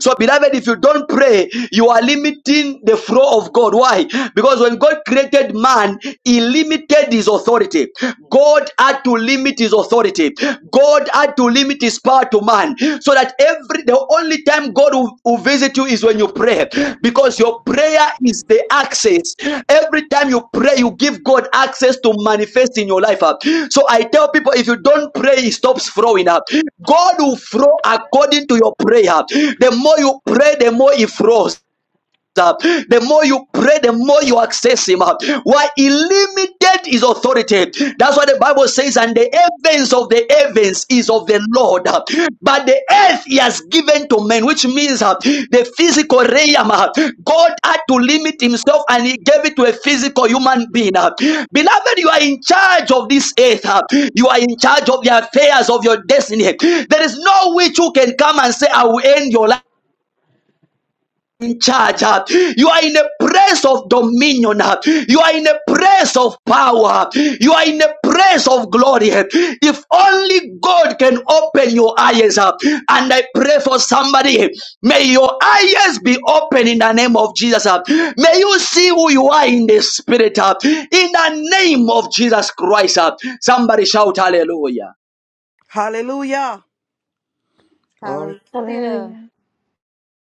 So, beloved, if you don't pray, you are limiting the flow of God. Why? Because when God created man, he limited his authority. God had to limit his authority. God had to limit his power to man. So that every the only time God will, will visit you is when you pray, because your prayer is the access. Every time you pray, you give God access to manifest in your life. uh. So I tell people, if you don't pray, He stops flowing up. God will flow according to your prayer. The more you pray, the more He flows uh, the more you pray, the more you access him. uh, Why he limited his authority. That's why the Bible says, and the heavens of the heavens is of the Lord, uh, but the earth he has given to men, which means uh, the physical realm. uh, God had to limit himself and he gave it to a physical human being. uh. Beloved, you are in charge of this earth, uh, you are in charge of the affairs of your destiny. There is no witch who can come and say, I will end your life in charge. uh, You are in a place of dominion. uh, You are in a place of power. huh? You are in a place of glory. huh? If only God can open your eyes up. And I pray for somebody. May your eyes be open in the name of Jesus. uh, May you see who you are in the spirit. uh, In the name of Jesus Christ. uh, Somebody shout hallelujah.
Hallelujah. Glory.
Hallelujah.
Hallelujah.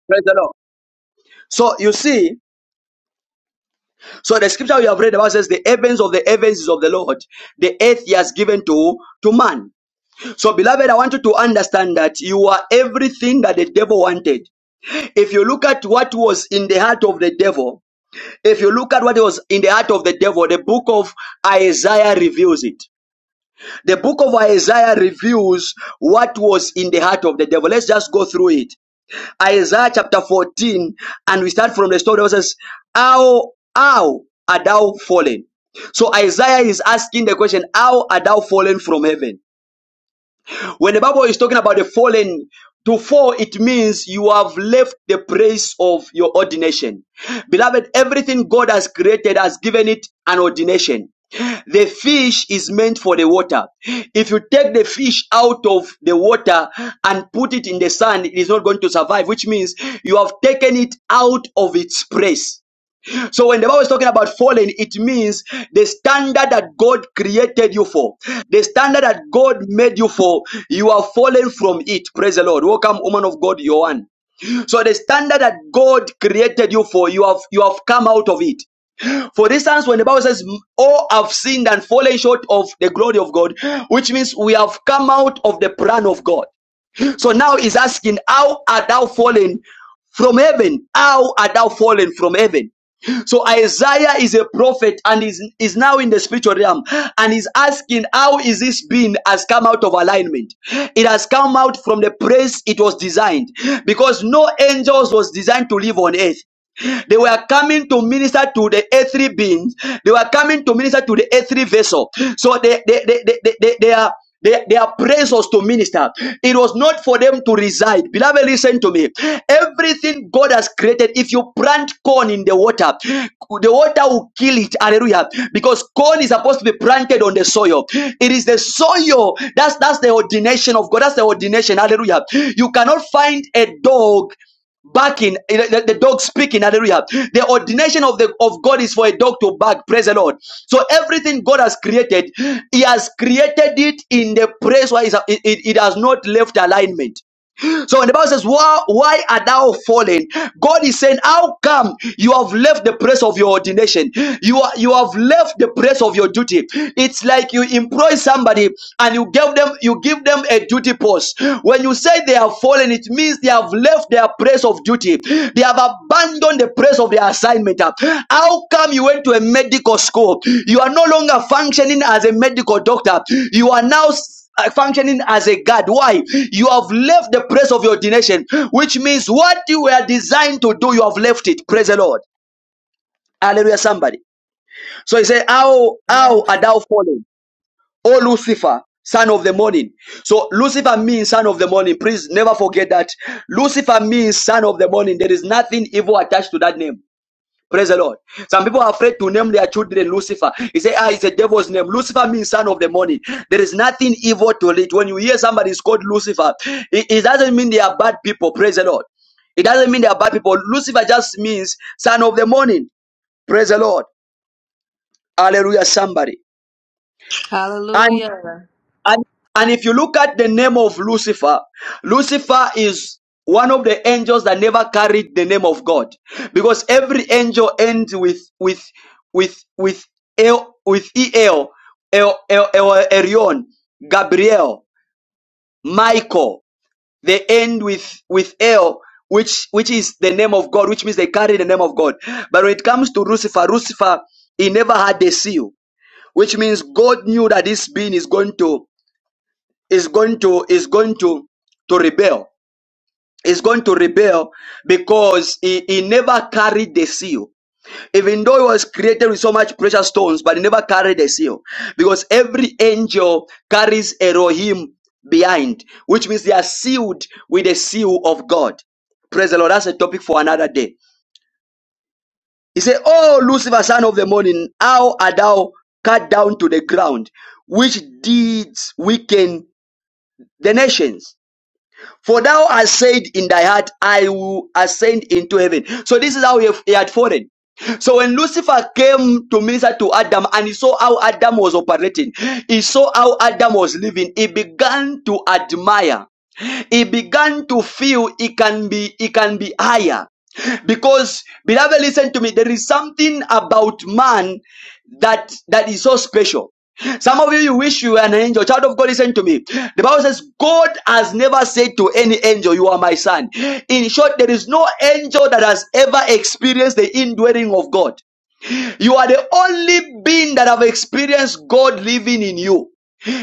Praise the Lord. So you see, So the scripture we have read about says the heavens of the heavens is of the Lord. The earth he has given to, to man. So beloved, I want you to understand that you are everything that the devil wanted. If you look at what was in the heart of the devil, if you look at what was in the heart of the devil, the book of Isaiah reveals it. The book of Isaiah reveals what was in the heart of the devil. Let's just go through it. Isaiah chapter 14, and we start from the story that says, How, how are thou fallen? So Isaiah is asking the question, How are thou fallen from heaven? When the Bible is talking about the fallen, to fall, it means you have left the place of your ordination. Beloved, everything God has created has given it an ordination. The fish is meant for the water. If you take the fish out of the water and put it in the sand, it is not going to survive, which means you have taken it out of its place. So when the Bible is talking about fallen, it means the standard that God created you for, the standard that God made you for, you are fallen from it. Praise the Lord. Welcome, woman of God, Johan. So the standard that God created you for, you have you have come out of it. For instance, when the Bible says, "All have sinned and fallen short of the glory of God," which means we have come out of the plan of God. So now he's asking, How art thou fallen from heaven? How art thou fallen from heaven? So Isaiah is a prophet and is, is now in the spiritual realm and is asking how is this being has come out of alignment? It has come out from the place it was designed because no angels was designed to live on earth. They were coming to minister to the A3 beings. They were coming to minister to the A3 vessel. So they they they they, they, they, they are they, they are praises to minister. It was not for them to reside. Beloved, listen to me. Everything God has created, if you plant corn in the water, the water will kill it. Hallelujah. Because corn is supposed to be planted on the soil. It is the soil. That's that's the ordination of God. That's the ordination. Hallelujah. You cannot find a dog barking eh, the, the dog speaking hallelujah the ordination of the of god is for a dog to bark praise the lord so everything god has created he has created it in the place where it's- it, it, it has not left alignment so when the Bible says, why, why are thou fallen? God is saying, How come you have left the place of your ordination? You are you have left the place of your duty. It's like you employ somebody and you give them you give them a duty post. When you say they have fallen, it means they have left their place of duty, they have abandoned the place of their assignment. How come you went to a medical school? You are no longer functioning as a medical doctor, you are now uh, functioning as a God. Why? You have left the place of your ordination, which means what you were designed to do, you have left it. Praise the Lord. Hallelujah, somebody. So he said, How, how
Amen.
are thou fallen, O Lucifer, son of the morning? So Lucifer means son of the morning. Please never forget that. Lucifer means son of the morning. There is nothing evil attached to that name. Praise the Lord. Some people are afraid to name their children Lucifer. He say, ah, it's a devil's name. Lucifer means son of the morning. There is nothing evil to it. When you hear somebody is called Lucifer, it, it doesn't mean they are bad people. Praise the Lord. It doesn't mean they are bad people. Lucifer just means son of the morning. Praise the Lord. Hallelujah, somebody. and.
Hallelujah.
And, and if you look at the name of Lucifer, Lucifer is one of the angels that never carried the name of God. Because every angel ends with with with with El with El, El, El, El Erion, Gabriel, Michael. They end with with El, which which is the name of God, which means they carry the name of God. But when it comes to Lucifer, Lucifer, he never had the seal, which means God knew that this being is going to is going to is going to to rebel is going to rebel because he, he never carried the seal even though he was created with so much precious stones but he never carried the seal because every angel carries elohim behind which means they are sealed with the seal of god praise the lord that's a topic for another day he said oh lucifer son of the morning how art thou cut down to the ground which deeds weaken the nations For thou hast said in thy heart, I will ascend into heaven. So this is how he he had fallen. So when Lucifer came to minister to Adam and he saw how Adam was operating, he saw how Adam was living, he began to admire he began to feel he can be he can be higher because beloved listen to me there is something about man that that is so special some of you, you wish you were an angel. Child of God, listen to me. The Bible says, God has never said to any angel, You are my son. In short, there is no angel that has ever experienced the indwelling of God. You are the only being that have experienced God living in you.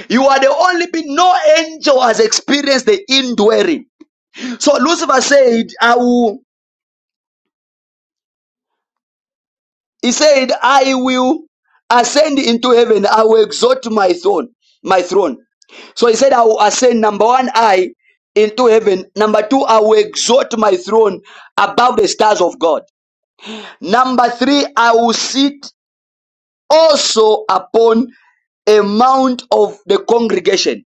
You are the only being, no angel has experienced the indwelling. So Lucifer said, I will, he said, I will ascend into heaven. I will exalt my throne, my throne. So he said, I will ascend, number one, I into heaven. Number two, I will exalt my throne above the stars of God. Number three, I will sit also upon a mount of the congregation.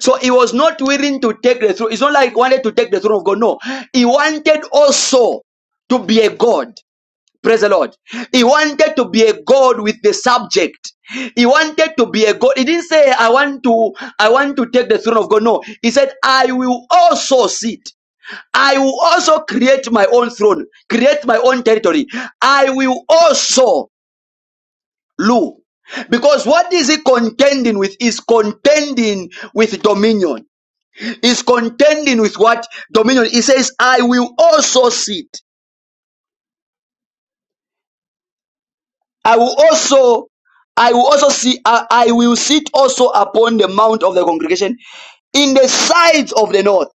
So he was not willing to take the throne. It's not like he wanted to take the throne of God. No, he wanted also to be a God. Praise the Lord. He wanted to be a God with the subject. He wanted to be a God. He didn't say, I want to, I want to take the throne of God. No, he said, I will also sit. I will also create my own throne, create my own territory. I will also rule. Because what is he contending with? Is contending with dominion is contending with what dominion. He says, I will also sit. I will also, I will also see, I, I will sit also upon the mount of the congregation in the sides of the north.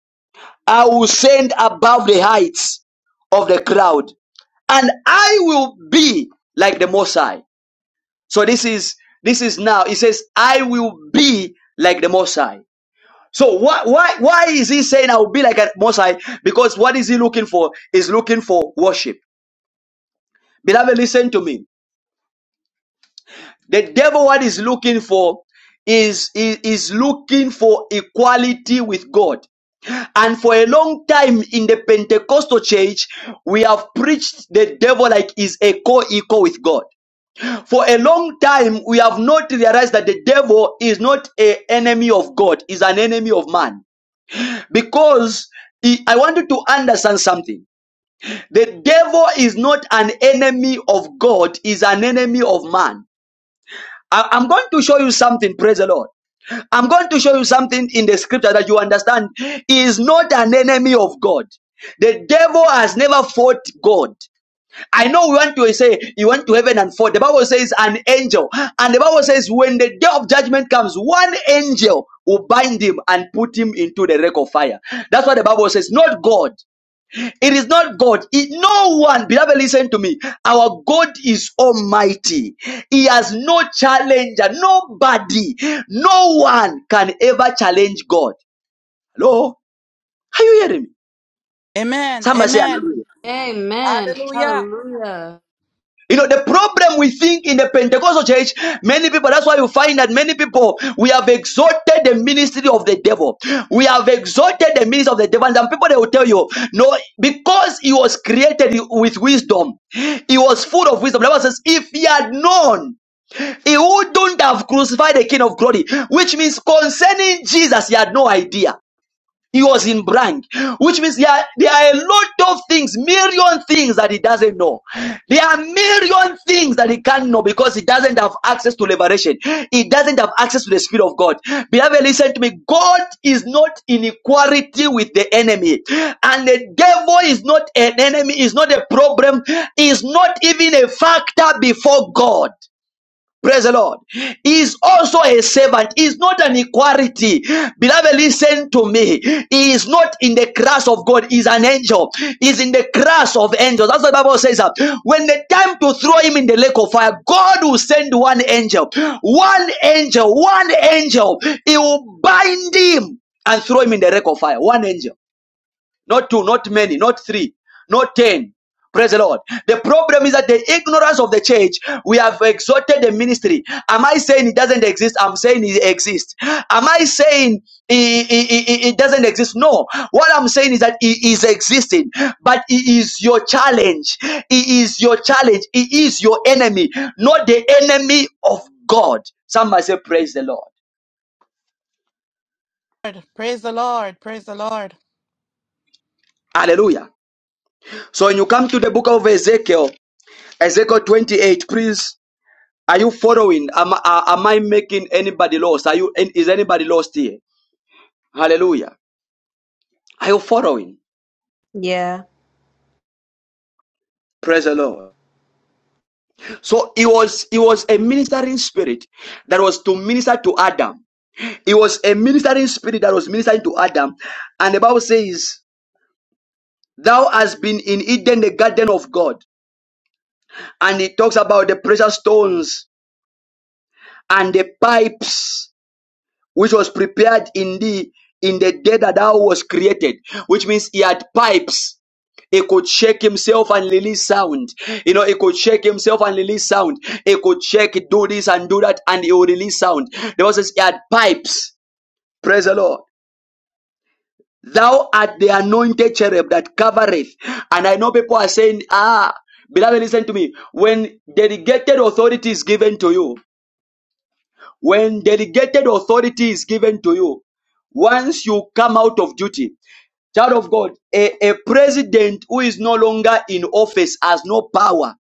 I will send above the heights of the cloud and I will be like the Most High. So this is, this is now, he says, I will be like the Most High. So why why why is he saying I will be like a Most High? Because what is he looking for? Is looking for worship. Beloved, listen to me. The devil, what is looking for, is, is is looking for equality with God. And for a long time in the Pentecostal church, we have preached the devil like is a co-equal with God. For a long time, we have not realized that the devil is not an enemy of God; is an enemy of man. because he- I want you to understand something. The devil is not an enemy of God, is an enemy of man. I- I'm going to show you something, praise the Lord. I'm going to show you something in the scripture that you understand. He is not an enemy of God. The devil has never fought God. I know we want to say you went to heaven and fought. The Bible says an angel. And the Bible says when the day of judgment comes, one angel will bind him and put him into the lake of fire. That's what the Bible says, not God. It is not God. It- no one, beloved, listen to me. Our God is almighty. He has no challenger. Nobody, no one can ever challenge God. Hello? Are you hearing me?
Amen.
Somebody say,
Amen.
Amen.
Hallelujah.
Hallelujah.
You know, the problem we think in the Pentecostal church, many people, that's why you find that many people, we have exalted the ministry of the devil. We have exalted the ministry of the devil. And some people, they will tell you, no, because he was created with wisdom, he was full of wisdom. The Bible says, if he had known, he wouldn't have crucified the King of glory, which means concerning Jesus, he had no idea. He was in blank, which means there are, there are a lot of things, million things that he doesn't know. There are million things that he can't know because he doesn't have access to liberation. He doesn't have access to the Spirit of God. Beloved, listen to me. God is not in equality with the enemy. And the devil is not an enemy, is not a problem, is not even a factor before God. Praise the Lord. He is also a servant. He is not an equality. Beloved, listen to me. He is not in the class of God. He is an angel. He is in the class of angels. That's what the Bible says. uh, When the time to throw him in the lake of fire, God will send one angel. One angel. One angel. He will bind him and throw him in the lake of fire. One angel not two, not many, not three, not ten. Praise the Lord. The problem is that the ignorance of the church, we have exalted the ministry. Am I saying it doesn't exist? I'm saying it exists. Am I saying it, it, it it doesn't exist? No. What I'm saying is that it is existing, but it is your challenge. It is your challenge. It is your enemy, not the enemy of God. Somebody say, Praise the Lord.
Lord. Praise the Lord. Praise the Lord.
Hallelujah. So when you come to the book of Ezekiel, Ezekiel 28, please Are you following? Am, uh, am I making anybody lost? Are you is anybody lost here? Hallelujah. Are you following?
Yeah.
Praise the Lord. So it was it was a ministering spirit that was to minister to Adam. It was a ministering spirit that was ministering to Adam. And the Bible says, Thou hast been in Eden, the garden of God. And it talks about the precious stones and the pipes which was prepared in thee in the day that thou was created, which means he had pipes. He could shake himself and release sound. You know, he could shake himself and release sound. He could shake, do this and do that, and he will release sound. The Bible says he had pipes. Praise the Lord. Thou art the anointed cherub that covereth. And I know people are saying, ah, beloved, listen to me. When delegated authority is given to you, When delegated authority is given to you, once you come out of duty, child of God, a, a president who is no longer in office has no power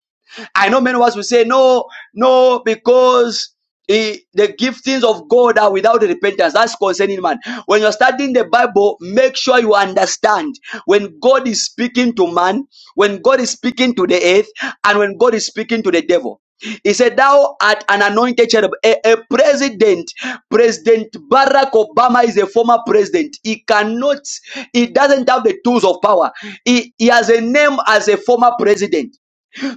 I know many of us will say, no, no, because eh, the giftings of God are without repentance. That's concerning man. When you're studying the Bible, make sure you understand when God is speaking to man, when God is speaking to the earth, and when God is speaking to the devil. He said, Thou art an anointed cherub, a, a president. President Barack Obama is a former president. He cannot, he doesn't have the tools of power. He, he has a name as a former president.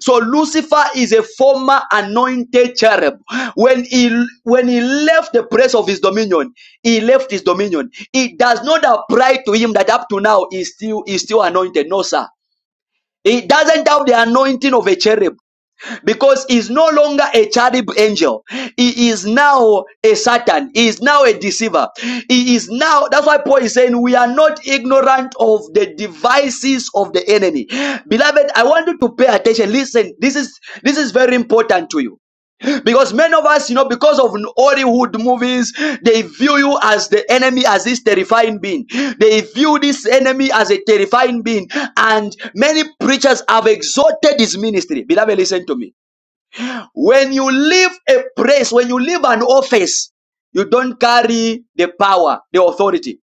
So Lucifer is a former anointed cherub. When he when he left the place of his dominion, he left his dominion. It does not apply to him that up to now he's still he's still anointed. No, sir. He doesn't have the anointing of a cherub because he's no longer a cherub angel. He is now a Satan. He is now a deceiver. He is now, that's why Paul is saying, we are not ignorant of the devices of the enemy. Beloved, I want you to pay attention. Listen, this is, this is very important to you. Because many of us, you know, because of Hollywood movies, they view you as the enemy, as this terrifying being. They view this enemy as a terrifying being. And many preachers have exalted his ministry. Beloved, listen to me. When you leave a place, when you leave an office, you don't carry the power, the authority.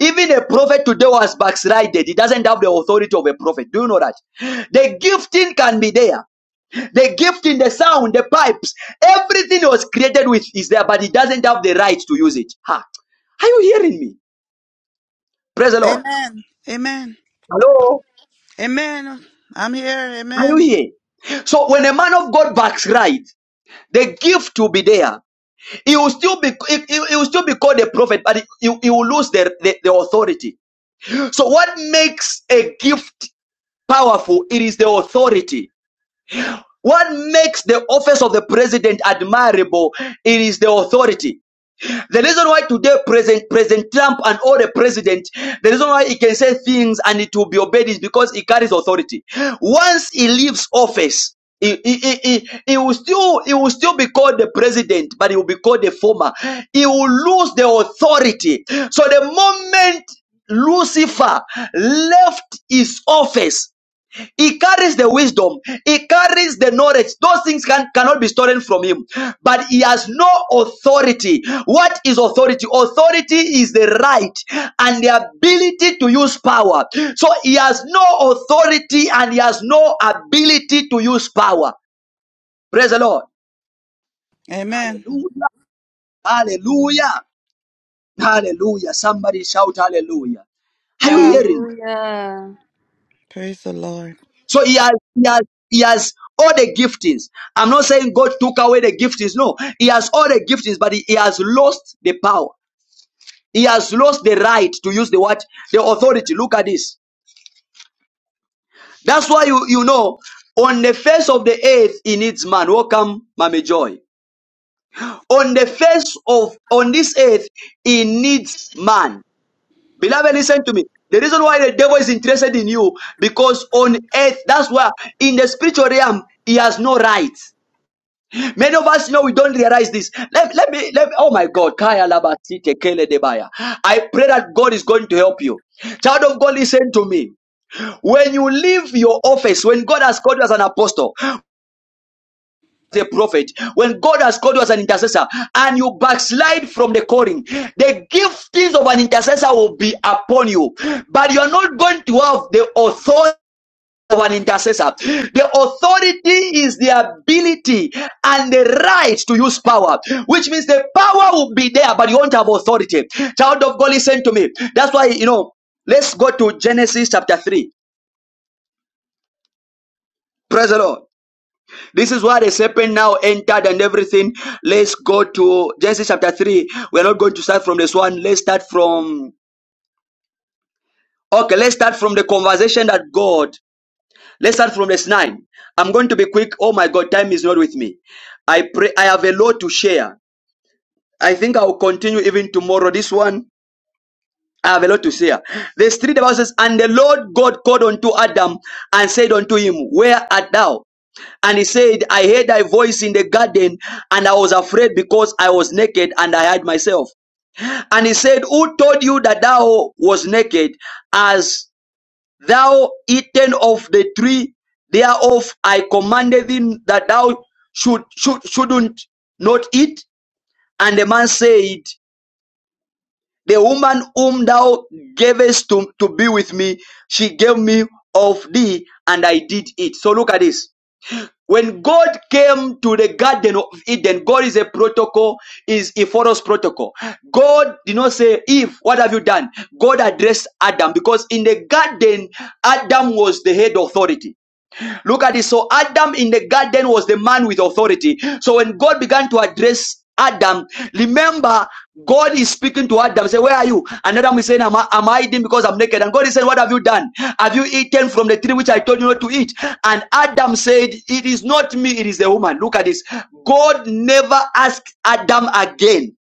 Even a prophet today was backslided. He doesn't have the authority of a prophet. Do you know that? The gifting can be there. The gifting, the sound, the pipes, everything he was created with is there, but he doesn't have the right to use it. Ha. Are you hearing me? Praise the Lord.
Amen. Amen.
Hello.
Amen. I'm here.
Are you
Amen.
here? So when a man of God backslides, the gift will be there, He will still be he, he- he will still be called a prophet, but he, he will lose the, the, the authority. So what makes a gift powerful? It is the authority. What makes the office of the president admirable? It is the authority. The reason why today President, President Trump and all the president, the reason why he can say things and it will be obeyed is because he carries authority. Once he leaves office, he, he, he, he, he will still he will still be called the president, but he will be called the former. He will lose the authority. So the moment Lucifer left his office, he carries the wisdom. He carries the knowledge. Those things can, cannot be stolen from him. But he has no authority. What is authority? Authority is the right and the ability to use power. So he has no authority and he has no ability to use power. Praise the Lord.
Amen.
Hallelujah. Hallelujah. Hallelujah. Somebody shout hallelujah. Are you
Yeah.
hearing me?
Hallelujah.
Praise the Lord.
So he has, he has, he has all the giftings. I'm not saying God took away the giftings. No, he has all the giftings, but he, he has lost the power. He has lost the right to use the what? The authority. Look at this. That's why you, you know, on the face of the earth, he needs man. Welcome, Mama Joy. On the face of, on this earth, he needs man. Beloved, listen to me. The reason why the devil is interested in you, because on earth, that's why in the spiritual realm, he has no right. Many of us, you know, we don't realize this. Let, let me, let me, oh my God. Kaya labati tekele debaya. I pray that God is going to help you. Child of God, listen to me. When you leave your office, when God has called you as an apostle, the prophet, when God has called you as an intercessor, and you backslide from the calling, the giftings of an intercessor will be upon you, but you are not going to have the authority of an intercessor. The authority is the ability and the right to use power, which means the power will be there, but you won't have authority. Child of God, listen to me. That's why, you know, let's go to Genesis chapter 3. Praise the Lord. This is where the serpent now entered and everything. Let's go to Genesis chapter 3. We're not going to start from this one. Let's start from, okay, let's start from the conversation that God Let's start from verse 9. I'm going to be quick. Oh my God, time is not with me. I pray I have a lot to share. I think I will continue even tomorrow. This one, I have a lot to share. Verse 3 the Bible says, And the Lord God called unto Adam and said unto him, Where art thou? And he said, I heard thy voice in the garden, and I was afraid because I was naked and I hid myself. And he said, Who told you that thou was naked? As thou eaten of the tree thereof I commanded thee that thou should, should shouldn't not eat. And the man said, The woman whom thou gavest to, to be with me, she gave me of thee, and I did eat. So look at this. When God came to the Garden of Eden, God is a protocol, is a follows protocol. God did not say, Eve, what have you done? God addressed Adam because in the garden, Adam was the head authority. Look at this. So Adam in the garden was the man with authority. So when God began to address Adam, remember God is speaking to Adam. Say, where are you? And Adam is saying, am I, am I eating because I'm naked? And God is saying, what have you done? Have you eaten from the tree which I told you not to eat? And Adam said, it is not me, it is the woman. Look at this. God never asked Adam again.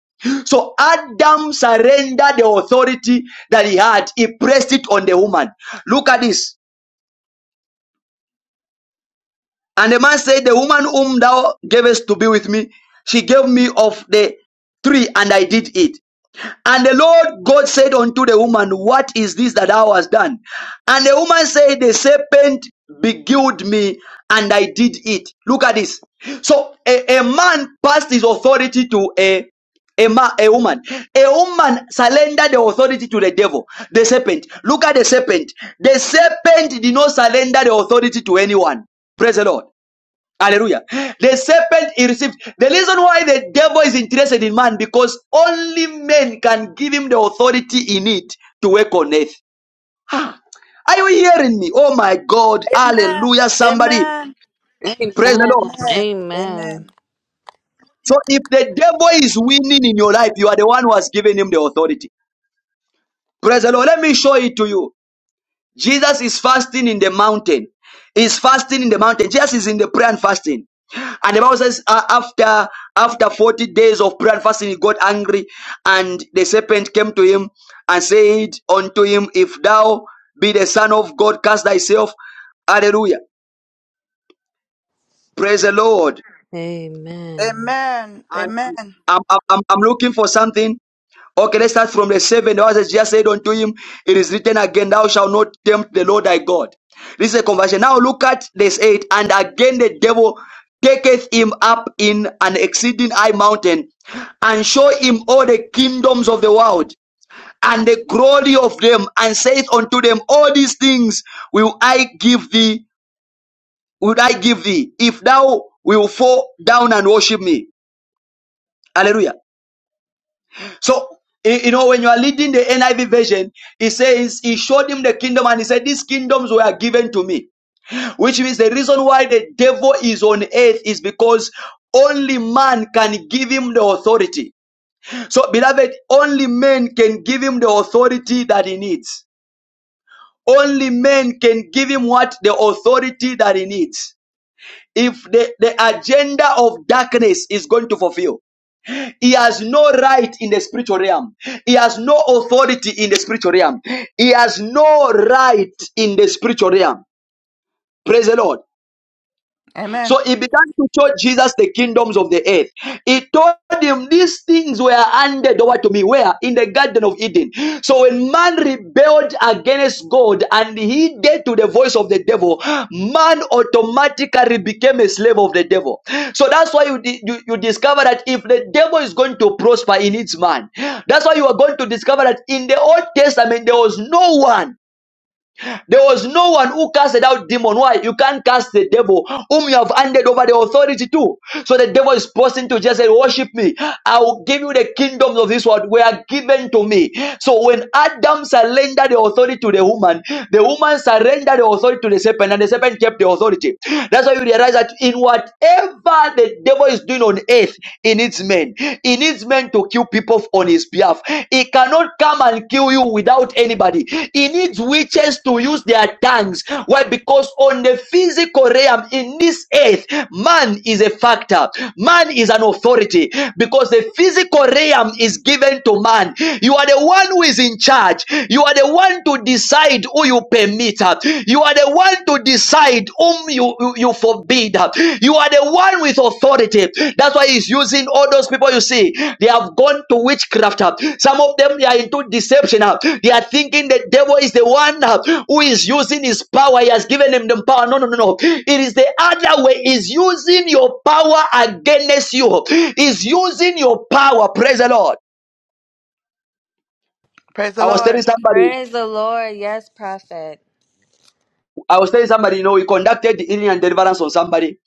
So Adam surrendered the authority that he had. He pressed it on the woman. Look at this. And the man said, The woman whom thou gavest to be with me, she gave me of the tree, and I did eat. And the Lord God said unto the woman, What is this that thou hast done? And the woman said, The serpent beguiled me, and I did eat. Look at this. So a, a man passed his authority to a a, ma- a woman. A woman surrendered the authority to the devil, the serpent. Look at the serpent. The serpent did not surrender the authority to anyone. Praise the Lord. Hallelujah. The serpent he received. The reason why the devil is interested in man because only men can give him the authority in it to work on earth. Are you hearing me? Oh my God.
Amen.
Hallelujah. Somebody
Amen.
praise the
Amen.
Lord.
Amen.
Amen.
Amen.
So if the devil is winning in your life, you are the one who has given him the authority. Praise the Lord. Let me show it to you. Jesus is fasting in the mountain. He's fasting in the mountain. Jesus is in the prayer and fasting. And the Bible says, uh, after after 40 days of prayer and fasting, he got angry, and the serpent came to him and said unto him, If thou be the Son of God, cast thyself. Hallelujah. Praise the Lord.
Amen.
Amen.
And
Amen.
I'm, I'm, I'm I'm looking for something Okay, let's start from the seven. The Bible just said unto him, It is written again, Thou shalt not tempt the Lord thy God. This is a conversion. Now look at this eight. And again the devil taketh him up in an exceeding high mountain and show him all the kingdoms of the world and the glory of them and saith unto them, All these things will I give thee, will I give thee, if thou wilt fall down and worship me. Hallelujah. So, y- you know, when you are leading the NIV version, he says, He showed him the kingdom and he said, These kingdoms were given to me. Which means the reason why the devil is on earth is because only man can give him the authority. So, beloved, only men can give him the authority that he needs. Only men can give him what? The authority that he needs. If the, the agenda of darkness is going to fulfill. He has no right in the spiritual realm. He has no authority in the spiritual realm. He has no right in the spiritual realm. Praise the Lord. So
Amen.
he began to show Jesus the kingdoms of the earth. He told him these things were handed over to me. Where? In the Garden of Eden. So when man rebelled against God and he did to the voice of the devil, man automatically became a slave of the devil. So that's why you, di- you, you discover that if the devil is going to prosper, he needs man. That's why you are going to discover that in the Old Testament, there was no one. There was no one who casted out demon. Why? You can't cast the devil whom you have handed over the authority to. So the devil is posting to just say, worship me. I will give you the kingdoms of this world were given to me. So when Adam surrendered the authority to the woman, the woman surrendered the authority to the serpent and the serpent kept the authority. That's why you realize that in whatever the devil is doing on earth, it needs men. He needs men to kill people on his behalf. He cannot come and kill you without anybody. He needs witches to use their tongues. Why? Because on the physical realm in this earth, man is a factor. Man is an authority because the physical realm is given to man. You are the one who is in charge. You are the one to decide who you permit. You are the one to decide whom you, you, you forbid. You are the one with authority. That's why he's using all those people you see. They have gone to witchcraft. Some of them they are into deception. They are thinking the devil is the one who is using his power. He has given him the power. No, no, no, no. It is the other way. Is using your power against you. Is using your power. Praise the Lord.
Praise the
I was telling
Lord.
somebody,
Praise the Lord. Yes, prophet.
I was telling somebody, you know, we conducted the healing and deliverance on somebody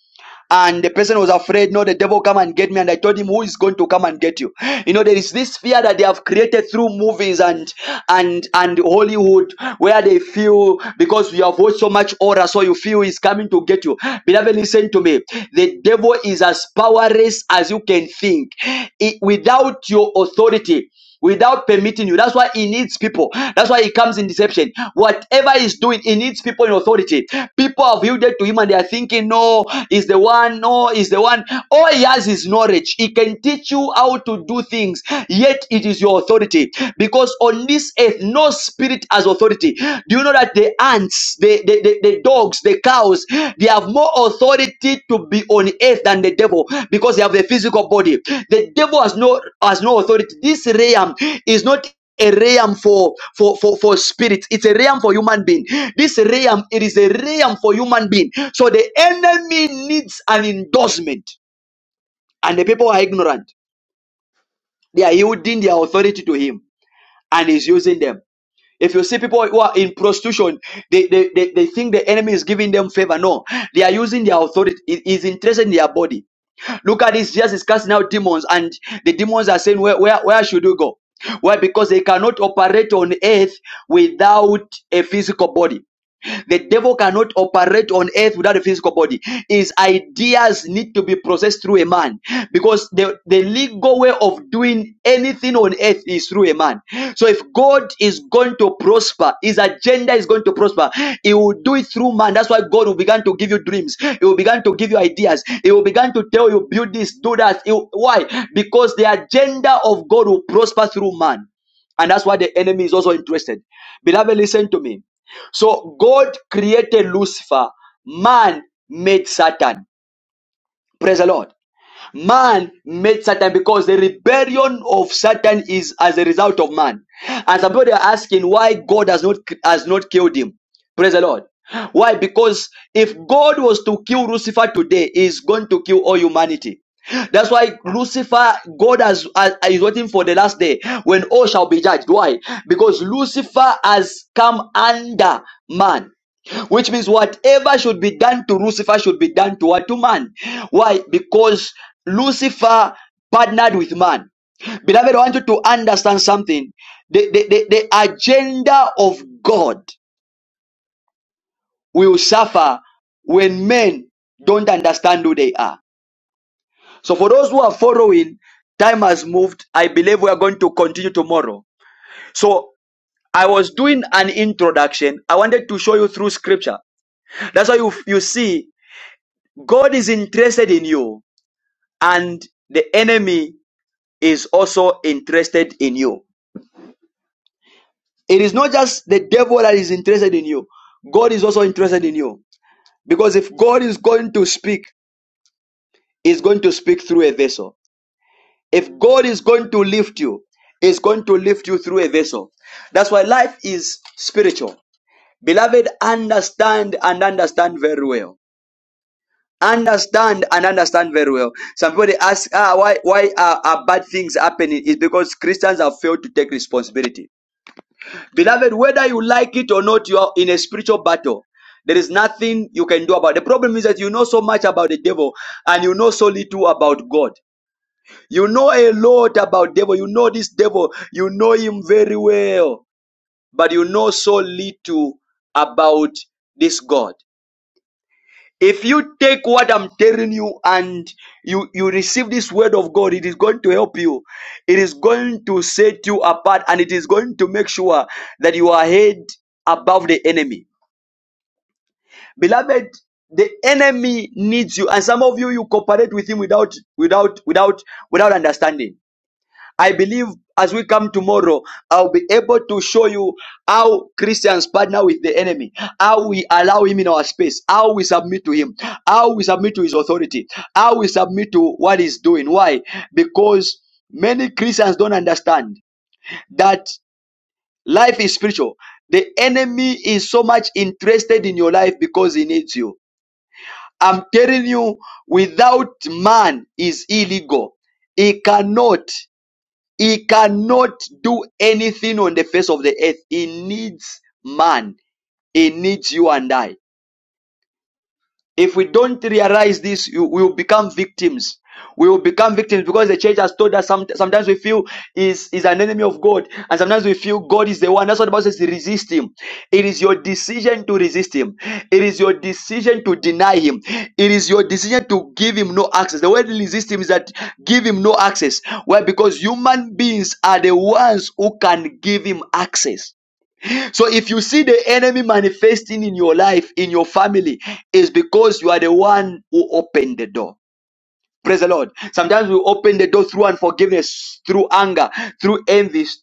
and the person was afraid no the devil come and get me and i told him who is going to come and get you you know there is this fear that they have created through movies and and and hollywood where they feel because you have watched so much horror so you feel he's coming to get you beloved listen to me the devil is as powerless as you can think It- without your authority without permitting you. That's why he needs people. That's why he comes in deception. Whatever he's doing, he needs people in authority. People have yielded to him and they are thinking, no, is the one, no, is the one. All he has is knowledge. He can teach you how to do things, yet it is your authority. Because on this earth, no spirit has authority. Do you know that the ants? the, the, the, the dogs, the cows, they have more authority to be on earth than the devil because they have a physical body. The devil has no has no authority. This realm is not a realm for for for for spirit it's a realm for human being this realm it is a realm for human being so the enemy needs an endorsement and the people are ignorant they are yielding their authority to him and he's using them if you see people who are in prostitution, they, they, they, they think the enemy is giving them favor. No, they are using their authority. He is interested in their body. Look at this. Jesus is casting out demons, and the demons are saying, Where, where, where should you go? Why? Because they cannot operate on earth without a physical body. The devil cannot operate on earth without a physical body. His ideas need to be processed through a man because the, the legal way of doing anything on earth is through a man. So if God is going to prosper, his agenda is going to prosper, he will do it through man. That's why God will begin to give you dreams. He will begin to give you ideas. He will begin to tell you, build this, do that. He will- why? Because the agenda of God will prosper through man. And that's why the enemy is also interested. Beloved, listen to me. So God created Lucifer. Man made Satan. Praise the Lord. Man made Satan because the rebellion of Satan is as a result of man. And some people are asking why God has not has not killed him. Praise the Lord. Why? Because if God was to kill Lucifer today, he's going to kill all humanity. That's why Lucifer, God has, has- is waiting for the last day when all shall be judged. Why? Because Lucifer has come under man. Which means whatever should be done to Lucifer should be done to what to man. Why? Because Lucifer partnered with man. Beloved, I want you to understand something. The, the, the, the agenda of God will suffer when men don't understand who they are. So, for those who are following, time has moved. I believe we are going to continue tomorrow. So, I was doing an introduction. I wanted to show you through scripture. That's why you, you see God is interested in you, and the enemy is also interested in you. It is not just the devil that is interested in you, God is also interested in you. Because if God is going to speak, He's going to speak through a vessel. If God is going to lift you, He's going to lift you through a vessel. That's why life is spiritual. Beloved, understand and understand very well Understand and understand very well. Some people they ask, ah, why why are, are bad things happening? Is because Christians have failed to take responsibility. Beloved, whether you like it or not, you are in a spiritual battle. There is nothing you can do about it. The problem is that you know so much about the devil and you know so little about God. You know a lot about devil. You know this devil. You know him very well, but you know so little about this God. If you take what I'm telling you and you, you receive this word of God, it is going to help you. It is going to set you apart and it is going to make sure that you are head above the enemy. Beloved, the enemy needs you and some of you you cooperate with him without without without without understanding I believe as we come tomorrow, I'll be able to show you how Christians partner with the enemy, how we allow him in our space, how we submit to him, how we submit to his authority, how we submit to what he's doing. Why? Because many Christians don't understand that life is spiritual. The enemy is so much interested in your life because he needs you. I'm telling you, without man is illegal. He cannot. He cannot do anything on the face of the earth. He needs man. He needs you and I. If we don't realize this, you, we will become victims. We will become victims because the church has told us some, sometimes we feel is, is an enemy of God, and sometimes we feel God is the one. That's what the Bible says resist him. It is your decision to resist him, it is your decision to deny him, it is your decision to give him no access. The word resist him is that give him no access. Why? Because human beings are the ones who can give him access so if you see the enemy manifesting in your life, in your family, is because you are the one who opened the door. Praise the Lord. Sometimes we open the door through unforgiveness, through anger, through envy, st-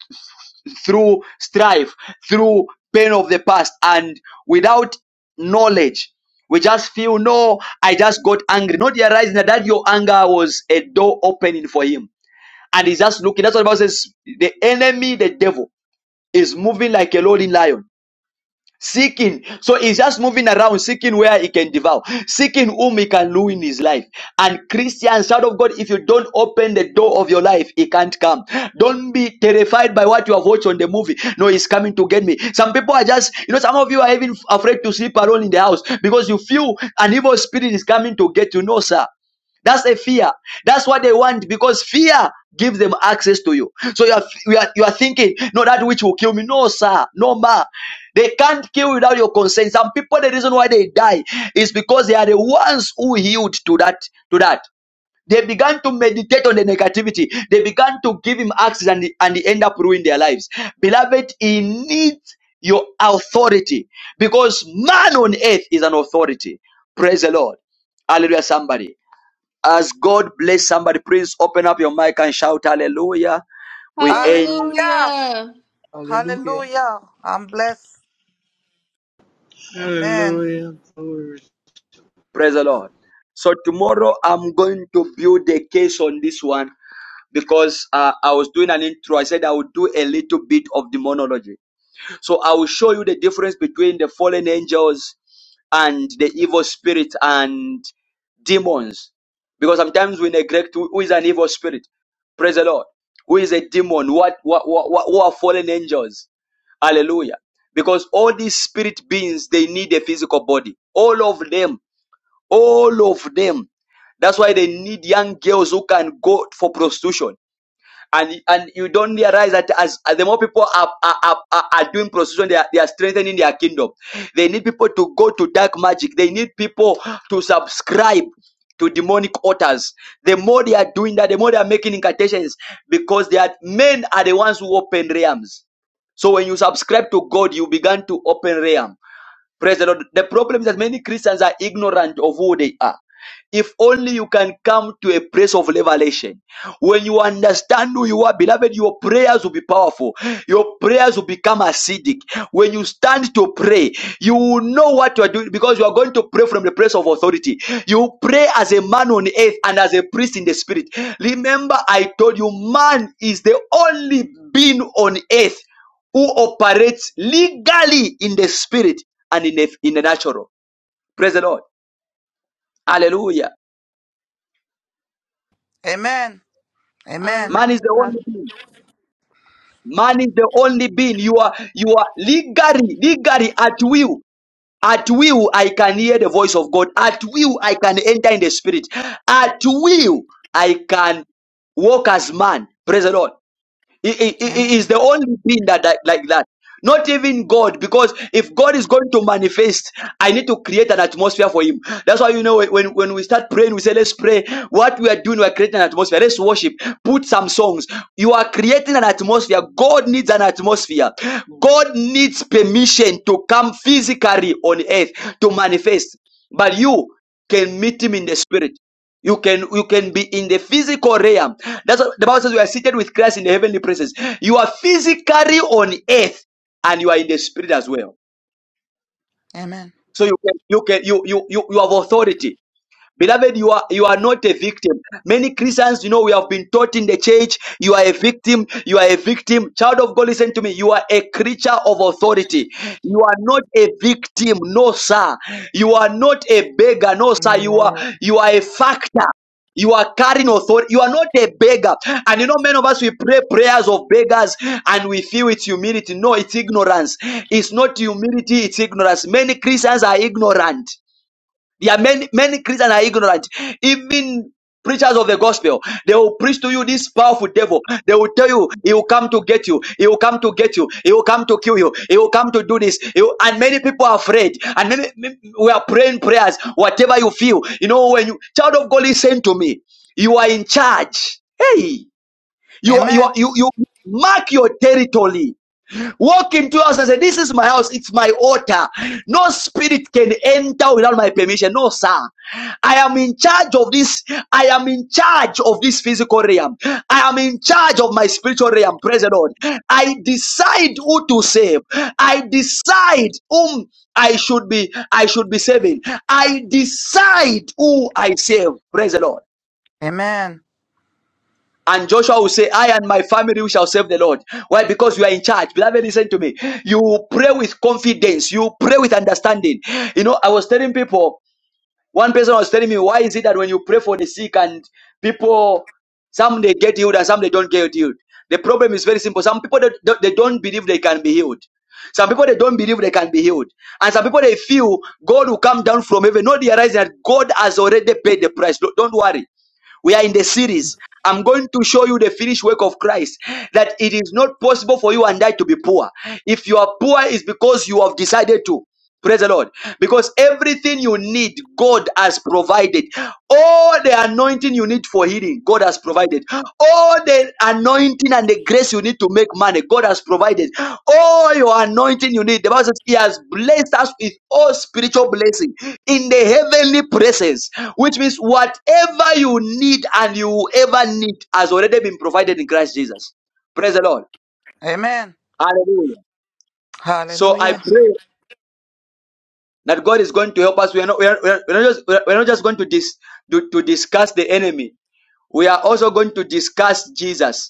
through strife, through pain of the past, and without knowledge, we just feel no, I just got angry. Not realizing that that your anger was a door opening for him. And he's just looking. That's what the Bible says. The enemy, the devil, is moving like a roaring lion Seeking. So he's just moving around, seeking where he can devour, seeking whom he can ruin his life. And Christians, child of God, if you don't open the door of your life, he can't come. Don't be terrified by what you have watched on the movie. No, he's coming to get me. Some people are just, you know, some of you are even afraid to sleep alone in the house because you feel an evil spirit is coming to get you. No, sir. That's a fear. That's what they want because fear gives them access to you. So you are, you are, you are thinking, no, that which will kill me. No, sir. No, ma. They can't kill without your consent. Some people, the reason why they die is because they are the ones who yield to that, to that. They began to meditate on the negativity. They began to give him access and, and they end up ruining their lives. Beloved, he needs your authority because man on earth is an authority. Praise the Lord. Hallelujah, somebody. As God bless somebody, please open up your mic and shout hallelujah. We end,
Hallelujah.
Hallelujah.
Hallelujah.
Hallelujah. I'm blessed. Amen.
Hallelujah. Glory.
praise the Lord. So tomorrow I'm going to build a case on this one because uh, I was doing an intro. I said I would do a little bit of demonology. So I will show you the difference between the fallen angels and the evil spirit and demons. Because sometimes we neglect who who is an evil spirit. Praise the Lord. Who is a demon? What, what, what, what who are fallen angels? Hallelujah. Because all these spirit beings, they need a physical body. All of them. All of them. That's why they need young girls who can go for prostitution and and you don't realize that as, as the more people are are, are, are are doing prostitution, they are, they are strengthening their kingdom. They need people to go to dark magic. They need people to subscribe to demonic altars. The more they are doing that, the more they are making incantations because they are men are the ones who open realms. So when you subscribe to God, you begin to open realms. Praise the Lord. The problem is that many Christians are ignorant of who they are. If only you can come to a place of revelation. When you understand who you are, beloved, your prayers will be powerful. Your prayers will become acidic. When you stand to pray, you will know what you are doing because you are going to pray from the place of authority. You pray as a man on earth and as a priest in the spirit. Remember, I told you, man is the only being on earth who operates legally in the spirit and in the, in the natural. Praise the Lord. Hallelujah.
Amen. Amen.
Man is
Hallelujah,
the
prophet.
only being. Man is the only being. You are you are legally, legally at will. At will, I can hear the voice of God. At will, I can enter in the spirit. At will, I can walk as man. Praise the Lord. He, he-
Amen.
he the only thing that, that like that. Not even God, because if God is going to manifest, I need to create an atmosphere for Him. That's why you know when, when we start praying, we say, Let's pray. What we are doing, we are creating an atmosphere. Let's worship. Put some songs. You are creating an atmosphere. God needs an atmosphere. God needs permission to come physically on earth to manifest. But you can meet Him in the spirit. You can you can be in the physical realm. That's what the Bible says we are seated with Christ in the heavenly places. You are physically on earth and you are in the spirit as well.
Amen.
So you can you can you you you, you have authority. Beloved, you are you are not a victim. Many Christians, you know, we have been taught in the church, you are a victim, you are a victim. Child of God, listen to me. You are a creature of authority. You are not a victim, no, sir. You are not a beggar, no, sir. You are
Amen.
you are a factor. You are carrying authority. You are not a beggar. And you know, many of us, we pray prayers of beggars and we feel it's humility. No, it's ignorance. It's not humility, it's ignorance. Many Christians are ignorant. There are many, many Christians are ignorant. Even preachers of the gospel, they will preach to you this powerful devil. They will tell you, he will come to get you. He will come to get you. He will come to kill you. He will come to do this. He will- and many people are afraid. And many, many- we are praying prayers, whatever you feel. You know, when you, child of God, listen to me. You are in charge. Hey, you, are- you, are-
Amen.
you, you mark your territory. Walk into your house and say, This is my house, it's my altar. No spirit can enter without my permission. No, sir. I am in charge of this. I am in charge of this physical realm. I am in charge of my spiritual realm. Praise the Lord. I decide who to save. I decide whom I should be. I should be saving. I decide who I save. Praise the Lord.
Amen.
And Joshua will say, I and my family we shall serve the Lord. Why? Because you are in charge. Beloved, listen to me. You pray with confidence. You pray with understanding. You know, I was telling people, one person was telling me, why is it that when you pray for the sick and people, some they get healed and some they don't get healed? The problem is very simple. Some people, they, they don't believe they can be healed. Some people, they don't believe they can be healed. And some people, they feel God will come down from heaven, not realizing that God has already paid the price. Don't don't worry. We are in the series. I'm going to show you the finished work of Christ that it is not possible for you and I to be poor. If you are poor, it's because you have decided to. Praise the Lord. Because everything you need, God has provided. All the anointing you need for healing, God has provided. All the anointing and the grace you need to make money, God has provided. All your anointing you need, the Bible says He has blessed us with all spiritual blessings in the heavenly places, which means whatever you need and you ever need has already been provided in Christ Jesus. Praise the Lord.
Amen.
Hallelujah. So I
Hallelujah.
pray that God is going to help us. We are not, we are, we are we are not, just, we are we are not just going to, dis, to, to discuss the enemy. We are also going to discuss Jesus.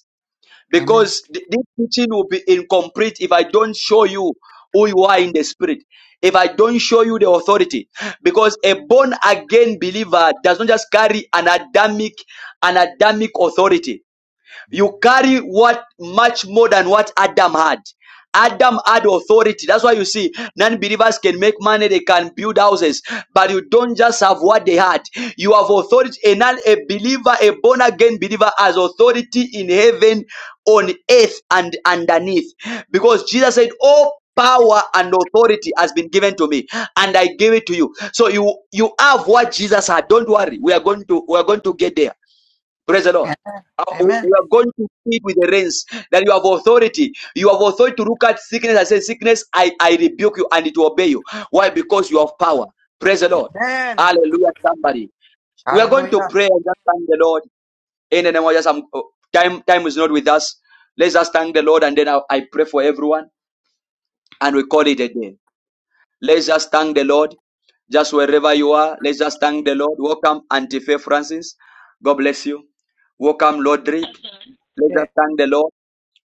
Amen.
because th- this teaching will be incomplete if I don't show you who you are in the spirit. If I don't show you the authority, because a born again believer does not just carry an Adamic, an Adamic authority. You carry what much more than what Adam had. Adam had authority. That's why you see non believers can make money, they can build houses, but you don't just have what they had. You have authority. A non a believer, a born again believer, has authority in heaven, on earth, and underneath. Because Jesus said, All power and authority has been given to me, and I give it to you. So you you have what Jesus had. Don't worry, we are going to we are going to get there Praise the Lord. Uh, We
Amen.
are going to feed with the reins. that you have authority. You have authority to look at sickness and say, Sickness, I, I rebuke you and it will obey you. Why? Because you have power. Praise the Lord.
Amen.
Hallelujah, somebody. We are going to
Hallelujah.
pray and just thank the Lord. In the name of Jesus, I'm- oh, time, time is not with us. Let's just thank the Lord and then I, I pray for everyone and we call it a day. Let's just thank the Lord. Just wherever you are, let's just thank the Lord. Welcome, Antifa Francis. God bless you. Welcome, Lord Rick. Let's
Yeah.
just thank the Lord.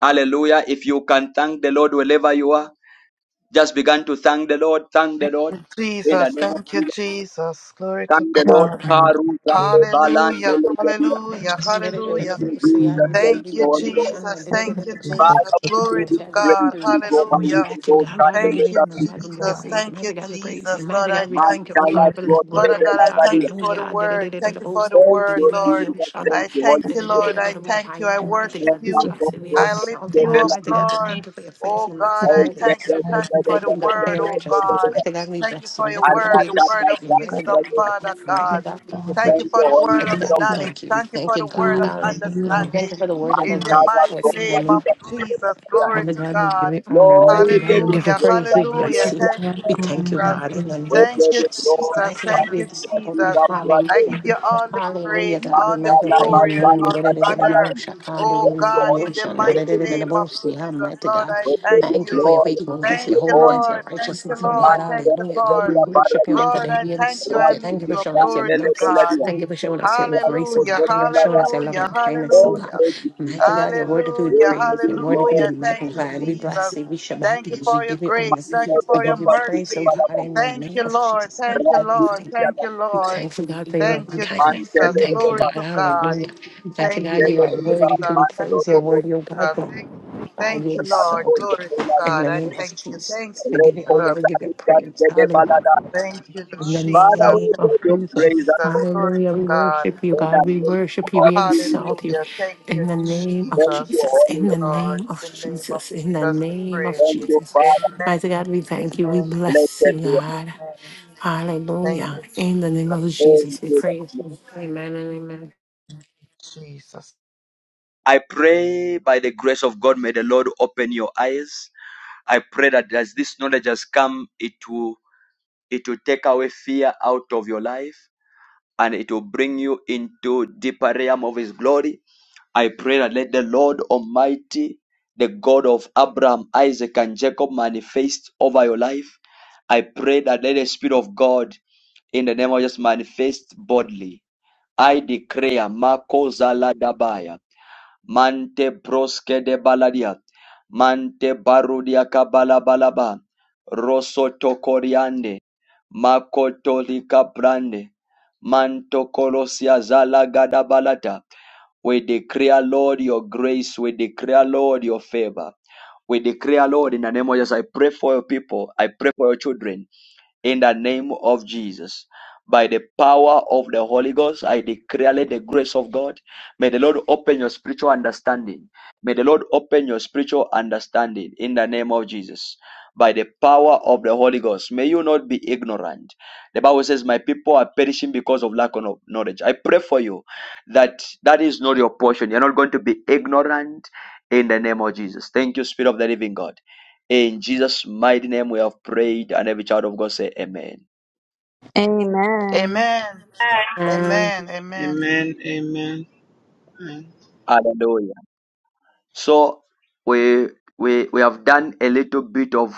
Hallelujah. If you can thank the Lord wherever you are, just begin to thank the Lord. Thank the Lord. In the
Jesus,
name of
thank you,
Jesus.
Jesus. Glory to
Thank the Lord.
God.
Hallelujah. Thank
Karuba,
you.
Balande,
Hallelujah.
Legedia.
Thank
Hallelujah.
you.
Jesus, I
Mighty God, we
thank
Thank
Hallelujah.
you
you,
for
Jesus.
the-
Thank
Thank
you,
you,
Holy Ghost.
Jesus.
thank you for
Thank you,
this message.
Jesus.
Father,
Thank
we
you
give
Glory
for
you
the
to
praise.
thank
God.
you. We
We go
bless you.
by
We
Hallelujah.
you and
Thank you.
go
God,
kingdom.
stand
God, we
the
give
Thank
Lord
you
of
you,
honor.
Thank
God,
people.
you
we
for
give you
Jesus.
all
praise.
Thank you,
Mighty God, we praise you.
Jesus. Lord,
Mighty
I
God, we
Man,
thank
thank you. Oh
you.
tell us
God,
the
for this
what
message
the
word.
Father
Oh
God,
God,
devil
I
has
thank you
done.
for the
hallelujah.
word. Thank you for the
Thank
word,
you,
Lord.
Jesus. Thank
I
you,
thank
Holy
you,
Spirit.
Lord. I thank you. I
that
Mighty
worship
Bless
God, we
the
us,
you.
teacher
Lord,
bless you. We
said and
Lord,
I
what
lift
you
exalt it.
Lord,
you
Lord,
up,
Mighty
Lord.
understand
God,
of
we thank
Lord.
you
I
for your
Oh
faithfulness,
God,
your
think you
Oh,
I
yes,
just
thank
holiness.
yes,
you.
yes,
provided
Thank you
We
yes,
us
yes,
for
thank
the
you,
yes,
God,
yes,
for
word,
your
oh
yes, yes,
with
righteousness.
yes.
God.
Mighty God, we
Thank you
bless
for
you.
your
Mighty
Thank
God,
the
word,
we
the word
exalt
of
you.
teaching God
Mighty
wisdom,
God, we give you
Father
honor. Mighty
and
God.
God, we give you
all the
Thank
you,
praise.
you for the
Holy
word
Father
of
God,
Spirit
children
of
we
God.
that
knowledge.
thank you. We
Thank you
thank
for
you,
the word
God.
of
you and you
Hallelujah.
are
We
the
Thank
understanding.
you for the word that
Man,
you
In
has
the
been
God,
are
I
mighty
trust you. I
within
name
me.
do
of Jesus,
that.
glory
Father
to
God, we give
God.
you honor.
Lord,
Mighty
we
God,
give
we
you
give you
Hallelujah,
praise
praise. We
and glory.
I
bless
hallelujah.
you.
give
Thank
you all
you,
the
We
glory
thank
and
you,
all the
God,
Jesus.
praise
in
in
the
We
name
Thank
of
give
you,
you
Jesus.
glory.
Jesus.
Mighty God,
Thank
Thank
we
you,
exalt
you, praise
you.
Jesus.
for
I
the
Hallelujah.
that.
give
name
you all the
Hallelujah,
praise,
Man,
God. We
all the
God, I
magnify your
bless
glory, and
name.
you.
all
I
the honor.
bless you.
Hallelujah.
Oh
Thank you,
God,
Holy
in the
Spirit. We
mighty
give
name of
you praise.
Jesus,
Mighty
Lord,
God.
I
We give
thank
you
Thank you for
you.
your
glory. We give
faithfulness,
Thank
your
you
you,
honor.
holiness, your
Lord. Thank you,
righteousness, oh God.
Man,
Lord. Thank
God,
you,
I
Hallelujah. God,
give
Lord.
we
you
worship you
praise.
on
Lord,
today.
I
We
thank you.
exalt
I
Right
you.
lift
to
Thank you
the
for
your
showing us your
grand
glory to
level
mercy.
of
God.
you.
Thank you for showing us
Right
your grace, oh
to
Hallelujah,
God.
the
Thank you for showing us
level
your
hallelujah,
loving kindness kindness, oh
of you. Thank
God.
hallelujah.
you, Jesus.
Mighty God, you're worthy to be
We
Hallelujah,
give
praised. You're
you
worthy to
glory.
be
hallelujah. Thank you,
magnified. We bless
Jesus.
you. We shall back
Thank you
you. We
for your
give you honor.
grace.
Mando
Thank you
de
We
for
los
your
give you praise,
partidos
oh
mercy.
para
God,
la
in the
Thank
name
you,
of
Lord.
Jesus.
Thank
Mighty
you,
God, we
Lord.
thank you.
Thank
ratificada,
you,
We
Lord.
thank you, God, for your
Thank
loving
you,
mando
kindness. We
de
Jesus.
thank
los
you,
partidos
Glory
God.
to God.
Hallelujah. Mighty
Thank
God,
you,
you are
Jesus.
para
worthy
la
to be
Thank
mando
praised.
de
you,
You're
los partidos
worthy, oh God,
Jesus.
to be magnified. We
Thank
para
you, Lord.
exalt you.
Glory to
In
God.
the
I
name of
thank you. Thank
Jesus,
you,
we
la
give you honor. We
Jesus.
give you
responsabilidad
praise.
de balada.
Thank you,
In the
Father,
Jesus.
we
name of
give you
Thank you,
praise
Jesus,
and
Jesus.
glory
Glory
hallelujah.
to
We
God.
worship you,
in the
God. We
name
worship you.
of
We
Jesus.
exalt you.
Hallelujah. Thank you,
In the name
Jesus.
of
Thank you,
Jesus,
Thank
in
Holy
you,
the
Ghost.
Lord.
name of
In the name of
Jesus, in the
Jesus, we
name
pray.
of
Thank you,
Jesus.
Father.
Mighty God,
Amen.
we thank you. We
Amen.
bless
Blessed
you,
be
God.
Amen. Thank
Hallelujah.
you,
In the name of
your name,
Jesus, we praise
Jesus.
you. Amen and amen.
Jesus. Jesus.
I pray by the grace of God, may the Lord open your eyes. I pray that as this knowledge has come, it will it will take away fear out of your life. and it will bring you into deeper realm of his glory. I pray that let the Lord Almighty, the God of Abraham, Isaac, and Jacob manifest over your life. I pray that let the Spirit of God in the name of Jesus manifest bodily. I declare Marco Zala Dabaya, Mante broske de baladia. Mante barudia kabala balaba. rosoto tokoriande. Makotolika brande. Manto kolosia zala gada balata. We declare, Lord, your grace. We declare, Lord, your favor. We declare, Lord, in the name of Jesus, I pray for your people. I pray for your children. In the name of Jesus. By the power of the Holy Ghost, I declare let the grace of God. May the Lord open your spiritual understanding. May the Lord open your spiritual understanding in the name of Jesus. By the power of the Holy Ghost, may you not be ignorant. The Bible says, My people are perishing because of lack of no-, knowledge. I pray for you that that is not your portion. You're not going to be ignorant in the name of Jesus. Thank you, Spirit of the Living God. In Jesus' mighty name, we have prayed, and every child of God say, "Amen."
Amen.
Amen.
And
Amen. Amen.
Amen. Amen. Amen.
Hallelujah. So we we we have done a little bit of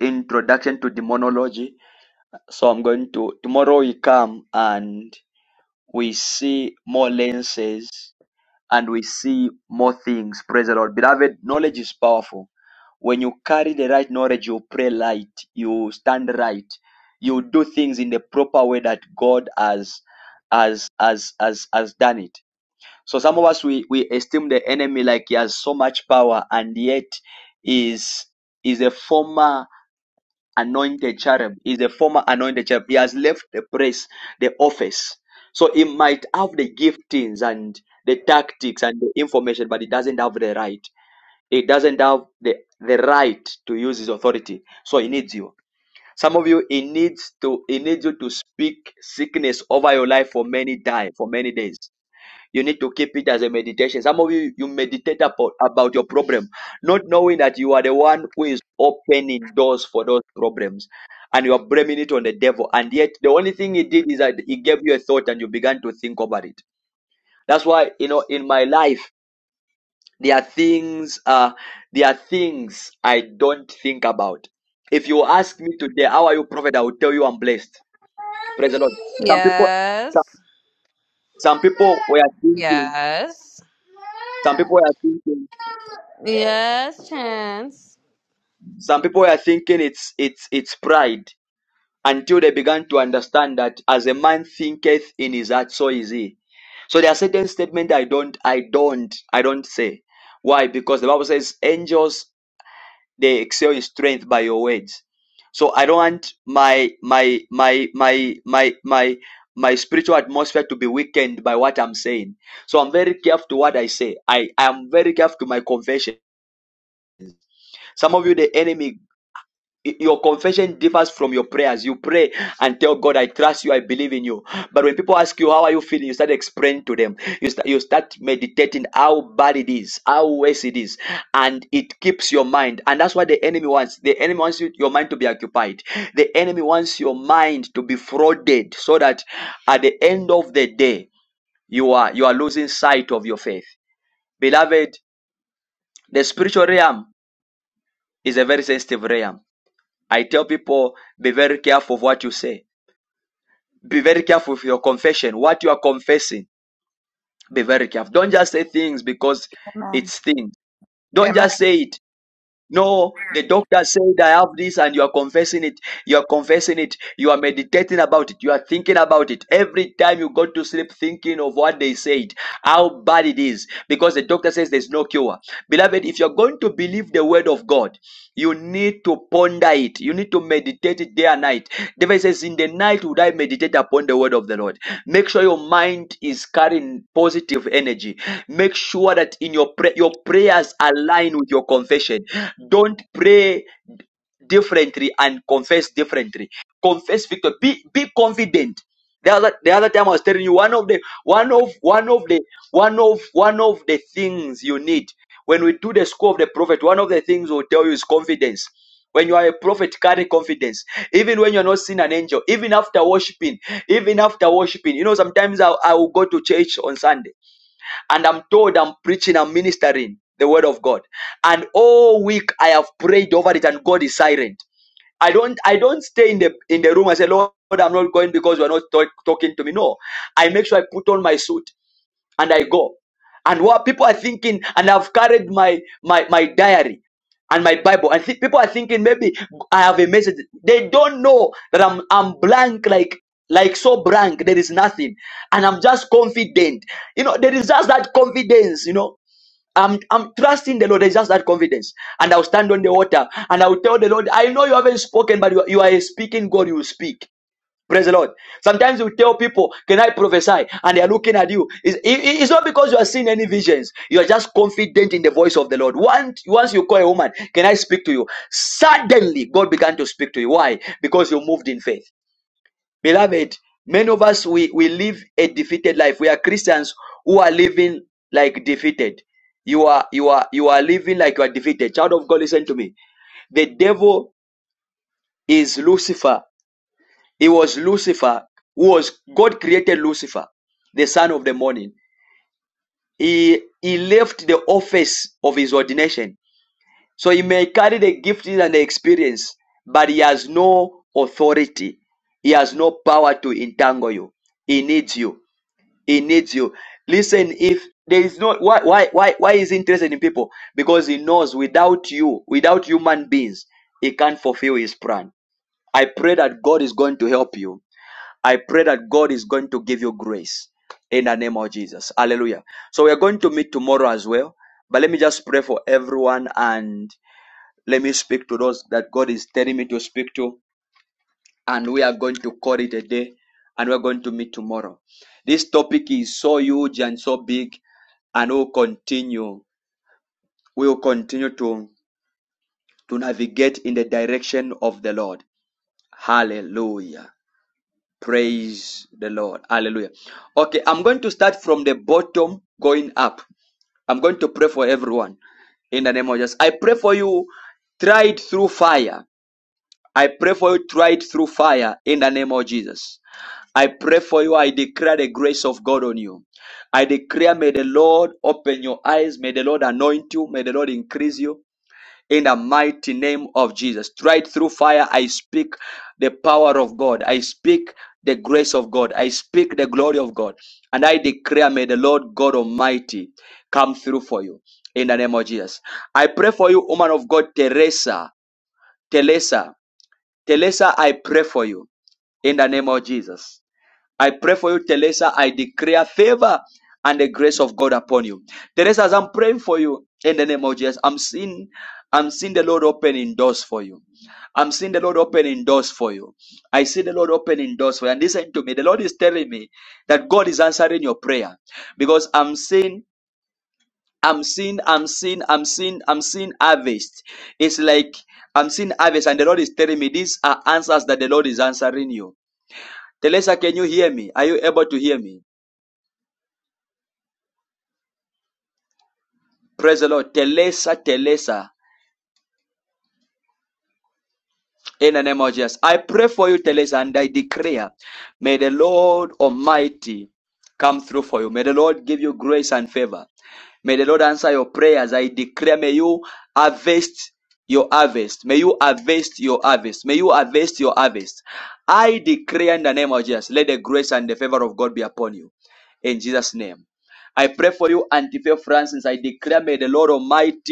introduction to demonology. So I'm going to tomorrow we come and we see more lenses and we see more things. Praise the Lord. Beloved, knowledge is powerful. When you carry the right knowledge, you pray light, you stand right, you do things in the proper way that God has has has has, has done it. So some of us we, we esteem the enemy like he has so much power and yet is is a former anointed cherub. He's a former anointed cherub. He has left the place, the office. So he might have the giftings and the tactics and the information, but he doesn't have the right. He doesn't have the, the right to use his authority. So he needs you. Some of you, he needs to he needs you to speak sickness over your life for many die for many days. You need to keep it as a meditation. Some of you, you meditate about, about your problem, not knowing that you are the one who is opening doors for those problems. And you are blaming it on the devil. And yet, the only thing he did is that he gave you a thought and you began to think about it. That's why, you know, in my life, there are things, uh, there are things I don't think about. If you ask me today, how are you, prophet? I will tell you I'm blessed. Praise the Lord. Some people,
Yes.
some some people were thinking,
Yes.
some people were thinking
Yes, Chance.
Some people are thinking it's it's it's pride until they began to understand that as a man thinketh in his heart, so is he. So there are certain statements I don't I don't I don't say. Why? Because the Bible says angels they excel in strength by your words. So I don't want my my my my my my my spiritual atmosphere to be weakened by what I'm saying. So I'm very careful to what I say. I, I am very careful to my confession. Some of you, the enemy y- your confession differs from your prayers. You pray and tell God, I trust you, I believe in you. But when people ask you, How are you feeling? You start explaining to them. You, start you start meditating how bad it is, how worse it is. And it keeps your mind. And that's what the enemy wants. The enemy wants you, your mind to be occupied. The enemy wants your mind to be frauded so that at the end of the day, you are you are losing sight of your faith. Beloved, the psalm is a very I tell you, be very you say, be very careful what you are confessing Be very careful. Don't just say things because
Amen.
it's things. Don't
Amen.
just say it. No, the doctor said I have this, and you are confessing it. You are confessing it. You are mad about it. You are thinking. Every time you go to sleep thinking of what they said, how bad it is, because the doctor says there's no cure. Beloved, if you're going to believe the word of God, you need to ponder it. You need to meditate it day and night. David says, In the night would I meditate upon the word of the Lord. Make sure your mind is carrying positive energy. Make sure that in your pray- your prayers align with your confession. Don't pray different. That's the content. That's the, the one when one of the things will tell us. When you are a even angel even after worshiping even after worshiping you know sometimes I, I will go to church on sunday and i'm told i'm preaching i'm ministering the word of god and all week i have prayed over it and god is silent i don't i don't stay in the in the room and say lord i'm not going because you're not talk, talking to me no i make sure i put on my suit and I go. And what people are thinking, and I've carried my my my diary and my Bible, and thi- people are thinking maybe I have a message. They don't know that I'm I'm blank, like like so blank. There is nothing, and I'm just confident. You know that com- no, I'm just and I'm weak. Praise God. Sigh. And they are looking at you, seeing any sense. You are just confident. Lord, once once you call a woman, can I speak to you? Suddenly, God began to why because you move, beloved. Many we live life. We are Christians who are living The child of God, me. The devil is Lucifer. He was Lucifer, who was God created Lucifer, the son of the morning. He he left the office of his ordination, so he may carry the gift in his but he you, you, you. Listen, if there is no why, why, why, why is he interested in people? Because he knows without you, without human beings, he can't fulfill his plan. I pray that God is going to help you. I pray that God is going to give you grace in the name of Jesus. Hallelujah. So we are going to meet tomorrow as well. But let me just pray for everyone and let me speak to those that God is telling me to speak to. And we are going to call it a day and we're going to meet tomorrow. This topic is so huge and so big and we'll continue. We'll continue to, to navigate in the direction of the Lord. Hallelujah. Praise the Lord. Hallelujah. Okay, I'm going to start from the bottom going up. I'm going to pray for everyone in the name of Jesus. I pray for you tried through fire. I pray for you tried I do, I do in the power of God. I Speak the great the glory of God. And I declare Lord God Almighty come through for you in the name of Jesus. I pray for you, woman of God, Teresa. Teresa. Teresa, I pray for you in the name of Jesus. I pray for you, Teresa. I declare favor and the grace of God upon you. Teresa, as I'm praying for you in the name of Jesus, I'm seeing I'm seeing the Lord opening doors for you. I'm seeing the Lord opening doors for you. I see the Lord opening doors for you. And listen to me. The Lord is telling me that God is answering your prayer because I'm seeing, I'm seeing, I'm seeing, I'm seeing, I'm seeing harvest. It's like I'm seeing harvest, and the Lord is telling me these are answers that the Lord is answering you. Telesa, can you hear me? Are you able to hear me? Praise the Lord. Telesa, Telesa. In the name of Jesus. I pray for you, Telesa, and I declare, may the Lord Almighty come through for you. May the Lord give you grace and favor. May the Lord answer your prayers. I declare, may you harvest your harvest. May you harvest your harvest. May you harvest your harvest. I, the name of God, of God be upon you. In the name.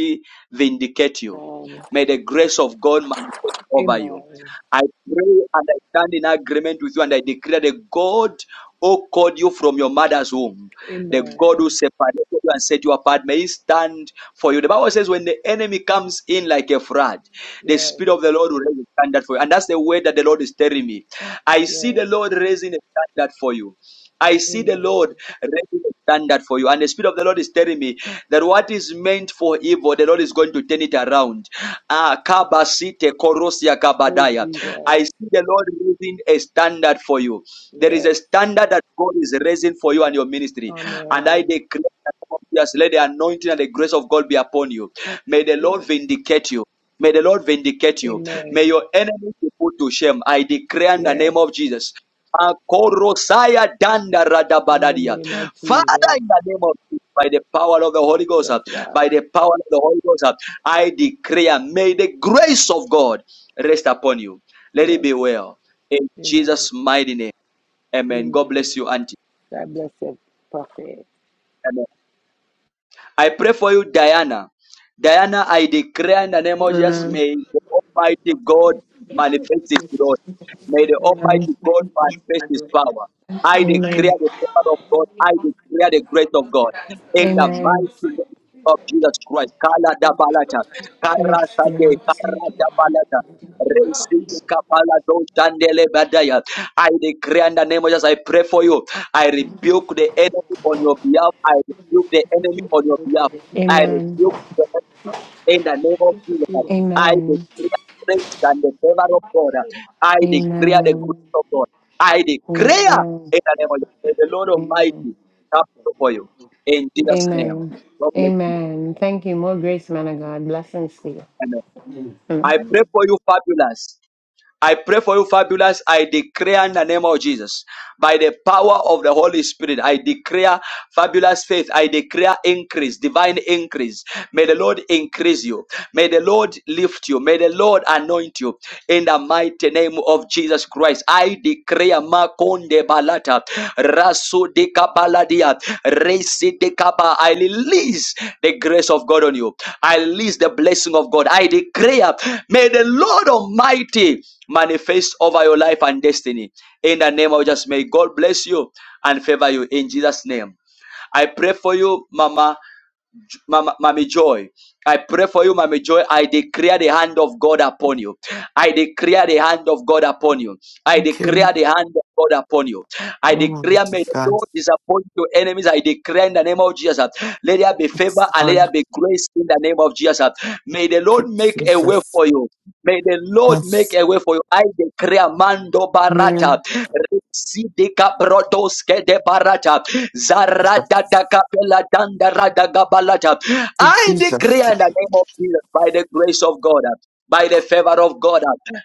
divinely vindicate you.
Um,
May the grace of God manifest over you.
amen.
I pray and I stand in agreement with you and I declare the God who called you from your mother's womb, the God
Amen.
who separated you and set you apart, may he stand for you. The Bible says when the enemy comes in like a flood, the
Yes.
Spirit of the Lord will raise a standard for you. And that's the way that the Lord is telling me. I see the
Yes.
Lord raising a standard for you. I see the
Amen.
Lord raising a standard for you. And the Spirit of the Lord is telling me that what is meant for evil, the Lord is going to turn it around. Ah, kabasite korosia
Praise
kabadaya.
Jesus.
I see the Lord raising a standard for you. There is a
Yes.
standard that God is raising for you and your ministry. And I
Amen.
declare, that yes, let the anointing and the grace of God be upon you. May the Lord
Yes.
vindicate you. May the Lord vindicate you. May
Amen.
your enemies be put to shame. I declare in the name
Yes.
of Jesus. Akorosaya danda
In the
radabadadia.
name of
Father,
Jesus.
in the name of Jesus, by the power of the Holy Ghost,
Yes,
uh,
God.
by the power of the Holy Ghost, uh, I declare, may the grace of God rest upon you. Let it
Yes.
be well. In
Amen.
Jesus' mighty name. Amen. God
Amen.
bless you, Auntie.
God bless you, prophet.
I pray for you, Diana. Diana, I declare in the name of Jesus,
amen.
may the Almighty God manifest His glory. May the
Amen.
Almighty God manifest His power. I
Amen.
declare the power of God. I declare the grace of God. In the
Amen.
mighty name of Jesus Christ. Kala da balata. Kara
Yes,
sage.
Lord.
Kara da balata. Resi kapala do chandele badaya. I declare in the name of Jesus, I pray for you. I rebuke the enemy on your behalf. I rebuke the enemy on your behalf. I
Amen.
rebuke the enemy in the name of Jesus. I
Amen.
declare grace and the favor of God. I declare the
Amen.
grace of God. I declare
Amen.
in the name of Jesus. May the Lord
Amen.
Almighty come for you. In Jesus' name.
Amen.
God bless you.
Amen. Thank you. More grace, man of God. Blessings to you.
Amen. I
Mm.
pray for you, fabulous. I pray for you, fabulous. I declare in the name of Jesus, by the power of the Holy Spirit, I declare fabulous faith. I declare increase, divine increase. May the Lord increase you. May the Lord lift you in the mighty Jesus Christ. I declare Makonde Balata, Raso de Kabaladia, Resi de Kaba. I release the grace of God on you. I release the blessing of God. I declare, may the Lord Almighty manifest over your life and destiny. In the name of Jesus, may God bless you and favor you in Jesus' name. I pray for you, Mama. Mama, Mami Joy. I pray for you, Mami Joy. I declare the hand of God upon you. I declare the hand of God upon you. I
Thank you.
declare the hand of God upon you. I
Glory
declare
to
may the
God.
Lord disappoint your enemies. I declare in the name of Jesus. uh, Let there be favor
Yes,
and let
Lord.
there be grace in the name of Jesus. uh. May the Lord
Keep
make a way
Jesus.
for you. May the Lord make
Yes.
a way for you. I decree Mando Barata.
Amen.
Residi Cabrodoske de Barata. Zarada da
Jesus.
Capella Danda Rada Gabalata.
Keep
I decree
Jesus.
in the name of Jesus by the grace of God. By the favor of God,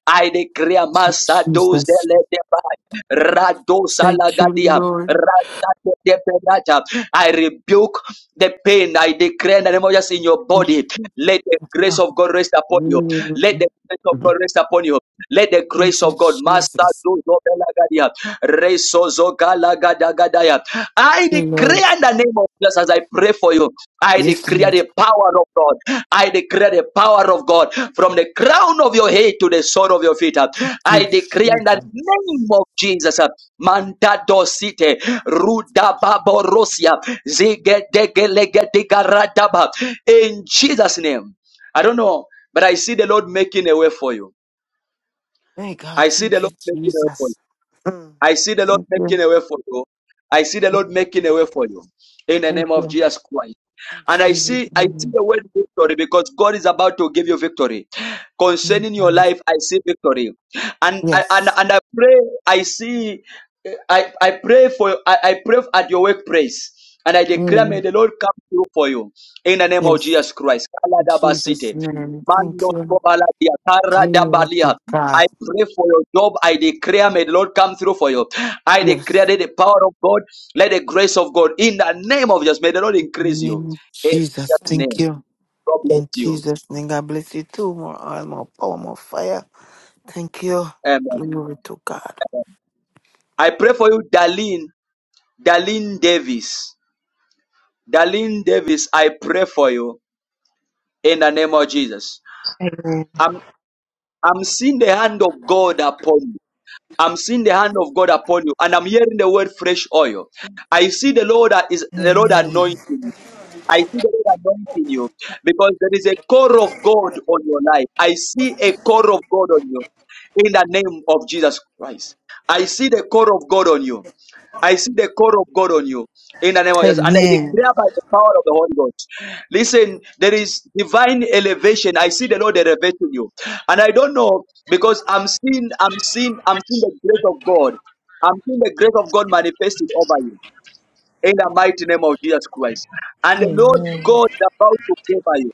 I decree
Keep
Massa dos de
Jesus.
Ledebai, Radosa
Thank you,
Lagadia,
Lord.
Rada de I rebuke the pain. I declare in the name of Jesus in your
Mm.
body. Let the grace of God rest upon you. Let the grace of God rest upon you. Let the
Thank
grace
you,
of God master
Jesus. Thank
do Zobelagadia. Resozogalagadagadaya. I
you, Lord.
declare in the name of Jesus as I pray for you. I
Yes,
declare
Lord.
the power of God. I declare the power of God from the crown of your head to the sole of your feet. I
Thank
declare
you,
in the name
Jesus.
of Jesus. Manta dosite ruda baborosia zige dege lege diga radaba. In Jesus' name. I don't know. But I see the Lord making a way for you.
Hey, God.
I see the
Thank you,
Lord making a way for you.
Jesus. Mm.
I see the Lord
Thank you.
making a way for you. I see the Lord
Mm.
making a way for you in the
Thank
name of
you.
Jesus Christ. And I
Jesus'
see, I see
name.
the word victory because God is about to give you victory
Thank
concerning your
you.
life. I see victory, and I- and
Yes.
and I pray. I see, I I pray for I, I pray at your workplace, and I declare, may
Mm,
the Lord come through for you in the name of
yes.
Jesus Christ.
In Jesus'
Kaladabasite.
name. Thank
Mando
you.
kobaladia,
Glory
karadabalia.
to God.
I pray for your job. I declare, may the Lord come through for you. I declare
Yes.
that the power of God, let the grace of God, in the name of Jesus, may the Lord
In the
increase you.
name of
In
Jesus.
Jesus'
Thank
name,
you.
God bless
In
you.
Jesus' name. God bless you too. More oil, more power, more fire. Thank you.
Amen.
Glory to God.
I pray for you, Darlene, Darlene Davis. Darlene Davis, I pray for you in the name of Jesus.
Amen.
I'm, I'm seeing the hand of God upon you. I'm seeing the hand of God upon you, and I'm hearing the word fresh oil. I see the Lord is the Lord anointing. I see the Lord anointing you because there is a core of God on your life. I see a core of God on you in the name of Jesus Christ. I see the core of God on you. I see the core of God on you in the name of Jesus. And I
Amen.
declare by the power of the Holy Ghost. Listen, there is divine elevation. I see the Lord elevating you. And I don't know because I'm seeing, I'm seeing, I'm seeing the grace of God. I'm seeing the grace of God manifested over you in the mighty name of Jesus Christ. And the Lord
Amen.
God is about to favor you.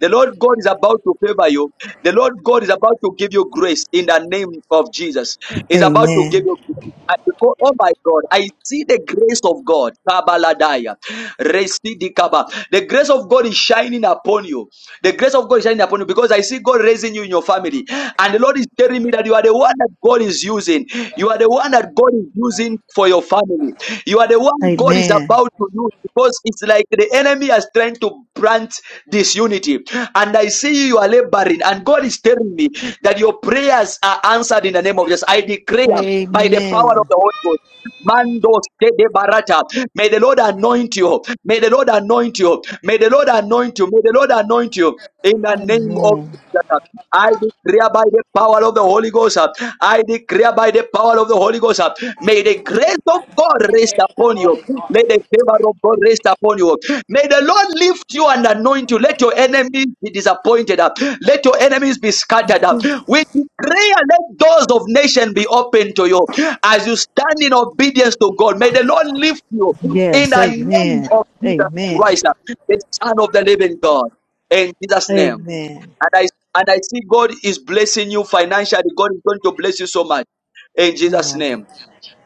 The Lord God is about to favor you. The Lord God is about to give you grace in the name of Jesus. Is about to give
Amen.
you grace. I- Oh oh my God, I see the grace of God. Kabaladaya. Residikaba. The grace of God is shining upon you. The grace of God is shining upon you because I see God raising you in your family. And the Lord is telling me that you are the one that God is using. You are the one that God is using for your family. You are the one God is
Amen.
about to use because it's like the enemy is trying to plant disunity. And I see you, you are laboring. And God is telling me that your prayers are answered in the name of Jesus. I declare by the power of
Amen.
the Holy Ghost. Mando Stede Barata. May the Lord anoint you. May the Lord anoint you. May the Lord anoint you. May the Lord anoint you in the name of
Amen.
Jesus. I declare by the power of the Holy Ghost. uh, I declare by the power of the Holy Ghost. uh, May the grace of God rest upon you. May the favor of God rest upon you. May the Lord lift you and anoint you. Let your enemies be disappointed. uh, Let your enemies be scattered. uh. We declare, let doors of nation be open to you. As you stand in obedience to God, may the Lord lift you in
Yes.
the name
Amen.
of Jesus
Amen.
Christ, the Son of the Living God. In Jesus' name.
Amen.
And I and I see God is blessing you financially. God is going to bless you so much. In Jesus'
Oh,
name.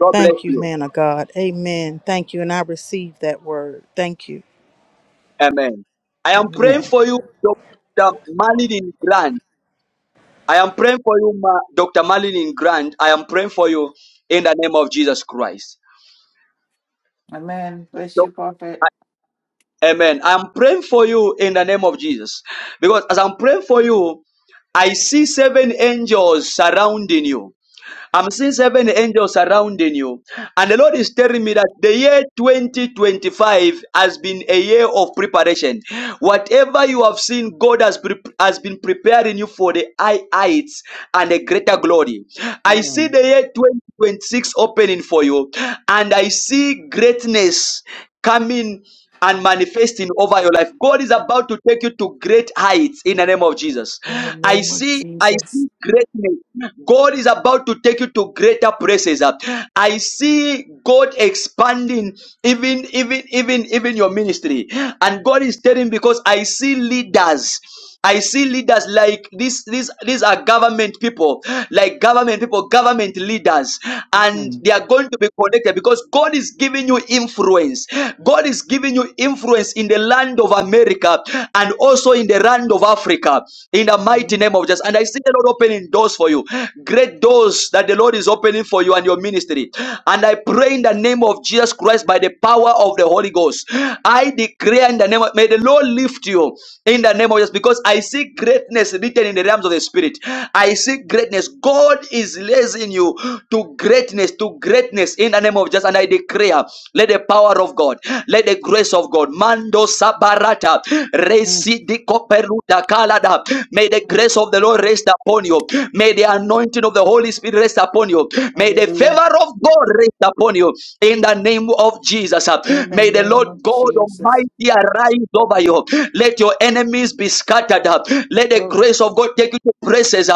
God bless
Thank you,
you.
man of God. Amen. Thank you. And I receive that word. Thank you.
Amen. I am praying
Amen.
for you, Dr. Malin Grant. I am praying for you, Ma- Dr. Malin Grant. I am praying for you in the name of Jesus Christ.
Amen. Bless you, Prophet.
Amen. I'm praying for you in the name of Jesus. Because as I'm praying for you, I see seven angels surrounding you. I'm seeing seven angels surrounding you. And the Lord is telling me that the year 2025 has been a year of preparation. Whatever you have seen, God has, pre- has been preparing you for the high heights and a greater glory. I
Mm.
see the year 2026 opening for you, and I see greatness coming and manifesting over your life. God is about to take you to great heights in the name of Jesus.
In the
I
name of
see, I
Jesus.
see greatness. God God to take you to greater places. I see in even even even even your ministry, and God is telling because I see leaders. I see leaders like this. These these are government people, like government people, government leaders, and
Mm.
they are going to be connected because God is giving you influence. God, you influence in the land and in
Mm.
doors for you. destiny. And I pray in the name of Jesus Christ by the power of the Holy Ghost. I declare in the name of may the Lord lift you in the name of Jesus because I see greatness written in the realms of the spirit. I see greatness. God is raising you to greatness, to greatness in the name of Jesus. And I declare, let the power of God, let the grace of God, Mando Sabarata, Residiko Peruta Kalada, may the grace of the Lord rest upon you. May the anointing of the Holy Spirit rest upon you. May the
Hallelujah.
favor of God rest upon you in the name of Jesus.
In the
May the
name
Lord
of
God
Jesus.
Almighty arise over you. Let your enemies be scattered. Let the
Oh,
grace of God take you to places,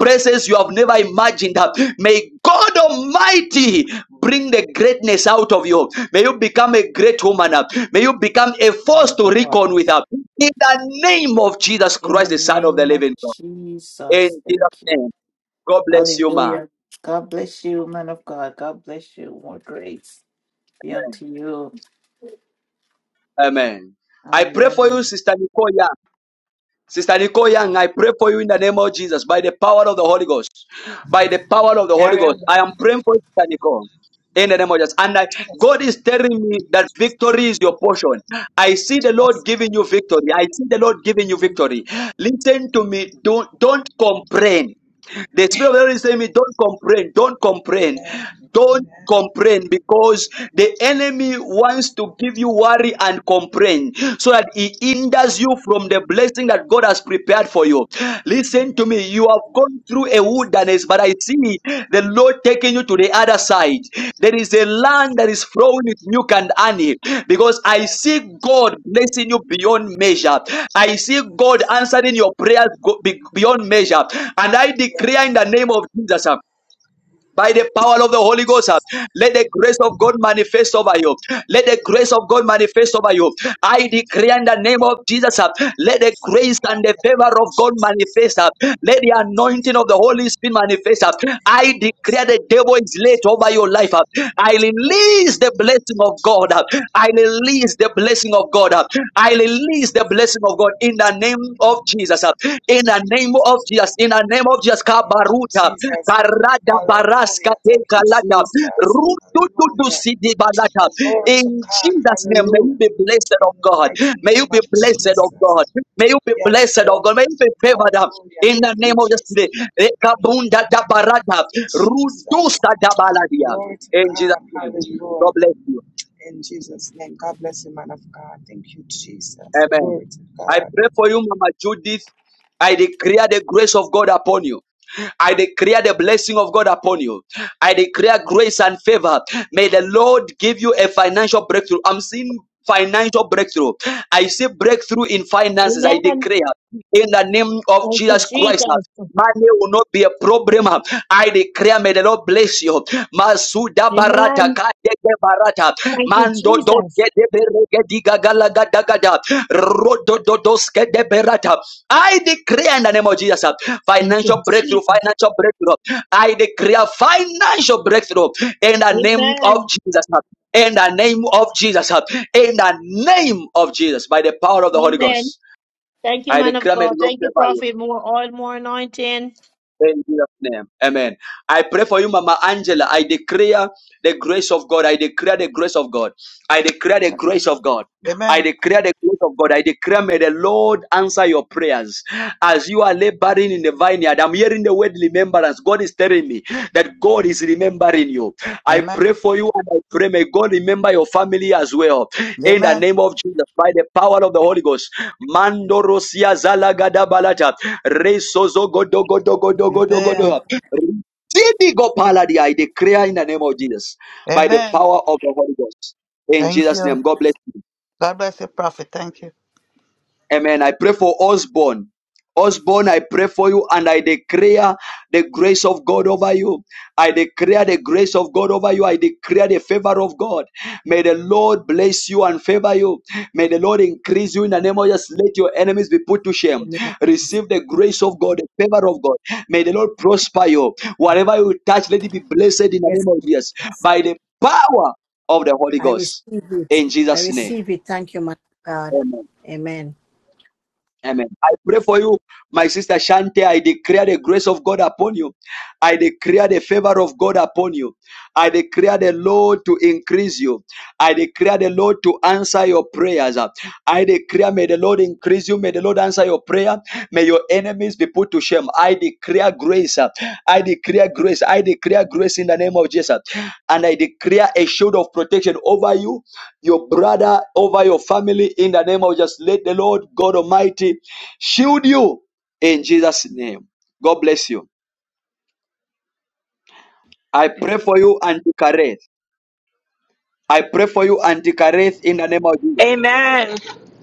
places you have never imagined. May God Almighty bring the greatness out of you. May you become a great woman. May you become a
my
force to
God.
reckon with. In the name of Jesus
In the
Christ, the Son of the
name of
Living God. In
Jesus.
Jesus'
Thank you.
name. God bless you, man.
Hallelujah. God bless you, man of God. God bless you. More grace be
Amen.
unto you.
Amen. I pray for you,
Amen.
Sister Nicole Young. Sister Nicole Young, I pray for you in the name of Jesus, by the power of the Holy Ghost. By the power of the Holy
Carry
Ghost. I am
Amen.
praying for you, Sister Nicole. In the name of Jesus. And I,
That's my
God is
purpose.
telling me that victory is your portion. I see the Lord
Yes,
giving
Lord.
you victory. I see the Lord giving you
Amen.
victory. Listen to
Amen.
me. Don't don't complain. The Spirit of the Lord is telling me, don't complain, don't complain,
Amen.
don't
Amen.
complain because the enemy wants to give you worry and complain so that he hinders you from the blessing that God has prepared for you. Listen to
Amen.
me, you have gone
Thank you,
through a
Jesus.
wilderness place, but I see the Lord taking you to the other side. There is a land
Yes.
that is flowing with milk and honey because I see
Yes.
God blessing you beyond measure. I see God
Yes.
answering your prayers go- be- beyond measure. And I declare in
Yes.
the name of Jesus. uh, by the power of
Thank
the
you,
Holy
Jesus.
Ghost. uh, Let the grace of God manifest over you. Let the grace of God manifest over you. I decree in the name of Jesus. uh, Let the
Yes.
grace and the
Hallelujah. Thank
favor
you,
of God
Jesus.
manifest. uh, Let the
Thank you, Jesus.
anointing of the Holy Spirit manifest. uh,
Thank you,
I
Holy
declare the
Spirit.
devil
Thank
is
you,
laid over your
Jesus.
life. uh, I
Yes,
release the
Lord. Thank
blessing of
you,
God. uh,
Jesus.
I release the blessing
Hallelujah.
of God. uh, I
Thank you,
release the
Jesus.
blessing of God in the name
Thank you,
of
Holy
Jesus. uh,
Spirit.
In the
Thank you,
name of
Jesus.
Jesus. In the
In the
name of Jesus.
mighty name of
Kabaruta.
Jesus.
Barada baraska
Hallelujah. Thank
teka
you,
lata.
Jesus.
Rutututu
Hallelujah.
sidi balata.
Glory to
In
God.
Jesus' name, may you
Hallelujah.
be blessed of
In the
God.
mighty
May you
name
be
of
blessed of God.
Jesus.
May you be
Yes,
blessed of
Lord.
God. May you be favored up.
Hallelujah.
In
Thank
the
you,
name of Jesus,
Jesus. In the
Rekabunda
mighty
da
name of
barata.
Jesus.
Rudusta da baladia.
Glory to
In Jesus'
God.
name. God
Hallelujah.
bless you.
In Jesus' name. God bless you, man of God. Thank you, Jesus.
Amen.
Glory to
I
God.
pray for you, Mama Judith. I declare the grace of God upon you. I declare the blessing of God upon you. I declare grace and favor. May the Lord give you a financial breakthrough. I'm seeing financial breakthrough. I see breakthrough in finances. I
Amen.
declare in the name of
Thank you,
Jesus Christ.
Jesus.
Money will not be a problem. I declare, may the Lord bless you. Masuda barata,
Amen.
kadege barata.
Thank you,
Mando do que
Jesus.
de berege diga galaga dagada. Rodo do dos que de berata. I declare in the name of Jesus, uh,
Thank you,
financial breakthrough,
Jesus.
financial breakthrough. I declare financial breakthrough in the name of
Amen.
Jesus. uh, In the name of Jesus. uh, In the name of Jesus. By the power of the Holy
Amen.
Ghost.
Thank you,
I
man of
declare may
God.
the Lord
Thank you,
favor you.
Prophet. More oil, more anointing.
In Jesus' name. Amen. I pray for you, Mama Angela. I declare the grace of God. I declare the grace of God. I declare the grace of God. I
Amen.
declare the grace of God. I declare, may the Lord answer your prayers. As you are laboring in the vineyard, I'm hearing the word remembrance. God is telling me that God is remembering you. I
Amen.
pray for you and I pray, may God remember your family as well. In the
Amen.
name of Jesus, by the power of the Holy Ghost. Mando Mandorosia Zalagada Balata.
Amen.
Resozogodogodogodogodogodoha. go Paladia. I declare in the name of Jesus by the
Amen.
power of the Holy Ghost. In
Thank
Jesus'
you.
name, God bless you.
God bless you, prophet. Thank you.
Amen. I pray for Osborne. Osborne, I pray for you and I declare the grace of God over you. I declare the grace of God over you. I declare the favor of God. May the Lord bless you and favor you. May the Lord increase you in the name of Jesus. Let your enemies be put to
the
shame.
name of
Receive the grace of God, the favor of God. May the Lord prosper you.
God.
Whatever you touch, let it be blessed in the
Yes,
name of Jesus
Jesus.
by the power of the Holy
I
Ghost.
receive it.
In
I
Jesus' name.
receive it. Thank you, my God.
Amen.
Amen.
Amen. I pray for you, my sister Shante. I declare the grace of God upon you. I declare the favor of God upon you. I declare the Lord to increase you. I declare the Lord to answer your prayers. I declare, may the Lord increase you. May the Lord answer your prayer. May your enemies be put to shame. I declare grace. I declare grace. I declare grace in the name of Jesus. And I declare a shield of protection over you your brother, over your family in the name of just let the Lord God Almighty shield you in Jesus' name. God bless you. I pray for you, Auntie Kareth. I pray for you, Auntie Kareth, in the name of Jesus.
Amen.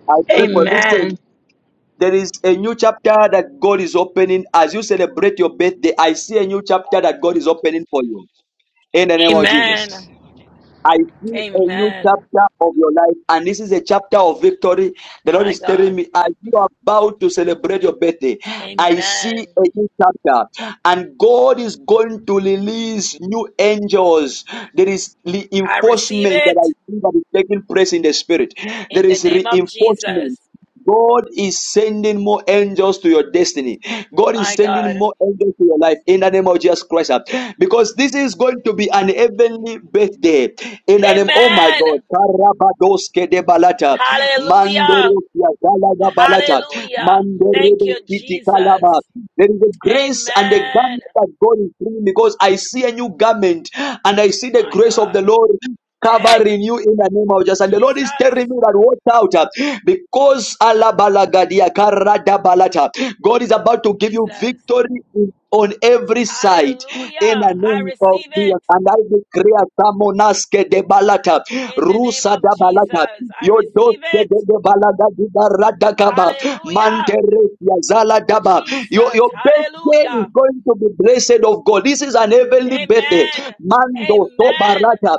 I pray for you. listen.
Amen.
There is a new chapter that God is opening as you celebrate your birthday. I see a new chapter that God is opening for you in the name of Jesus.
Amen.
I see a new
Amen.
chapter of your life, and this is a chapter of victory. The Lord
My
is telling
God.
me, as you are about to celebrate your birthday, I see
Amen.
a new chapter, and God is going to release new angels. There is
I receive
reinforcement that I
it
see that is taking place in the spirit. There
in the
is
name of
reinforcement.
Jesus.
God is sending more angels to your destiny. God is
My
sending
God.
more angels to your life in the name of Jesus Christ. Because this is going to be an heavenly birthday. In the name, oh my
Amen.
God. Karabadoske de balata.
Hallelujah.
Mandorosia galaga balata.
Hallelujah. Thank
Mandorebe
you,
kiti kalaba.
Jesus.
There is a grace and a
Amen.
garment that God is bringing because I see a new garment and I see the
My
grace of
God.
the Lord
Hey,
Covering you in the name of Jesus. And the Lord is telling
Jesus.
me that watch out uh, because Allah balagadia karada balata. God is about to give you
Jesus.
victory in- on every side
Hallelujah.
in the
I
name of
receive
Jesus.
it
And I declare Samonaske de balata,
in the name
Rusa
of
da
Jesus.
balata.
I
Yodos
receive
de
it.
balaga diga radakaba.
Hallelujah.
Manteresia zala daba. Your,
Jesus.
your birthday
Hallelujah.
is going to be blessed of God. This is an heavenly birthday.
Amen.
Mando to
Amen.
barata.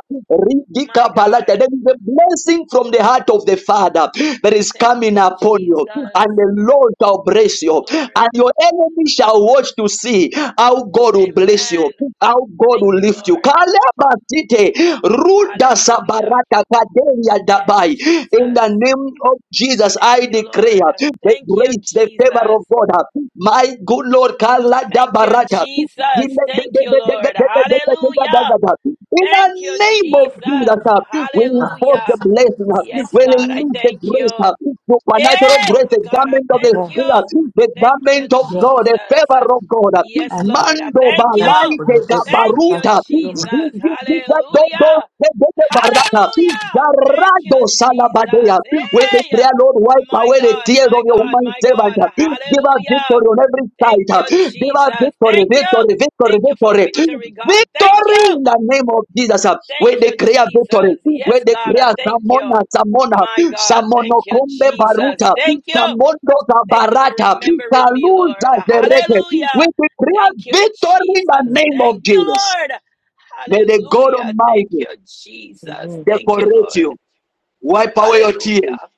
My
Ridika
God.
balata. There is a blessing from the heart of the Father. There that is
Thank
coming
you,
upon you,
Jesus.
and the Lord shall
Thank
bless
you,
you,
Lord.
and your enemy shall watch to see how God will bless you,
Amen.
how God
Thank
will
you,
lift you.
Lord.
Kalabasite, Ruda
Hallelujah.
Sabarata, Kadeya
Yes,
Dabai. In the
Jesus.
name of Jesus,
Thank
I
you, Lord.
declare the
Thank you,
grace, the favor of
Jesus.
God. My good Lord, Kalada
Thank you,
Barata.
Jesus. Thank you, Lord. Hallelujah.
In the
Thank you,
name of
Jesus.
Jesus, uh, we enforce
Hallelujah.
the
Yes.
blessing. uh, We
Yes, God, I
release the
thank
grace, uh,
you.
supernatural grace,
Hey,
the
God, I
garment of the
thank you.
Spirit, uh, the
Thank you,
garment of
Yes.
God, the
Jesus.
favor of God. uh,
Yes,
Thank you.
Lord, I
Mando
thank
Thank you
you.
for
balaite
your goodness
Thank
and
you,
thank
gabaruta,
you for your
Jesus.
mercy.
zigizita dodo
Hallelujah.
sebete barata,
Hallelujah. Thank you,
zarado salabadea.
Jesus.
We
Hey,
declare, Lord, wipe
my
away the
God,
tears of
my
your
God,
human
my
servant.
God.
uh, Give us
Hallelujah.
victory on every side.
Thank
uh,
you,
Give us
Jesus.
victory,
Thank you.
victory, victory,
Thank you for
victory.
victory, God. Thank
Victory
you.
in the name of Jesus.
Thank
We
you,
declare victory.
Jesus. Yes,
We
God, I
declare
thank you.
Samona, Samona,
My God,
Samono
thank you,
Samonokombe
Jesus.
Baruta,
Thank you.
Samondo
Thank you for
Barata,
remembering me, Lord.
Kaluza Zerete. We
Hallelujah.
declare
Thank you,
victory in the
Jesus.
name of
Thank you,
Jesus.
Lord.
May the God
Hallelujah. Thank
Almighty
you, Jesus.
Amen.
Thank you,
decorate
Lord.
you, wipe away your tears,
Hallelujah.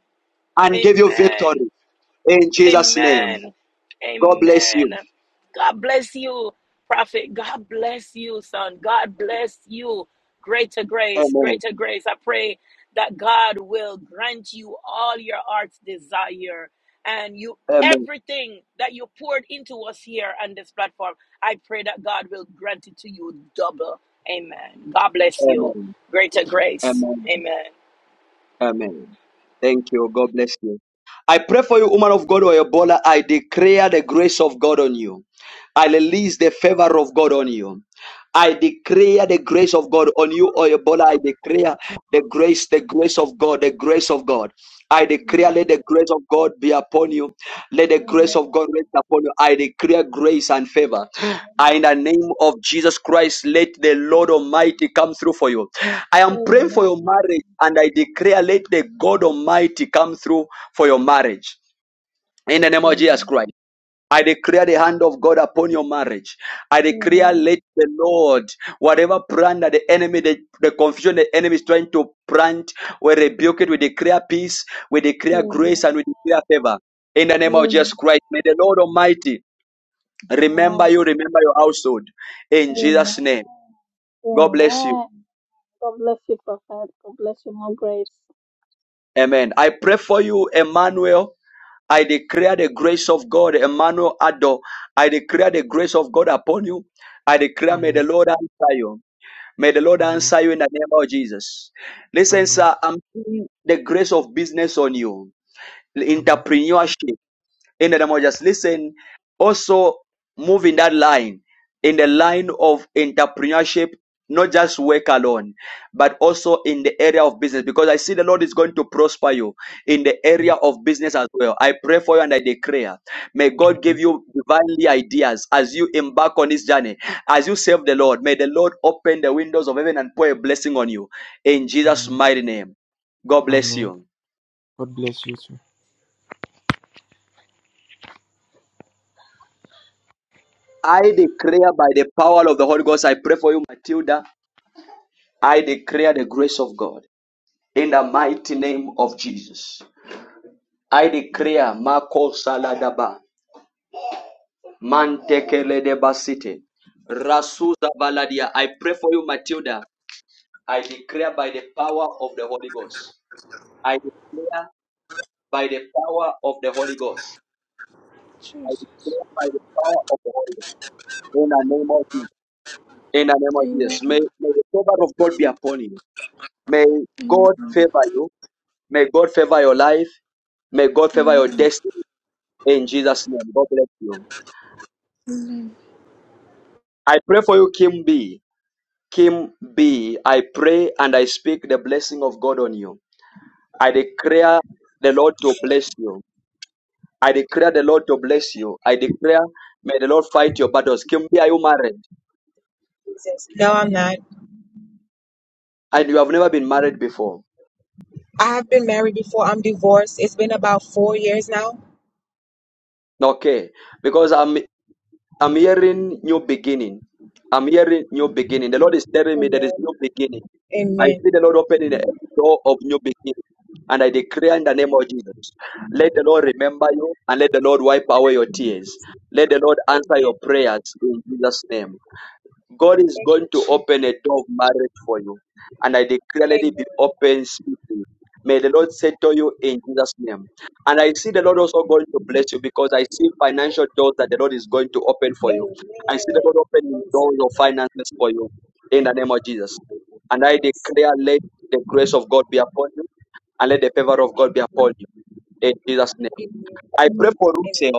and give you
Amen.
victory. In Jesus' name,
Amen.
God bless
Amen.
you.
God bless you, prophet. God bless you, son. God bless you. Greater grace,
Amen.
greater grace. I pray that God will grant you all your heart's desire and you
Amen.
everything that you poured into us here on this platform. I pray that God will grant it to you double. Amen. God bless you.
Amen.
Greater grace.
Amen.
Amen.
Amen. Thank you. God bless you. I pray for you, woman of God or Ebola. I declare the grace of God on you. I release the favor of God on you. I declare the grace of God on you, Oyebola. I declare the grace, the grace of God, the grace of God. I declare,
Amen.
let the grace of God be upon you. Let the
Amen.
grace of God rest upon you. I declare grace and favor. I,
Amen.
in the name of Jesus Christ, let the Lord Almighty come through for you. I am
Amen.
the God Almighty come through for you in
Amen.
Christ.
Amen.
Lord, whatever plan that the enemy, the, the confusion the enemy is trying to plant, we rebuke it, we declare peace, we declare grace, and we declare favor. In the name of Jesus Christ, may the Lord Almighty remember
Amen.
you, remember your household. In
Amen.
Jesus' name, God bless you.
Amen. God bless you, Prophet. God bless you, more grace.
Amen. I pray for you, Emmanuel. I declare the grace of God, Emmanuel Ado. I declare the grace of God upon you. I declare, may
Amen.
the Lord answer you. May the Lord
Amen.
answer you in the name of Jesus. Listen,
Amen.
sir, I'm seeing the grace of business on you,
Amen.
entrepreneurship in the name of just listen also move in that line in the line of entrepreneurship not just work alone but also in the area of business because i see the lord is going to prosper you in the area of business as well i pray for you and i declare may god give
Amen.
you divinely ideas as you embark on this journey as you serve the lord may the lord open the windows of heaven and pour a blessing on you in jesus
Amen.
mighty name god bless
Amen.
you
God bless you too.
I declare by the power of the Holy Ghost, I pray for you, Matilda. I declare the grace of God in the mighty name of Jesus. I declare Mako Saladaba, Mantekele de Basite, Rasuza Baladia. I pray for you, Matilda. I declare by the power of the Holy Ghost. I declare by the power of the Holy Ghost.
Jesus.
Declare By the power of the Holy Ghost. In the name of Jesus. In the name of Jesus.
Amen.
May, may the favor of God be upon you. May God
Amen.
favor you. May God favor your life. May God favor your
Amen.
destiny. In Jesus' name, God bless you.
Amen.
I pray for you, Kim B. Kim B. I pray and I speak the blessing of God on you. I declare the Lord to bless you. I declare the Lord to bless you. I declare, may the Lord fight your battles. Kim B, are you married?
No, I'm not.
And you have never been married before.
I have been married before. I'm divorced. It's been about four years now.
Okay. Because I'm I'm hearing new beginning. I'm hearing new beginning. The Lord is telling me there is new
Amen.
beginning. I
Amen.
see the Lord opening a door of new beginning. And I declare in the name of Jesus, let the Lord remember you and let the Lord wipe away your tears. Let the Lord answer
Amen.
your prayers in Jesus' name. God is
Thank
going
you,
to open
Jesus.
a door of marriage for you. And I declare, let
Amen.
it be open speedily. May the Lord settle you in Jesus' name. And I see the Lord also going to bless you because I see financial doors that the Lord is going to open for you. I see the
Amen.
Lord opening
Holy
doors
Spirit,
of finances for you in the name of Jesus.
thank you,
And I
Jesus.
declare, let the grace of God be upon you and let the favor of God be upon
Amen.
you in Jesus' name.
Amen.
I pray for Ruth
Amen.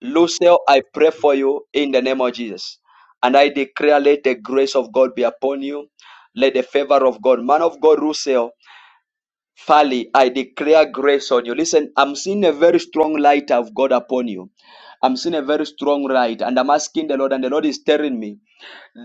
Lucille, I pray for you in the name of Jesus. And I declare, let the grace of God be upon you. Let the favor of God, man of God, Lucille, Fali, I declare grace on you. Listen, I'm seeing a very strong light of God upon you. I'm seeing a very strong light, and I'm asking the Lord, and the Lord is telling me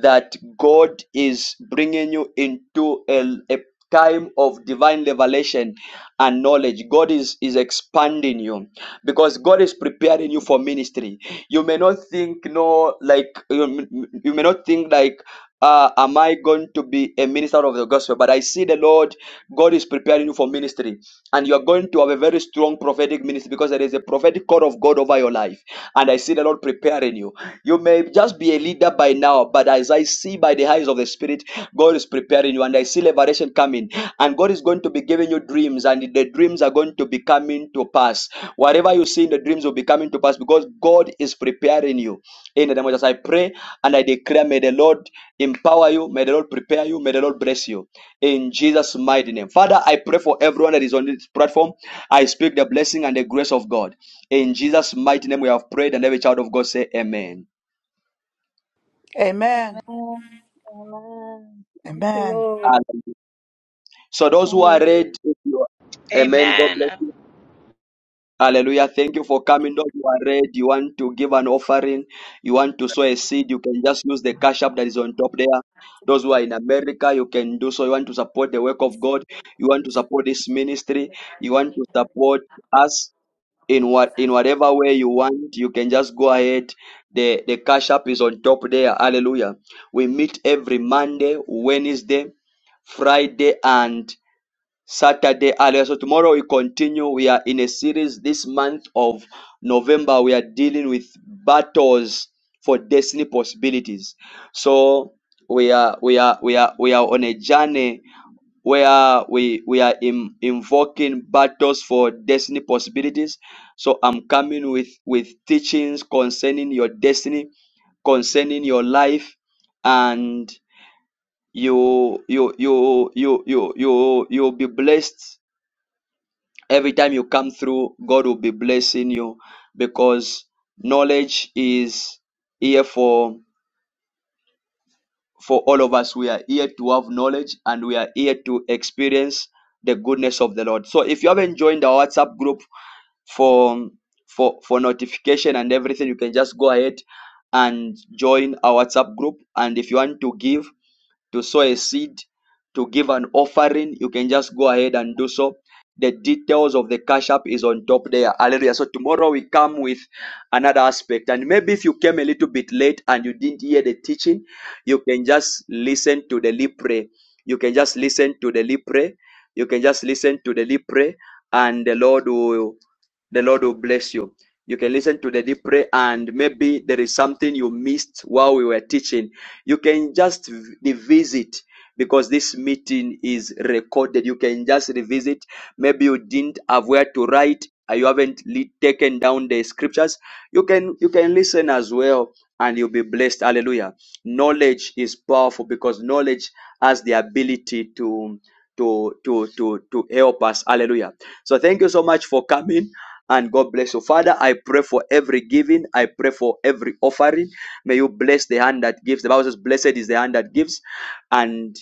that God is bringing you into a, a time of divine revelation and knowledge. God is, is expanding you because God is preparing you for ministry. You may not think, no, like, you, you may not think, like, uh, am I going to be a minister of the gospel? But I see the Lord, God is preparing you for ministry, and you're going to have a very strong prophetic ministry because there is a prophetic call of God over your life. And I see the Lord preparing you. You may just be a leader by now, but as I see by the eyes of the Spirit, God is preparing you, and I see liberation coming. And God is going to be giving you dreams, and the dreams are going to be coming to pass. Whatever you see in the dreams will be coming to pass because God is preparing you. In the name of Jesus, I pray and I declare, may the Lord empower you, may the Lord prepare you, may the Lord bless you. In Jesus' mighty name. Father, I pray for everyone that is on this platform. I speak the blessing and the grace of God. In Jesus' mighty name, we have prayed, and every child of God say, Amen.
Amen.
Amen. Amen. Thank you,
Amen.
Lord.
Hallelujah. So those who are read,
Hallelujah.
amen. God
Amen.
bless you. Hallelujah. Thank you for coming. Those who are read, you want to give an offering, you want to sow a seed, you can just use the cash app that is on top there. Those who are in America, you can do so. You want to support the work of God, you want to support this ministry, you want to support us in what in whatever way you want, you can just go ahead. The the cash app is on top there. Hallelujah. We meet every Monday, Wednesday, Friday, and Saturday earlier. So tomorrow we continue. We are in a series this month of November. We are dealing with battles for destiny possibilities. So we are we are we are we are on a journey where we we are in, invoking battles for destiny possibilities. So I'm coming with with teachings concerning your destiny, concerning your life, and you you you you you you you'll be blessed Every time you come through, God will be blessing you because knowledge is here for for all of us. We are here to have knowledge and we are here to experience the goodness of the Lord. So if you haven't joined our WhatsApp group for for for notification and everything, you can just go ahead and join our WhatsApp group. And if you want to give to sow a seed, to give an offering, you can just go ahead and do so. The details of the cash app is on top there. Hallelujah. So tomorrow we come with another aspect. And maybe if you came a little bit late and you didn't hear the teaching, you can just listen to the lead prayer. You can just listen to the lead prayer. You can just listen to the lead prayer, and the Lord will the Lord will bless you. You can listen to the deep prayer, and maybe there is something you missed while we were teaching. You can just revisit because this meeting is recorded. You can just revisit. Maybe you didn't have where to write, or you haven't le- taken down the scriptures. You can you can listen as well, and you'll be blessed. Hallelujah. Knowledge is powerful because knowledge has the ability to to to to to help us. Hallelujah. So thank you so much for coming and God bless you. Father, I pray for every giving. I pray for every offering. May you bless the hand that gives. The Bible says, Blessed is the hand that gives. And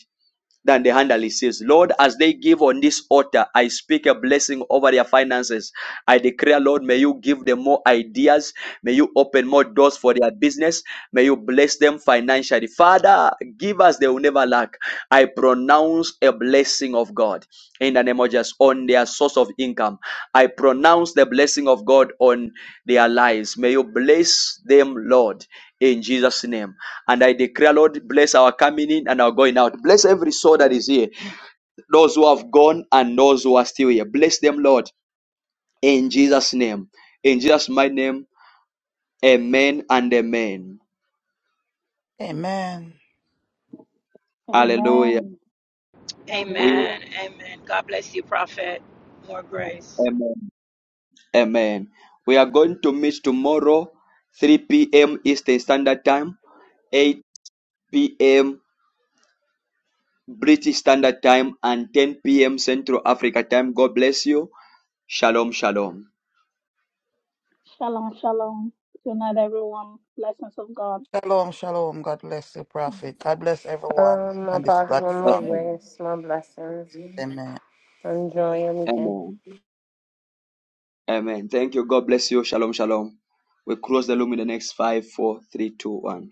than the hand that receives. Lord, as they give on this altar, I speak a blessing over their finances. I declare, Lord, may you give them more ideas. May you open more doors for their business. May you bless them financially. Father, give us, they will never lack. I pronounce a blessing of God in the name of Jesus on their source of income. I pronounce the blessing of God on their lives. May you bless them, Lord, in Jesus' name. And I declare, Lord, bless our coming in and our going out. Bless every soul that is here, those who have gone and those who are still here. Bless them, Lord, in Jesus' name. In Jesus' mighty name, amen and amen.
Amen.
Hallelujah.
Amen.
We,
Hallelujah.
Amen. Amen. God bless you, Prophet. More grace.
amen. Amen. We are going to meet tomorrow, 3 p.m. Eastern Standard Time, 8 p.m. British Standard Time, and 10 p.m. Central Africa Time. God bless you. Shalom, shalom.
Shalom, shalom. Good night, everyone. Blessings of God.
Shalom, shalom. God bless you, Prophet. God bless everyone
Um,
on this
Apostle, more
platform.
Bless
Amen.
you.
grace, more blessings.
Amen.
Enjoy your weekend.
Amen. Amen. Thank you. God bless you. Shalom, shalom. We close the room in the next five, four, three, two, one.